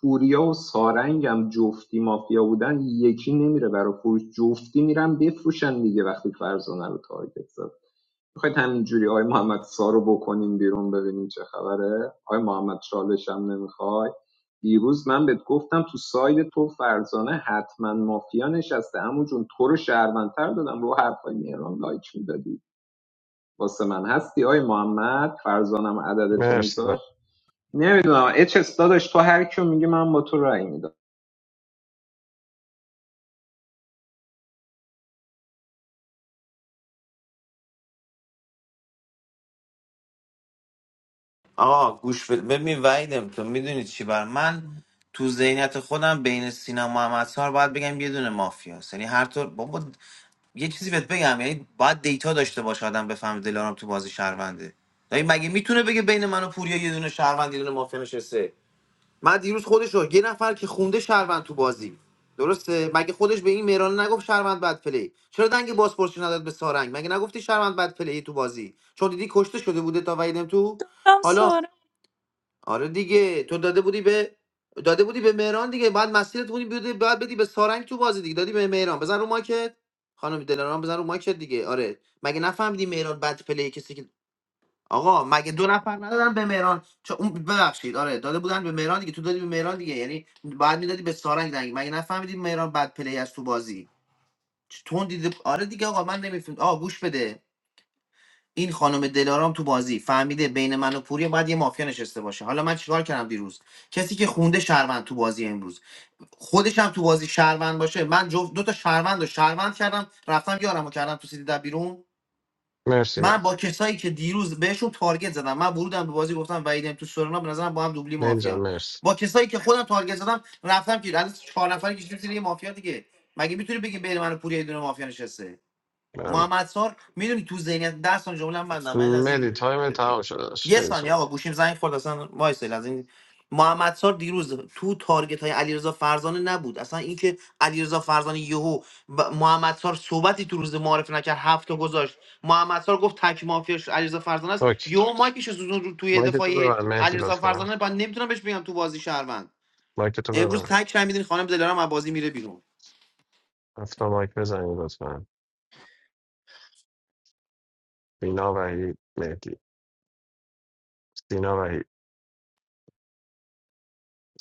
[SPEAKER 8] پوریا و سارنگم جفتی مافیا بودن یکی نمیره برا فروش جفتی میرن بفروشن دیگه وقتی فرزانه رو تارگت زد میخواید همینجوری آقای محمد سارو بکنیم بیرون ببینیم چه خبره آقای محمد چالش هم نمیخوای دیروز من بهت گفتم تو ساید تو فرزانه حتما مافیا نشسته همون جون تو رو شهروندتر دادم رو حرفای مهران لایک میدادی واسه من هستی آقای محمد فرزانم عدد تو
[SPEAKER 3] مرسی
[SPEAKER 8] میذاش نمیدونم اچ اس داداش تو هر کیو میگه من با تو رای میدم
[SPEAKER 2] دادم سارنگ
[SPEAKER 3] مرسی مرسی مرسی مرسی من- مهدی تایم تمام شده داشت خیلی صحبت اوکی مایک تو ببر مهدی لطفا مایک تو ببر هفتا مایک بزنید لطفا سینا وحید مهدی سینا وحید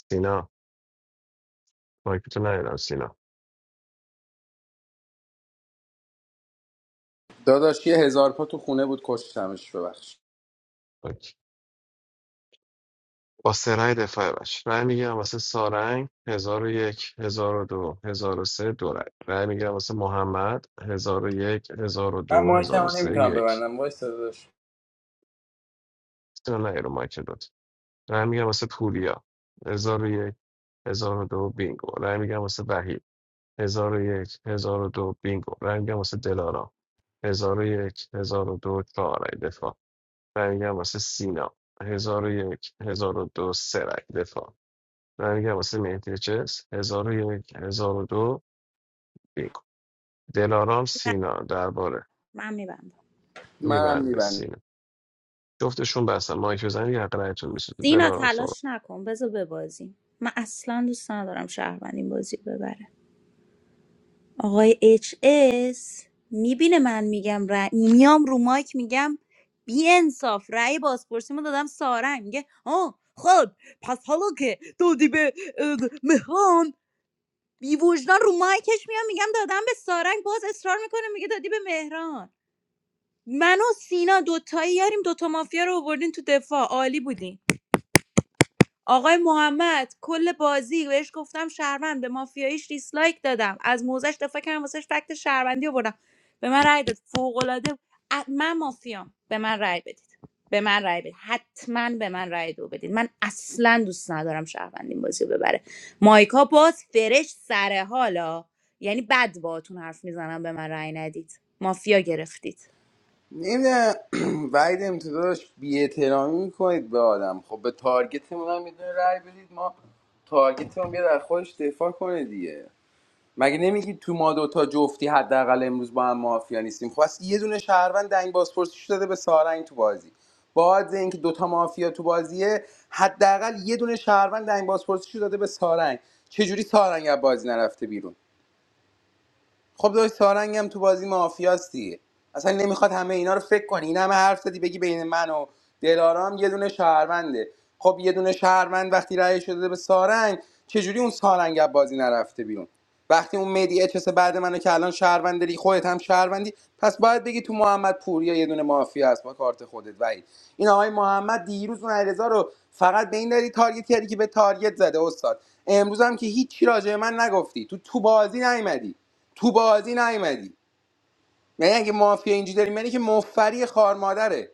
[SPEAKER 3] سینا مایک تو ندیدم سینا
[SPEAKER 14] داداش یه هزار پا تو خونه بود کشتمش ببخش
[SPEAKER 3] اوکی با سرای دفاع باش رای میگیرم واسه سارنگ هزار و یک هزار و دو هزار و سه دو رای رای میگیرم واسه محمد هزار و یک هزار و
[SPEAKER 14] من
[SPEAKER 3] دو هزار و
[SPEAKER 14] مایکمو
[SPEAKER 3] سه
[SPEAKER 14] نمیتونم
[SPEAKER 3] یک
[SPEAKER 14] ببندم وایس داداش
[SPEAKER 3] سینا نه رو مایک رای میگم واسه پوریا هزار و یک هزار و دو بینگو رای میگم واسه وحید هزار و یک هزار و دو بینگو رای میگم واسه دلارا هزار و یک هزار و دو چهار رای دفاع رای میگم واسه سینا هزار و یک هزار و دو سه رای دفاع رای میگم واسه مهدی چس هزار و یک هزار و دو بینگو دلارام
[SPEAKER 2] نه
[SPEAKER 3] سینا درباره
[SPEAKER 2] من میبندم
[SPEAKER 14] منم
[SPEAKER 3] میبنده
[SPEAKER 14] میبندم
[SPEAKER 3] سینا جفتشون بستن مایک بزنید یه حق رایتون میسوزه
[SPEAKER 2] زینا
[SPEAKER 3] دلارام صحبت
[SPEAKER 2] تلاش نکن بذار ببازیم من اصلا دوست ندارم شهروند این بازی رو ببره آقای اچ اس میبینه من میگم رأی میام رو مایک میگم بی انصاف رأی بازپرسیمو دادم سارنگ میگه آه خب پس حالا که دادی به اه، مهران بی وجدان رو مایکش میام میگم دادم به سارنگ باز اصرار میکنه میگه دادی به مهران من و سینا دوتایی یاریم دوتا مافیا رو آوردین تو دفاع عالی بودین آقای محمد کل بازی بهش گفتم شهروند به مافیاییش دیسلایک دادم از موزش دفاع کردم واسش فکت شهروندی آوردم به من رأی داد فوق‌العاده ا- من مافیام به من رأی بدید به من رأی بدید حتما به من رأی دو بدید من اصلا دوست ندارم شهروندین بازی رو ببره مایکا باز فرش سر حالا یعنی بد باهاتون حرف میزنم به من رأی ندید مافیا گرفتید
[SPEAKER 14] نمیدونم وعید امتداش بی احترامی میکنید به آدم خب به تارگتمون هم میدونه رای بدید ما تارگتمون بیا در خودش دفاع کنه دیگه مگه نمیگید تو ما دوتا جفتی حداقل امروز با هم مافیا نیستیم خب اصلا یه دونه شهروند دنگ بازپرسیش داده به سارنگ تو بازی با عادز اینکه دوتا مافیا تو بازیه حداقل یه دونه شهروند دنگ بازپرسیش داده به سارنگ چجوری سارنگ از بازی نرفته بیرون خب داشت سارنگ هم تو بازی مافیاست دیگه اصلا نمیخواد همه اینا رو فکر کنی این همه حرف زدی بگی بین من و دلارام یه دونه شهرونده خب یه دونه شهروند وقتی رأی شده به سارنگ چجوری اون سارنگ از بازی نرفته بیرون وقتی اون مدی اچس بعد منو که الان شهروند داری خودت هم شهروندی پس باید بگی تو محمد پوریا یه دونه مافیا هست با کارت خودت وید این آقای محمد دیروز اون علیرضا رو فقط به این دلیل تارگت کردی که به تارگت زده استاد امروز هم که هیچی راجع به من نگفتی تو تو بازی نیومدی تو بازی نیومدی یعنی اگه مافیا اینجوری داری منی که مفری خار مادره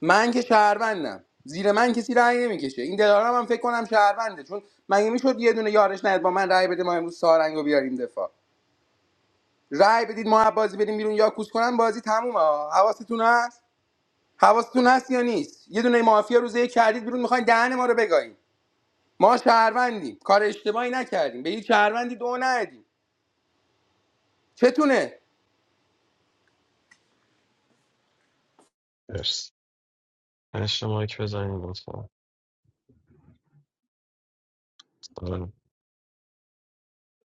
[SPEAKER 14] من که شهروندم زیر من کسی رأی نمیکشه این دلارم هم فکر کنم شهرونده چون مگه میشد یه دونه یارش نهد با من رأی بده ما امروز سارنگو بیاریم دفاع رأی بدید ما بازی بریم بیرون یا کوس کنن بازی تمومه ها. حواستون هست حواستون هست یا نیست یه دونه مافیا روزه یک کردید بیرون میخواین دهن ما رو بگاییم ما شهروندیم کار اشتباهی نکردیم به هیچ شهروندی دو ندیم چتونه
[SPEAKER 3] مرسی هشت مایک بزنید لطفا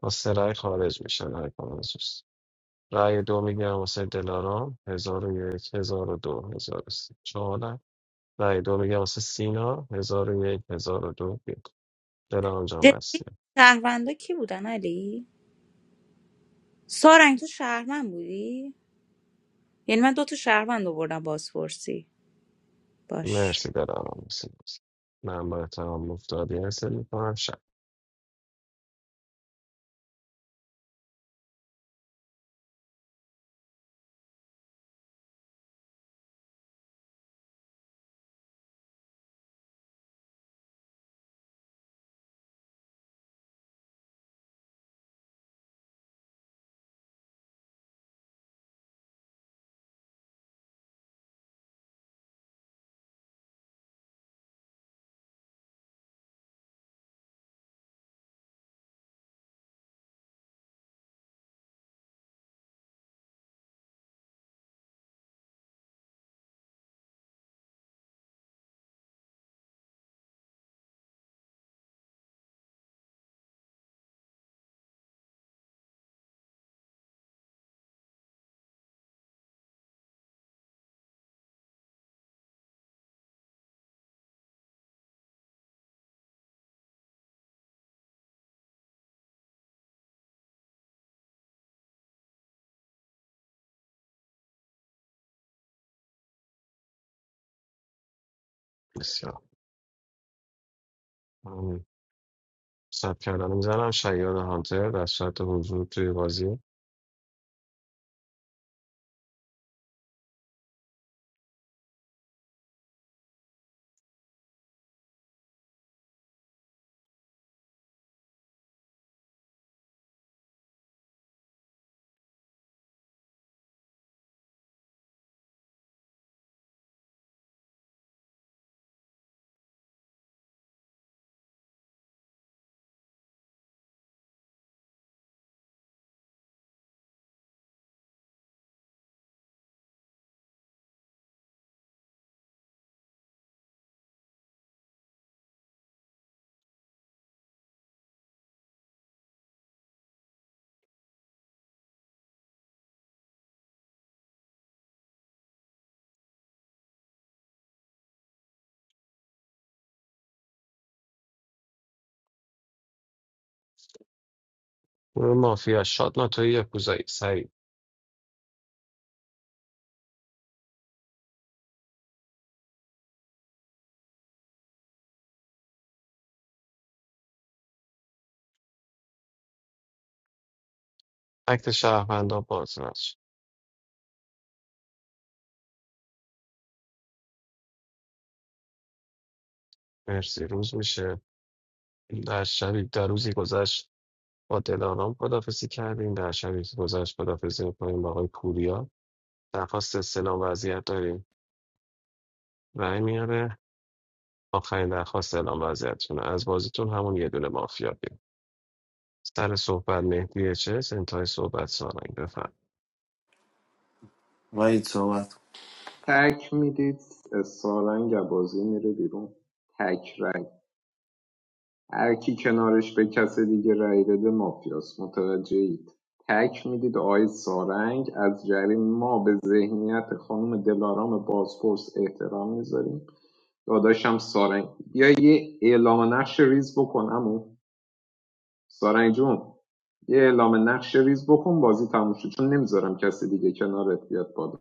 [SPEAKER 3] واسه رای خارج میشن رای کنسوس رای دو میگیرم واسه دلارام هزار و یک هزار و دو هزار و سه چهار رای رای دو میگیرم واسه سینا هزار و یک هزار و دو یک دلارام جان بسته
[SPEAKER 2] جدی شهروندا کی بودن علی سارنگ تو شهروند بودی یعنی من دو تا شهروند آوردم بازپرسی باش
[SPEAKER 3] مرسی دلارام مرسی مرسی. من با احترام مفتادی هست میکنم شب بسیار ممنون. سب کردن میزنم شیاد هانتر در صورت حضور توی بازی گروه مافیا شاد ناتوی یکوزایی سریع اکت شهروندان باز نشه. مرسی روز میشه در شبی در روزی گذشت با دلارام خدافزی کردیم در شبی که گذشت خدافزی میکنیم با آقای پوریا درخواست استلام وضعیت داریم رأی میاره آخرین درخواست اعلام وضعیتتونه از بازیتون همون یه دونه مافیا بیم سر صحبت مهدی چس انتهای صحبت سارنگ بفرم
[SPEAKER 8] تک میدید سارنگ بازی میره بیرون تک رای هر کی کنارش به کس دیگه رای بده مافیاس متوجه اید تک میدید آقای سارنگ از جریان ما به ذهنیت خانم دلارام بازپرس احترام میذاریم داداشم سارنگ یا یه اعلام نقش ریز بکن امو سارنگ جون یه اعلام نقش ریز بکن بازی تموم شد چون نمیذارم کسی دیگه کنارت بیاد بالا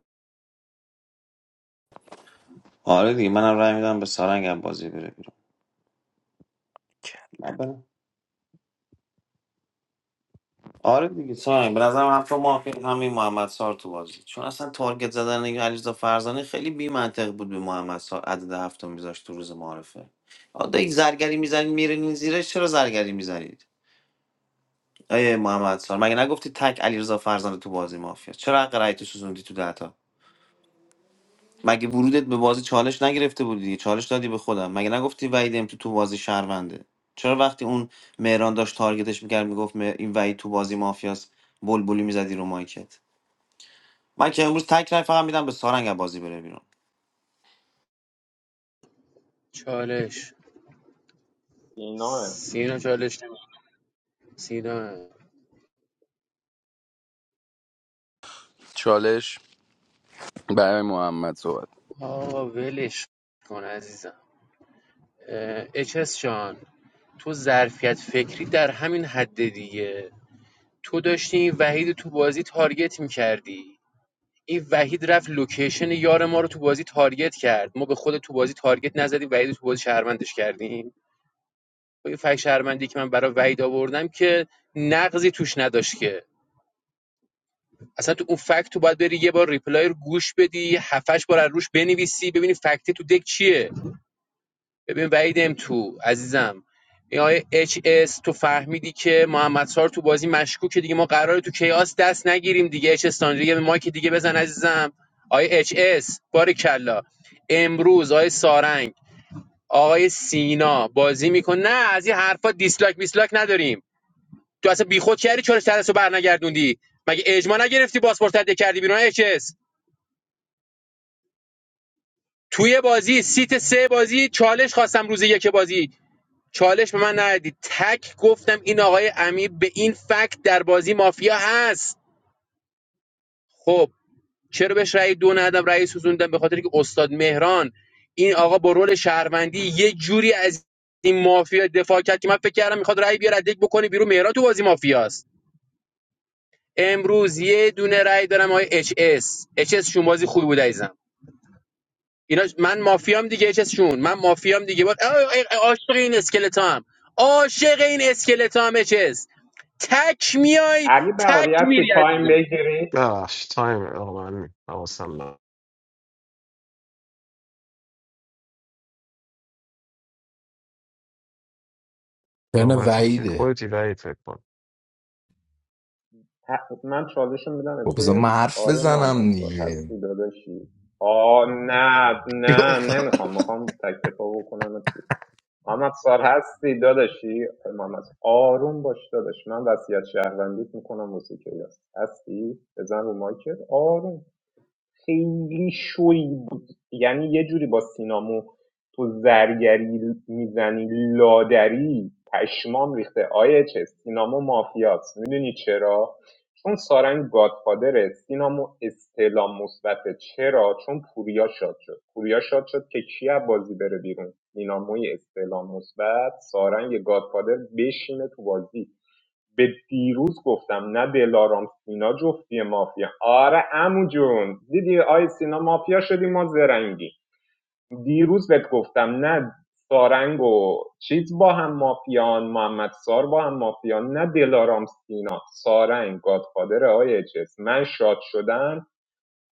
[SPEAKER 9] چالش
[SPEAKER 8] اینا
[SPEAKER 9] سینا چالش نمی- سینا
[SPEAKER 14] چالش برای محمد صحبت.
[SPEAKER 9] آقا ولش کن عزیزم اچس جان تو ظرفیت فکری در همین حد دیگه تو داشتی وحید تو بازی تارگت میکردی این وحید رفت لوکیشن یار ما رو تو بازی تارگت کرد ما به خود تو بازی تارگت نزدیم وحید رو تو بازی شهروندش کردیم این فک شهروندی که من برای وحید آوردم که نقضی توش نداشت که اصلا تو اون فکت تو باید بری یه بار ریپلای رو گوش بدی هفتش بار از روش بنویسی ببینی فکتی تو دک چیه ببین وحید ام تو عزیزم این آقای اچ اس تو فهمیدی که محمد سار تو بازی مشکوکه دیگه ما قراره تو کیاس دست نگیریم دیگه اچ اس تانجی یه مایک دیگه بزن عزیزم آقای اچ اس کلا امروز آقای سارنگ آقای سینا بازی میکن نه از این حرفا دیسلایک میسلایک نداریم تو اصلا بیخود کردی چالش ترسو برنگردوندی مگه اجماع نگرفتی پاسپورت تده کردی بیرون اچ اس توی بازی سیت سه بازی چالش خواستم روز یک بازی چالش به من ندید تک گفتم این آقای امیر به این فکت در بازی مافیا هست خب چرا بهش رأی دو ندم رأی سوزوندم به خاطر که استاد مهران این آقا با رول شهروندی یه جوری از این مافیا دفاع کرد که من فکر کردم میخواد رأی بیاره دک بکنه بیرون مهران تو بازی مافیاست امروز یه دونه رأی دارم آقای اچ اس اچ اس شون بازی خوبی بود عزیزم اینا من مافیام دیگه چشون من مافیام دیگه بود عاشق این اسکلتا هم عاشق این اسکلتا هم چس تک میای
[SPEAKER 8] علی
[SPEAKER 9] تک
[SPEAKER 8] بهاری هستی
[SPEAKER 9] میری
[SPEAKER 8] تایم
[SPEAKER 9] عزیزم
[SPEAKER 8] بگیری
[SPEAKER 3] ببخشید تایم آقا من حواسم نبود.
[SPEAKER 13] ترن
[SPEAKER 3] نوبتی که
[SPEAKER 13] وعیده
[SPEAKER 3] خودتی وحید فکر کن
[SPEAKER 8] ت- من چالش رو میدم به
[SPEAKER 13] خب بذار من
[SPEAKER 8] چیز
[SPEAKER 13] حرف
[SPEAKER 8] آقای محمد
[SPEAKER 13] بزنم
[SPEAKER 8] سال
[SPEAKER 13] دیگه
[SPEAKER 8] هستی داداشی آ نه نه نمیخوام میخوام تک دفاع بکنم محمد سال هستی داداشی آقای محمد سال آروم باش داداش من وصیت شهروندیت میکنم موسیقی هست هستی بزن رو مایکت آروم خیلی شوی بود یعنی یه جوری با سینامو تو زرگری میزنی لادری پشمام ریخته آیه چه سینامو مافیاست میدونی چرا چون سارنگ گادفادره سینامو استعلام مثبته چرا چون پوریا شاد شد پوریا شاد شد که کی بازی بره بیرون سیناموی استعلام مثبت سارنگ گادفادر بشینه تو بازی به دیروز گفتم نه دلارام سینا جفتی مافیا آره عمو جون دیدی آی سینا مافیا شدی ما زرنگی دیروز بهت گفتم نه سارنگ و چیز با هم مافیان محمد سار با هم مافیان نه دلارام سینا سارنگ گادفادر آی اچ اس من شاد شدم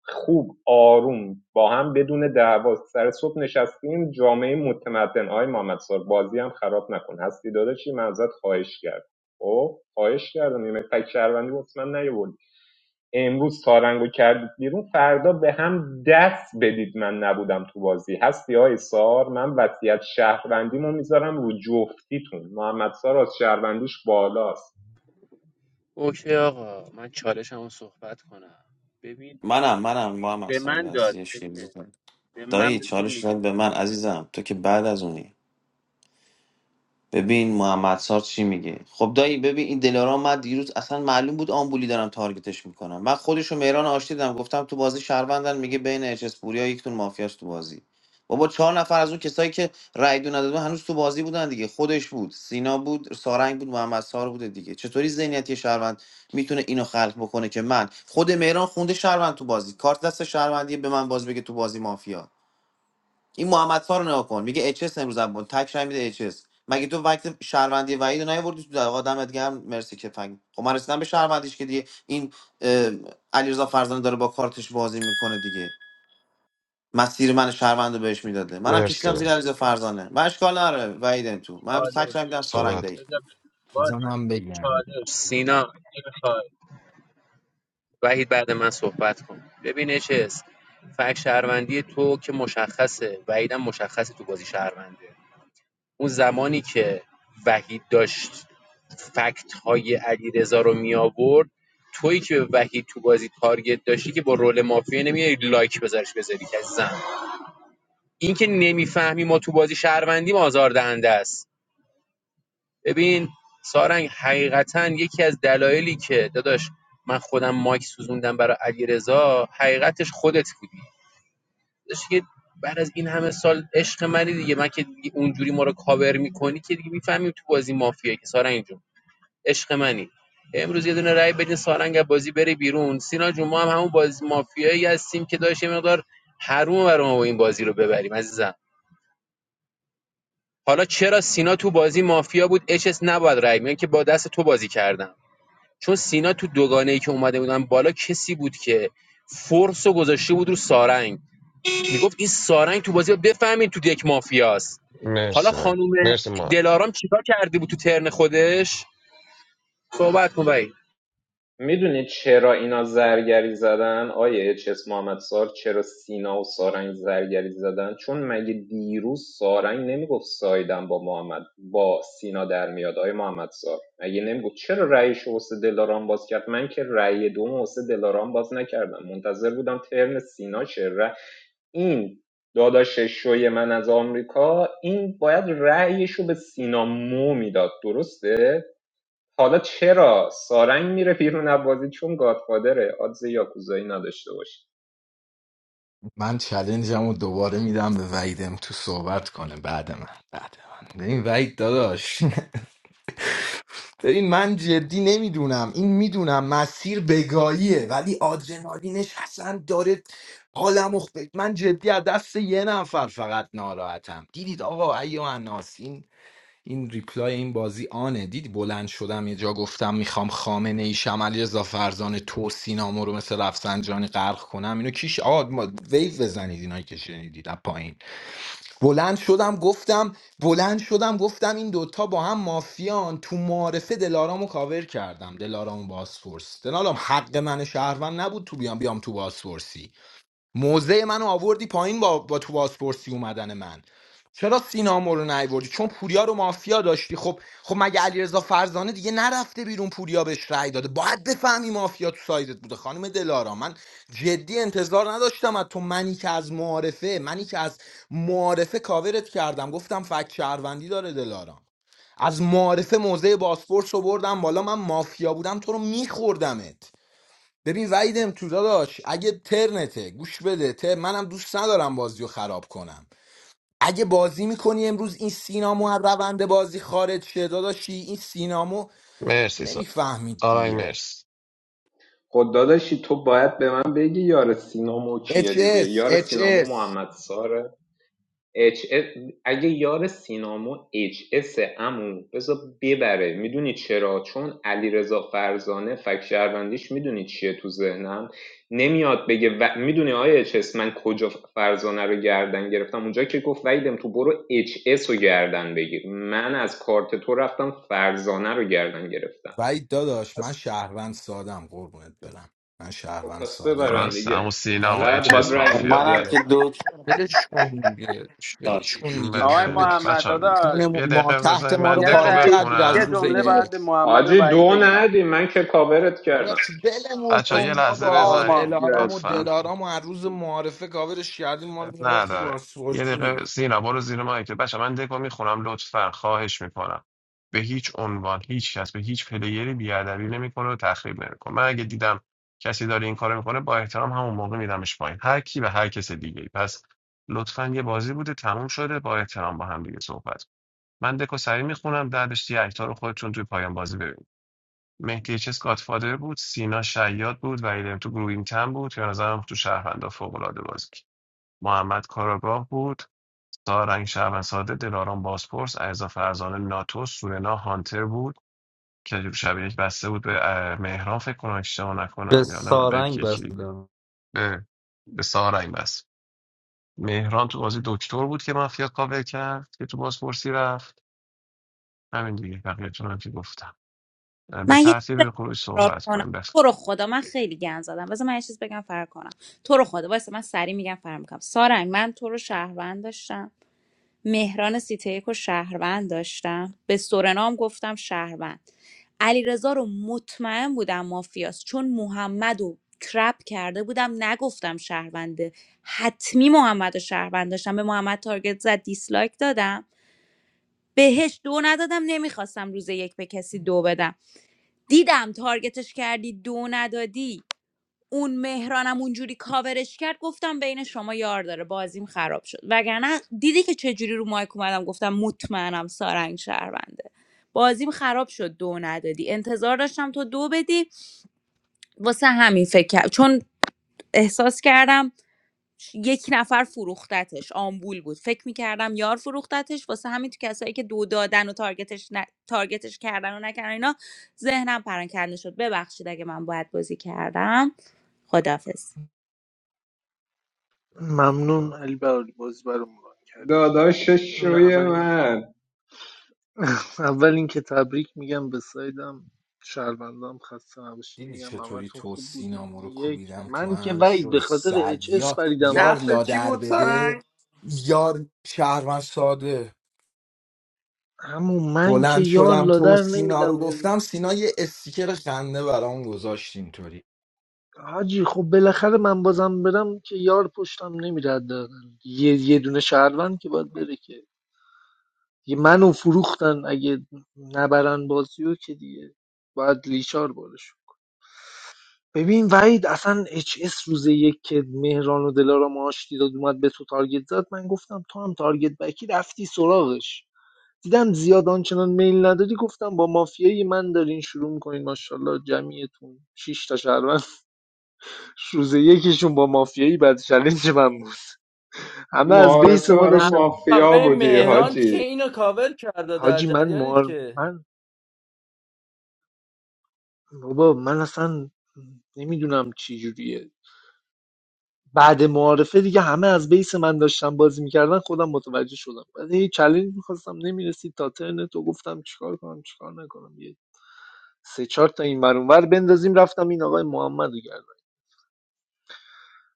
[SPEAKER 8] خوب آروم با هم بدون دعوا سر صبح نشستیم جامعه متمدن آقای محمد سال بازی هم خراب نکن هستی داداشی من ازت خواهش کرد او خواهش کردم یعنی فک شهروندی واسه من نیاوردی امروز سارنگو کردید بیرون فردا به هم دست بدید من نبودم تو بازی هستی های سار من وضعیت شهروندیمو میذارم رو جفتیتون محمد سار از شهروندیش بالاست
[SPEAKER 9] اوکی آقا من چالشمو صحبت کنم ببین به من-
[SPEAKER 3] مرسی من
[SPEAKER 9] چالش
[SPEAKER 3] صحبت کن.
[SPEAKER 9] بذار باش
[SPEAKER 13] بذار من بگم
[SPEAKER 9] چالش سینا چی می‌خوای؟ وحید بعد من صحبت کن ببین اچس فک شهروندی تو که مشخصه وحیدم مشخصه تو بازی شهرونده اون زمانی که وحید داشت فکت های علیرضا رو می آورد تویی که به وحید تو بازی تارگت داشتی که با رول مافیا نمیای لایک بذارش بذاری که زن این که نمیفهمی ما تو بازی شهروندیم آزاردهنده است ببین سارنگ حقیقتا یکی از دلایلی که داداش من خودم مایک سوزوندم برای علیرضا حقیقتش خودت بودی داداش که بعد از این همه سال عشق منی دیگه من که دیگه اونجوری ما رو کاور میکنی که دیگه میفهمیم تو بازی مافیایی که سارنگ جون عشق منی امروز یه دونه رای بدین سارنگ از بازی بره بیرون سینا جون ما هم همون بازی مافیایی هستیم که داشت یه مقدار حروم برای ما این بازی رو ببریم عزیزم حالا چرا سینا تو بازی مافیا بود اچ اس نباید رای میگن که با دست تو بازی کردم چون سینا تو دوگانه ای که اومده بودن بالا کسی بود که فرس و گذاشته بود رو سارنگ میگفت این سارنگ تو بازی بفهمین تو دک مافیاست حالا
[SPEAKER 3] مرسی وحید
[SPEAKER 9] خانوم
[SPEAKER 3] مرسی ما
[SPEAKER 9] دلارام چیکار کرده بود تو ترن خودش صحبت کن بایی
[SPEAKER 8] میدونی چرا اینا زرگری زدن آیه اچ اس محمدسار چرا سینا و سارنگ زرگری زدن چون مگه دیروز سارنگ نمیگفت سایدم با محمد با سینا در میاد آیه محمدسار مگه نمیگفت چرا رأیش واسه دلارام باز کرد من که رأی دوم واسه دلارام باز نکردم منتظر بودم ترن سینا شه این داداش شوی من از آمریکا این باید رأیش به سینا مو میداد درسته حالا چرا سارنگ میره بیرون از بازی چون گادفادره آدز یاکوزایی نداشته باشه
[SPEAKER 13] من چلنجم رو دوباره میدم به وعیدم تو صحبت کنه بعد من بعد من ببین وعید داداش ببین من جدی نمیدونم این میدونم مسیر بگاهیه ولی آدرنالینش اصلا داره حالم اخ... من جدی از دست یه نفر فقط ناراحتم دیدید آقا ایو اناس این این ریپلای این بازی آنه دیدی بلند شدم یه جا گفتم میخوام خامنه ای شمالی رضا فرزان تو سینامو رو مثل رفسنجانی غرق کنم اینو کیش آقا ما- ویو بزنید اینایی که شنیدید از پایین بلند شدم گفتم بلند شدم گفتم این دوتا با هم مافیان تو معارفه دلارامو کاور کردم دلارامو باسپورس دلارام حق من شهروند نبود تو بیام بیام تو باسپورسی موضع منو آوردی پایین با, با تو بازپرسی اومدن من چرا سینامو رو نیوردی چون پوریا رو مافیا داشتی خب خب مگه علیرضا فرزانه دیگه نرفته بیرون پوریا بهش رأی داده باید بفهمی مافیا تو سایدت بوده خانم دلارا من جدی انتظار نداشتم از تو منی که از معارفه منی که از معارفه کاورت کردم گفتم فک شهروندی داره دلارا از معارفه موزه باسپورس رو بردم بالا من مافیا بودم تو رو میخوردمت ببین وعیدم تو داداش اگه ترنته گوش بده تر منم دوست ندارم بازی رو خراب کنم اگه بازی میکنی امروز این سینامو از روند بازی خارج شه داداشی این سینامو
[SPEAKER 3] مرسی سا
[SPEAKER 13] نمیفهمید
[SPEAKER 3] آرای
[SPEAKER 13] دیگه
[SPEAKER 3] مرسی
[SPEAKER 8] خود داداشی تو باید به من بگی یار سینامو کیه
[SPEAKER 13] اچ
[SPEAKER 8] دیگه
[SPEAKER 13] اس
[SPEAKER 8] یار
[SPEAKER 13] اچ
[SPEAKER 8] سینامو
[SPEAKER 13] اس
[SPEAKER 8] محمد ساره اچ اگه یار سینامو اچ اس عمو بذار ببره میدونی چرا چون علیرضا فرزانه فک شهروندیش میدونی چیه تو ذهنم نمیاد بگه و... میدونی آیا اچ اس من کجا فرزانه رو گردن گرفتم اونجا که گفت ویدم تو برو اچ اس رو گردن بگیر من از کارت تو رفتم فرزانه رو گردن گرفتم
[SPEAKER 13] وعید داداش من
[SPEAKER 8] پس
[SPEAKER 13] شهروند سادم قربونت برم من
[SPEAKER 8] خب
[SPEAKER 13] شهروند
[SPEAKER 8] پس ببرن
[SPEAKER 13] سادم
[SPEAKER 3] درست
[SPEAKER 8] دیگه
[SPEAKER 3] همون سینا و
[SPEAKER 13] آره دیگه
[SPEAKER 8] بعد
[SPEAKER 3] اچ
[SPEAKER 8] باید
[SPEAKER 13] ول
[SPEAKER 3] اس
[SPEAKER 8] رای
[SPEAKER 13] کن
[SPEAKER 3] مافیا
[SPEAKER 8] میدادی
[SPEAKER 3] بودن
[SPEAKER 13] دیگه. ولش کن دیگه ولش کن دیگه
[SPEAKER 14] آقای
[SPEAKER 3] بذاریم
[SPEAKER 13] کونت
[SPEAKER 3] من
[SPEAKER 14] محمد
[SPEAKER 3] بچه ها
[SPEAKER 14] داداش
[SPEAKER 13] کون
[SPEAKER 3] یه
[SPEAKER 13] ما
[SPEAKER 3] دقیقه
[SPEAKER 13] تحت
[SPEAKER 3] بذاریم
[SPEAKER 13] ما رو
[SPEAKER 3] من
[SPEAKER 14] یه
[SPEAKER 3] دکو
[SPEAKER 13] پاره
[SPEAKER 14] دقیقه
[SPEAKER 13] کردی از
[SPEAKER 14] یه
[SPEAKER 3] بخونم
[SPEAKER 13] روزه
[SPEAKER 14] جمله
[SPEAKER 13] یک
[SPEAKER 14] باید به محمد و
[SPEAKER 8] حاجی
[SPEAKER 14] وحید
[SPEAKER 8] دو
[SPEAKER 14] بگم
[SPEAKER 8] ندی من که کاورت کردم
[SPEAKER 13] داداش بلمون
[SPEAKER 3] بچه ها
[SPEAKER 14] داداش،
[SPEAKER 13] کن
[SPEAKER 3] یه لحظه
[SPEAKER 14] ما
[SPEAKER 13] بابا
[SPEAKER 3] بذاریم
[SPEAKER 13] دلارام
[SPEAKER 14] مافیا
[SPEAKER 13] و
[SPEAKER 14] بودیم
[SPEAKER 3] لطفا
[SPEAKER 13] دلارام و هر روز معارفه کاورش کردیم ما رو
[SPEAKER 3] اب
[SPEAKER 13] معرفی با
[SPEAKER 3] نداره یه
[SPEAKER 13] سرفی
[SPEAKER 3] دقیقه سینا برو زیر مایکل بچه من دکو میخونم لطفا خواهش میکنم به هیچ عنوان هیچ کس به هیچ پلیری بیادبی نمیکنه و تخریب نمیکنه من اگه دیدم کسی داره این کارو میکنه با احترام همون موقع میدمش پایین هر کی به هر کس دیگه پس لطفا یه بازی بوده تموم شده با احترام با هم دیگه صحبت کن. من دکو سری میخونم بعدش دیگه اکتا رو خودتون توی پایان بازی ببینید مهدی چس گادفادر بود سینا شیاد بود و تو گروهیم تن بود یا نظرم تو شهروندا فوق العاده بود. محمد کاراگاه بود سارنگ شهروندساده دلارام بازپرس علیرضا فرزانه ناتو سورنا هانتر بود که شب یک بسته بود به اه، مهران فکر کنم اشتباه
[SPEAKER 12] به
[SPEAKER 3] نکنم یا نه به
[SPEAKER 12] سارنگ
[SPEAKER 3] کی کی دیگه.
[SPEAKER 12] بستم
[SPEAKER 3] به به سارنگ بس مهران تو بازی دکتر بود که مافیا کاور کرد که تو بازپرسی رفت همین دیگه بقیه‌تون هم که گفتم اه، به
[SPEAKER 2] من یه چیز
[SPEAKER 3] ترتیب
[SPEAKER 2] بگم
[SPEAKER 3] خروج
[SPEAKER 2] فرار
[SPEAKER 3] صحبت
[SPEAKER 2] کنم
[SPEAKER 3] کنیم بس
[SPEAKER 2] تو رو خدا من خیلی گن زدم بذار من یه چیز بگم فرار کنم تو رو خدا واسه من سری میگم فرار میکنم سارنگ من تو رو شهروند داشتم مهران سیتیک و شهروند داشتم به سورنام گفتم شهروند علیرضا رو مطمئن بودم مافیاست چون محمد رو ترپ کرده بودم نگفتم شهرونده حتمی محمد رو شهروند داشتم به محمد تارگت زد دیسلایک دادم بهش دو ندادم نمیخواستم روز یک به کسی دو بدم دیدم تارگتش کردی دو ندادی اون مهرانم اونجوری کاورش کرد گفتم بین شما یار داره بازیم خراب شد وگرنه دیدی که چجوری رو مایک اومدم گفتم مطمئنم سارنگ شهرونده بازیم خراب شد دو ندادی انتظار داشتم تو دو بدی واسه همین فکر کرد چون احساس کردم یک نفر فروختتش آمبول بود فکر میکردم یار فروختتش واسه همین تو کسایی که دو دادن و تارگتش, ن... تارگتش کردن و نکردن اینا ذهنم پرنکنده شد ببخشید اگه من باید بازی کردم خدافز
[SPEAKER 6] ممنون علی بهاری بازی برامون ران کردی
[SPEAKER 8] داداش
[SPEAKER 6] این
[SPEAKER 8] شوی
[SPEAKER 6] اولین،
[SPEAKER 8] من
[SPEAKER 6] این اول اینکه تبریک میگم به سایدم شهروندام خسته نباشید
[SPEAKER 13] دیدی
[SPEAKER 6] میگم
[SPEAKER 13] چطوری
[SPEAKER 6] همتون
[SPEAKER 13] تو
[SPEAKER 6] خوب بودین
[SPEAKER 13] سینامو رو
[SPEAKER 6] یک
[SPEAKER 13] کوبیدم تو
[SPEAKER 6] من که
[SPEAKER 13] هم
[SPEAKER 6] وید به
[SPEAKER 13] شد
[SPEAKER 6] خاطر
[SPEAKER 13] صد
[SPEAKER 6] اچ اس
[SPEAKER 13] یار
[SPEAKER 6] پریدم
[SPEAKER 13] یار
[SPEAKER 6] وسط
[SPEAKER 14] نقشه چی
[SPEAKER 13] لادر
[SPEAKER 14] بود سارنگ
[SPEAKER 13] بده یار شهروند ساده
[SPEAKER 6] همون من که
[SPEAKER 13] بلند
[SPEAKER 6] یار
[SPEAKER 13] شدم تو
[SPEAKER 6] لادر
[SPEAKER 13] سینا رو
[SPEAKER 6] نمیدم
[SPEAKER 13] گفتم سینا یه استیکر خنده برام گذاشت اینطوری
[SPEAKER 6] حاجی خب بالاخره من بازم برم که یار پشتم نمیره دادن. یه یه دونه شهروند که باید بره که یه منو فروختن اگه نبرن بازیو رو که دیگه باید لیچار بارش ببین وحید اصلا اچ اس روز یک که مهران و دلارام آشتی داد اومد به تو تارگت زد من گفتم تو هم تارگت بکی رفتی سراغش دیدم زیاد آنچنان میل نداری گفتم با مافیای من دارین شروع میکنین ماشاءالله جمعیتون شش تا شهروند روز یکیشون با مافیایی بعد چلنج من بود همه از بیس
[SPEAKER 8] معارفه
[SPEAKER 6] ما
[SPEAKER 8] برای
[SPEAKER 12] اما
[SPEAKER 6] داشتم
[SPEAKER 8] مافیا
[SPEAKER 12] آقای
[SPEAKER 8] بودی
[SPEAKER 12] مهران چه
[SPEAKER 8] حاجی
[SPEAKER 12] اینو کاور کرده در
[SPEAKER 6] حاجی من
[SPEAKER 12] جریانید
[SPEAKER 6] مار
[SPEAKER 12] که
[SPEAKER 6] من بابا من اصلا نمیدونم چی جوریه بعد معارفه دیگه همه از بیس من داشتم بازی میکردن خودم متوجه شدم بعد یه چلنج میخواستم نمیرسید تا ترن تو گفتم چیکار کنم چیکار نکنم یه سه چهار تا این ور اون ور بندازیم رفتم این آقای محمد رو گردن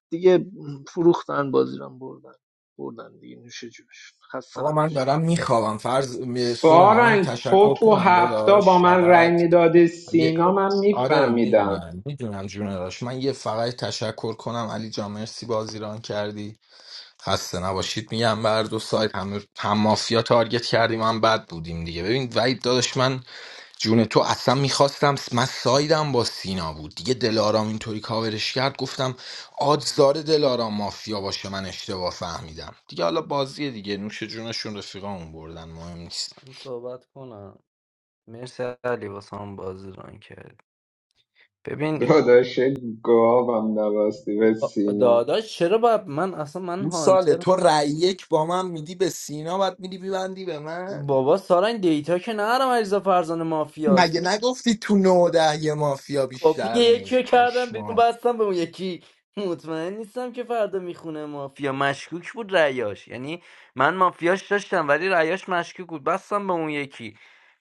[SPEAKER 6] دیگه فروختن بازی رو هم بردن بردن دیگه نوش جونش خسته
[SPEAKER 13] آقا من
[SPEAKER 6] نباشید
[SPEAKER 13] دارم میخوابم فرض سورنا من
[SPEAKER 8] سارنگ تو
[SPEAKER 13] تشکر
[SPEAKER 8] تو
[SPEAKER 13] کنم
[SPEAKER 8] هفته با
[SPEAKER 13] داداش
[SPEAKER 8] من رأی
[SPEAKER 13] فقط
[SPEAKER 8] میدادی
[SPEAKER 13] یه
[SPEAKER 8] سینا من
[SPEAKER 13] آره
[SPEAKER 8] میفهمیدم
[SPEAKER 13] میدونم میدونم جون داشت من یه فقط تشکر کنم علی جان مرسی بازی ران کردی خسته نباشید میگم بر دو سایت هم, هم مافیا تارگت کردیم هم بد بودیم دیگه ببین وید داداش من جون تو اصلا میخواستم من سایدم با سینا بود دیگه دلارام اینطوری کاورش کرد گفتم آدزار دلارام مافیا باشه من اشتباه فهمیدم دیگه حالا بازیه دیگه نوش جونشون رفیقامون بردن مهم نیست
[SPEAKER 12] من صحبت کنم مرسی علی واسه هم بازی ران کرد ببین این-
[SPEAKER 8] داداش گاوم نبستی به سینا
[SPEAKER 12] داداش چرا باید من اصلا من
[SPEAKER 13] اون ساله
[SPEAKER 12] هانتر
[SPEAKER 13] تو رأی یک با من میدی به سینا بعد میدی ببندی به من
[SPEAKER 12] بابا سارنگ دیتا که نرم عریضا فرزان مافیاست
[SPEAKER 13] مگه نگفتی تو نوده یه مافیا
[SPEAKER 12] خب دیگه
[SPEAKER 13] بیشتر
[SPEAKER 12] یکی
[SPEAKER 13] نیست
[SPEAKER 12] رو کردم بیرون
[SPEAKER 13] پشما
[SPEAKER 12] بستم به اون یکی مطمئن نیستم که فردا میخونه مافیا مشکوک بود رأیاش یعنی من مافیاش داشتم ولی رأیاش مشکوک بود بستم به اون یکی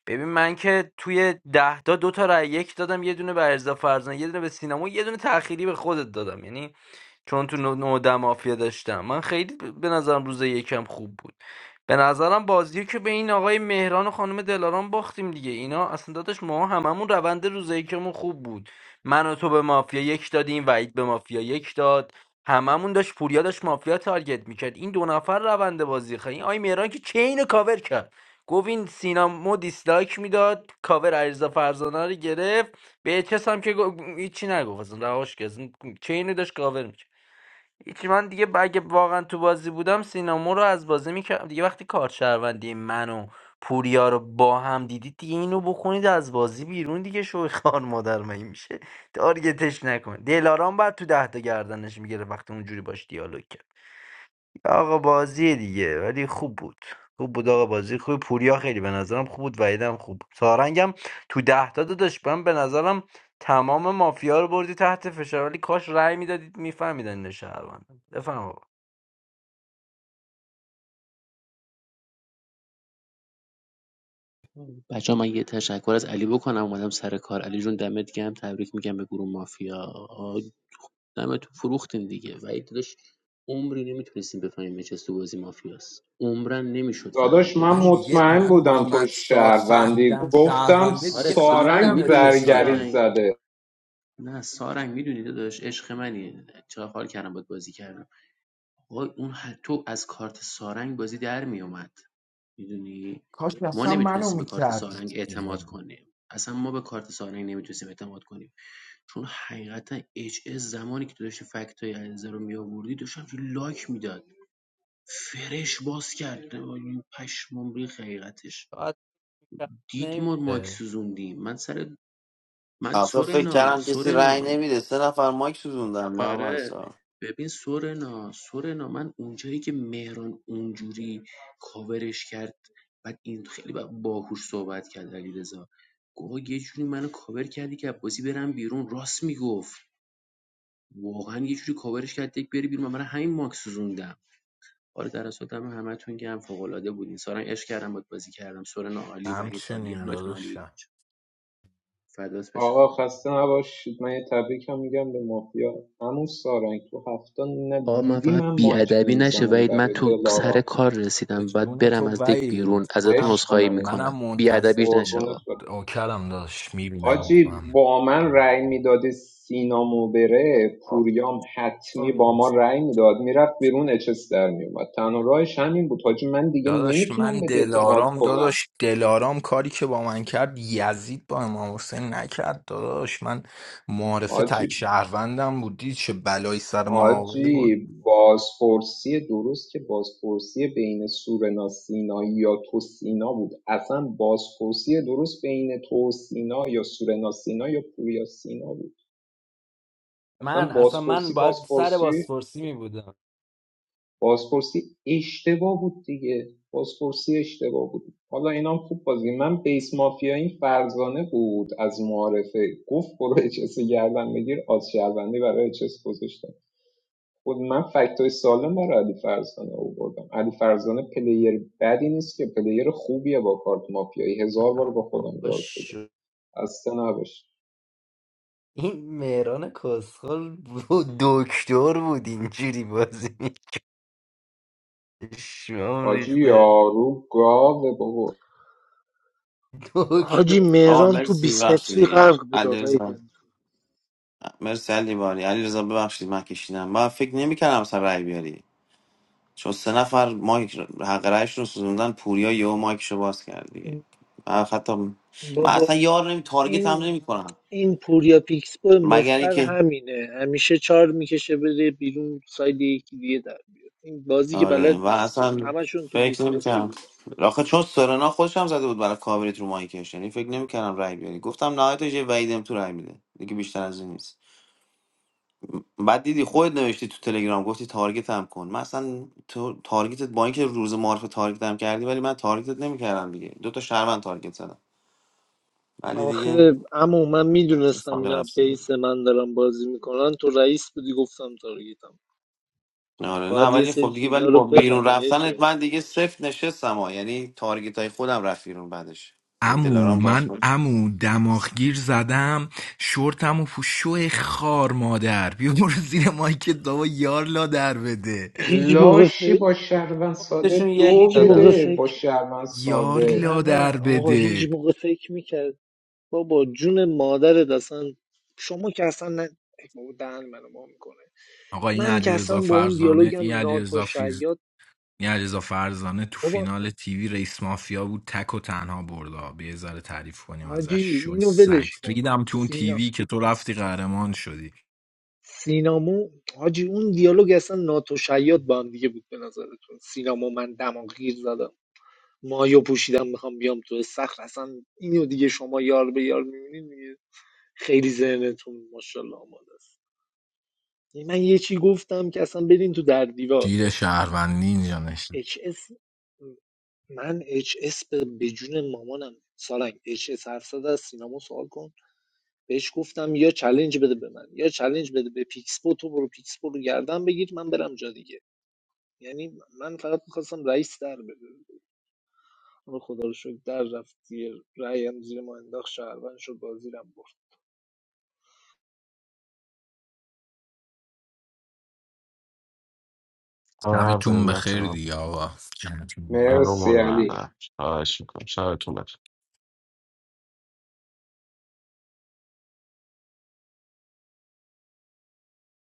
[SPEAKER 12] ببین من که توی ده تا دو تا رأی یک دادم یه دونه به ارزا فرزان یه دونه به سینما یه دونه تأخیری به خودت دادم یعنی چون تو نو- نوده مافیا داشتم من خیلی ب- به نظرم روز یکم خوب بود به نظرم بازی که به این آقای مهران و خانم دلاران باختیم دیگه اینا اصلا داداش ما هممون روند روز یکمون خوب بود من و تو به مافیا یک دادیم وعید به مافیا یک داد هممون داشت پوریا داشت مافیا تارگت میکرد این دو نفر روند بازی خیلی این آقای مهران که چین رو کاور کرد گفت این سینا مو دیسلایک میداد کاور عریضا فرزانه رو گرفت به چس هم که گو- هیچی نگفت اصلا رهاش کرد اصلا چین رو داشت کاور میکرد هیچی من دیگه ب- اگه واقعا تو بازی بودم سینامو رو از بازی میکردم دیگه وقتی کارت شهروندی من و پوریا رو با هم دیدید دیگه اینو بخونید از بازی بیرون دیگه شوی خان مادر مگه میشه تارگتش نکن دلارام بعد تو ده تا گردنش میگیره وقتی اونجوری باش دیالوگ کرد آقا بازی دیگه ولی خوب بود خوب بود آقا بازی خوب پوریا خیلی به نظرم خوب بود وحیدم خوب بود سارنگم تو ده تا داداش من به نظرم تمام مافیا رو بردی تحت فشار ولی کاش رأی میدادید میفهمیدن این شهروند بفهم
[SPEAKER 9] بچه من یه تشکر از علی بکنم اومدم سر کار علی جون دمت گرم تبریک میگم به گروه مافیا آه، دمتون فروختین دیگه و داداش عمری نمیتونستیم بفهمیم چه تو بازی مافیاست عمرن نمیشد
[SPEAKER 8] داداش
[SPEAKER 9] فهمید
[SPEAKER 8] من
[SPEAKER 13] من
[SPEAKER 9] داشت
[SPEAKER 13] دیگه
[SPEAKER 8] مطمئن
[SPEAKER 13] من
[SPEAKER 8] بودم تو
[SPEAKER 13] محمد سار
[SPEAKER 8] شهروندی
[SPEAKER 13] فهمیدم
[SPEAKER 8] گفتم
[SPEAKER 13] شهرونده دیگه
[SPEAKER 9] آره خب نه
[SPEAKER 13] فهمیدم
[SPEAKER 8] سارنگ
[SPEAKER 9] میدونی
[SPEAKER 8] زرگری
[SPEAKER 13] اچسیار
[SPEAKER 9] سارنگ
[SPEAKER 8] زده
[SPEAKER 9] نه سارنگ میدونی داداش عشق منی چرا حال کردم باید بازی کردم وای اون حتی از کارت سارنگ بازی در میومد میدونی
[SPEAKER 13] کاش
[SPEAKER 9] ما
[SPEAKER 13] اصلا منو
[SPEAKER 9] نمیتونستیم به کارت سارنگ
[SPEAKER 13] میکردید
[SPEAKER 9] اعتماد
[SPEAKER 13] دیگه
[SPEAKER 9] کنیم اصلا ما به کارت سارنگ نمیتونستیم اعتماد کنیم چون حقیقتا اچ اس زمانی که تو داشتی فکت های علیرضا رو میآوردی داشت همچین لاک میداد فرش باز کرد این پشمام ریخ حقیقتش
[SPEAKER 12] آقا شاید
[SPEAKER 9] دید ما ماک
[SPEAKER 12] نمیده
[SPEAKER 9] سوزوندیم من سر من سورنا سورنا آره ببین سورنا سورنا من اونجایی که مهران اونجوری کاورش کرد بعد این خیلی با- باهوش صحبت کرد علیرضا گفت آقا یه جوری منو کاور کردی که بازی برم بیرون راست میگفت واقعا یه جوری کاورش کرد یک بری بیرون من برای همین ماکس سوزوندم آره در اصل دم همتون گرم فوق العاده بودین سارنگ عشق کردم باهات بازی کردم سورنا عالی وحید عالی
[SPEAKER 13] همچنین
[SPEAKER 9] همتون عالی بودین
[SPEAKER 13] داداشم
[SPEAKER 9] بچه‌ها. فدات بشم
[SPEAKER 8] آقا خسته نباشید من یه تبریک هم میگم به مافیا همون سارنگ تو هفته ندیدی
[SPEAKER 9] آقا من فقط
[SPEAKER 8] من مایک
[SPEAKER 9] بیادبی نشه
[SPEAKER 8] نمیزنم
[SPEAKER 9] وید من
[SPEAKER 8] برای
[SPEAKER 9] تو
[SPEAKER 8] دلارا
[SPEAKER 9] سر کار
[SPEAKER 13] به
[SPEAKER 9] رسیدم باید
[SPEAKER 13] جون
[SPEAKER 9] برم
[SPEAKER 13] تو
[SPEAKER 9] از دک بیرون
[SPEAKER 13] وید
[SPEAKER 9] ازتون
[SPEAKER 13] منم
[SPEAKER 8] عشق
[SPEAKER 9] عذرخواهی
[SPEAKER 8] منه
[SPEAKER 13] منم
[SPEAKER 9] میکنم
[SPEAKER 13] منتظر
[SPEAKER 9] بیادبیش نشه آقا
[SPEAKER 8] قربونت برم
[SPEAKER 13] اوکرم داشت میبینم
[SPEAKER 8] حاجی
[SPEAKER 13] میکنم.
[SPEAKER 8] با من رأی میداده سینامو بره پوریام حتمی با ما رأی میداد میرفت بیرون اچس در میومد تنها راهش همین بود حاجی من دیگه
[SPEAKER 13] داداش
[SPEAKER 8] نمیتونم
[SPEAKER 13] من
[SPEAKER 8] بهت اعتماد
[SPEAKER 13] دلارام
[SPEAKER 8] کنم
[SPEAKER 13] داداش دلارام کاری که با من کرد یزید با امام حسین نکرد داداش من معارف تک
[SPEAKER 8] حاجی
[SPEAKER 13] شهروندم بود دید چه بلایی سر ما بود
[SPEAKER 8] حاجی بازپرسی درست که بازپرسی بین سورنا سینایی یا تو سینا بود اصلا بازپرسی درست بین تو و سینا یا سورنا سینا یا پوریا سینا بود اصلا
[SPEAKER 12] من اصلا من
[SPEAKER 8] بازپرسی
[SPEAKER 12] باید سر
[SPEAKER 8] بازپرسی
[SPEAKER 12] بازپرسی می بودم
[SPEAKER 8] بازپرسی اشتباه بود دیگه بازپرسی اشتباه بود حالا اینام هم خوب بازی من بیس مافیا این فرزانه بود از معارفه گفت برو اچس گردن بگیر آز شهروندی برای اچس گذاشتم خود من فکت های سالم برای علی فرزانه آوردم علی فرزانه پلیر بدی نیست که پلیر خوبیه با کارت مافیایی هزار بار با خودم یار
[SPEAKER 12] باش
[SPEAKER 8] شده خسته نباش
[SPEAKER 12] این مهران کسخل بود دکتر بود اینجوری بازی میکشم
[SPEAKER 8] حاجی
[SPEAKER 12] ریخته
[SPEAKER 8] یارو گاوه بابا
[SPEAKER 6] حاجی
[SPEAKER 12] دکترشون
[SPEAKER 6] مهران تو 20 متری غرق بود آقای دنتو بابا این این پوریا پیکس بو مفر همینه همیشه چار میکشه بره بیرون ساید یکی دیگه در بیاد این بازی که بلد نیست که همشون تو 20 متری بودن آخه اما من میدونستم اینا بیس من دارم بازی میکنن تو رئیس بودی گفتم تارگیتم باید یه سری چیزها رو بفهمی چه
[SPEAKER 13] امو من امو دماغگیر زدم شورتم و پوشو خار مادر بیا برو زیر مایکت بابا یار لا در بده
[SPEAKER 6] هیچ موقع
[SPEAKER 8] لاشی
[SPEAKER 6] فکر
[SPEAKER 8] با شهروند ساده
[SPEAKER 12] یک
[SPEAKER 8] دو
[SPEAKER 6] هیچ
[SPEAKER 12] دادم
[SPEAKER 6] موقع
[SPEAKER 8] بده با
[SPEAKER 6] فکر
[SPEAKER 8] شهروند
[SPEAKER 13] یار
[SPEAKER 8] ساده
[SPEAKER 6] نه
[SPEAKER 13] لا
[SPEAKER 6] نه
[SPEAKER 13] در
[SPEAKER 6] آقا هیچ
[SPEAKER 13] بده
[SPEAKER 6] موقع فکر میکرد بابا جون مادرت اصلا شما که اصلا نه ای بابا دهن منو ما میکنه
[SPEAKER 13] آقا این
[SPEAKER 6] من که اصلا
[SPEAKER 13] علیرضا
[SPEAKER 6] با اون
[SPEAKER 13] فرزانه این
[SPEAKER 6] دیالوگم ناتو
[SPEAKER 13] علیرضا
[SPEAKER 6] شیاد
[SPEAKER 13] این علیرضا فرزانه تو
[SPEAKER 6] بابا
[SPEAKER 13] فینال تیوی رئیس مافیا بود تک و تنها بردا بیا یه ذره تعریف کنیم
[SPEAKER 6] حاجی
[SPEAKER 13] ازش شون
[SPEAKER 6] اینو
[SPEAKER 13] سگ
[SPEAKER 6] ولش کن
[SPEAKER 13] ریدم تو اون
[SPEAKER 6] سینا
[SPEAKER 13] تیوی که تو رفتی قهرمان شدی
[SPEAKER 6] سینامو حاجی اون دیالوگ اصلا ناتو شیاد با هم دیگه بود به نظرتون سینامو من دماغ گیر زدم مایو پوشیدم میخوام بیام تو سخر اصلا اینو دیگه شما یار به یار میبینید خیلی ذهنتون ماشاءالله آماده است من یه چی گفتم که اصلا برین تو در دیوار
[SPEAKER 13] شیر شهروندی اینجا نشد
[SPEAKER 6] اچ اس، من اچ اس به به جون مامانم سالنگ اچ اس 700 از سینما سوال کن بهش گفتم یا چلنج بده به من یا چلنج بده به پیکسپو تو برو پیکسپو رو گردن بگیر من برم جا دیگه یعنی من فقط میخواستم رئیس در بده حالا خدا رو شکر در رفت زیر رأیم زیر ما انداخت شهروند شد بازیرم برد
[SPEAKER 3] آه، حرف
[SPEAKER 13] شبتون
[SPEAKER 3] زدیم
[SPEAKER 13] بخیر
[SPEAKER 3] بچه‌ها
[SPEAKER 13] دیگه آقا
[SPEAKER 3] من رو
[SPEAKER 8] Merci, ali
[SPEAKER 3] مهم بندر خواهش میکنم شبتون بخیر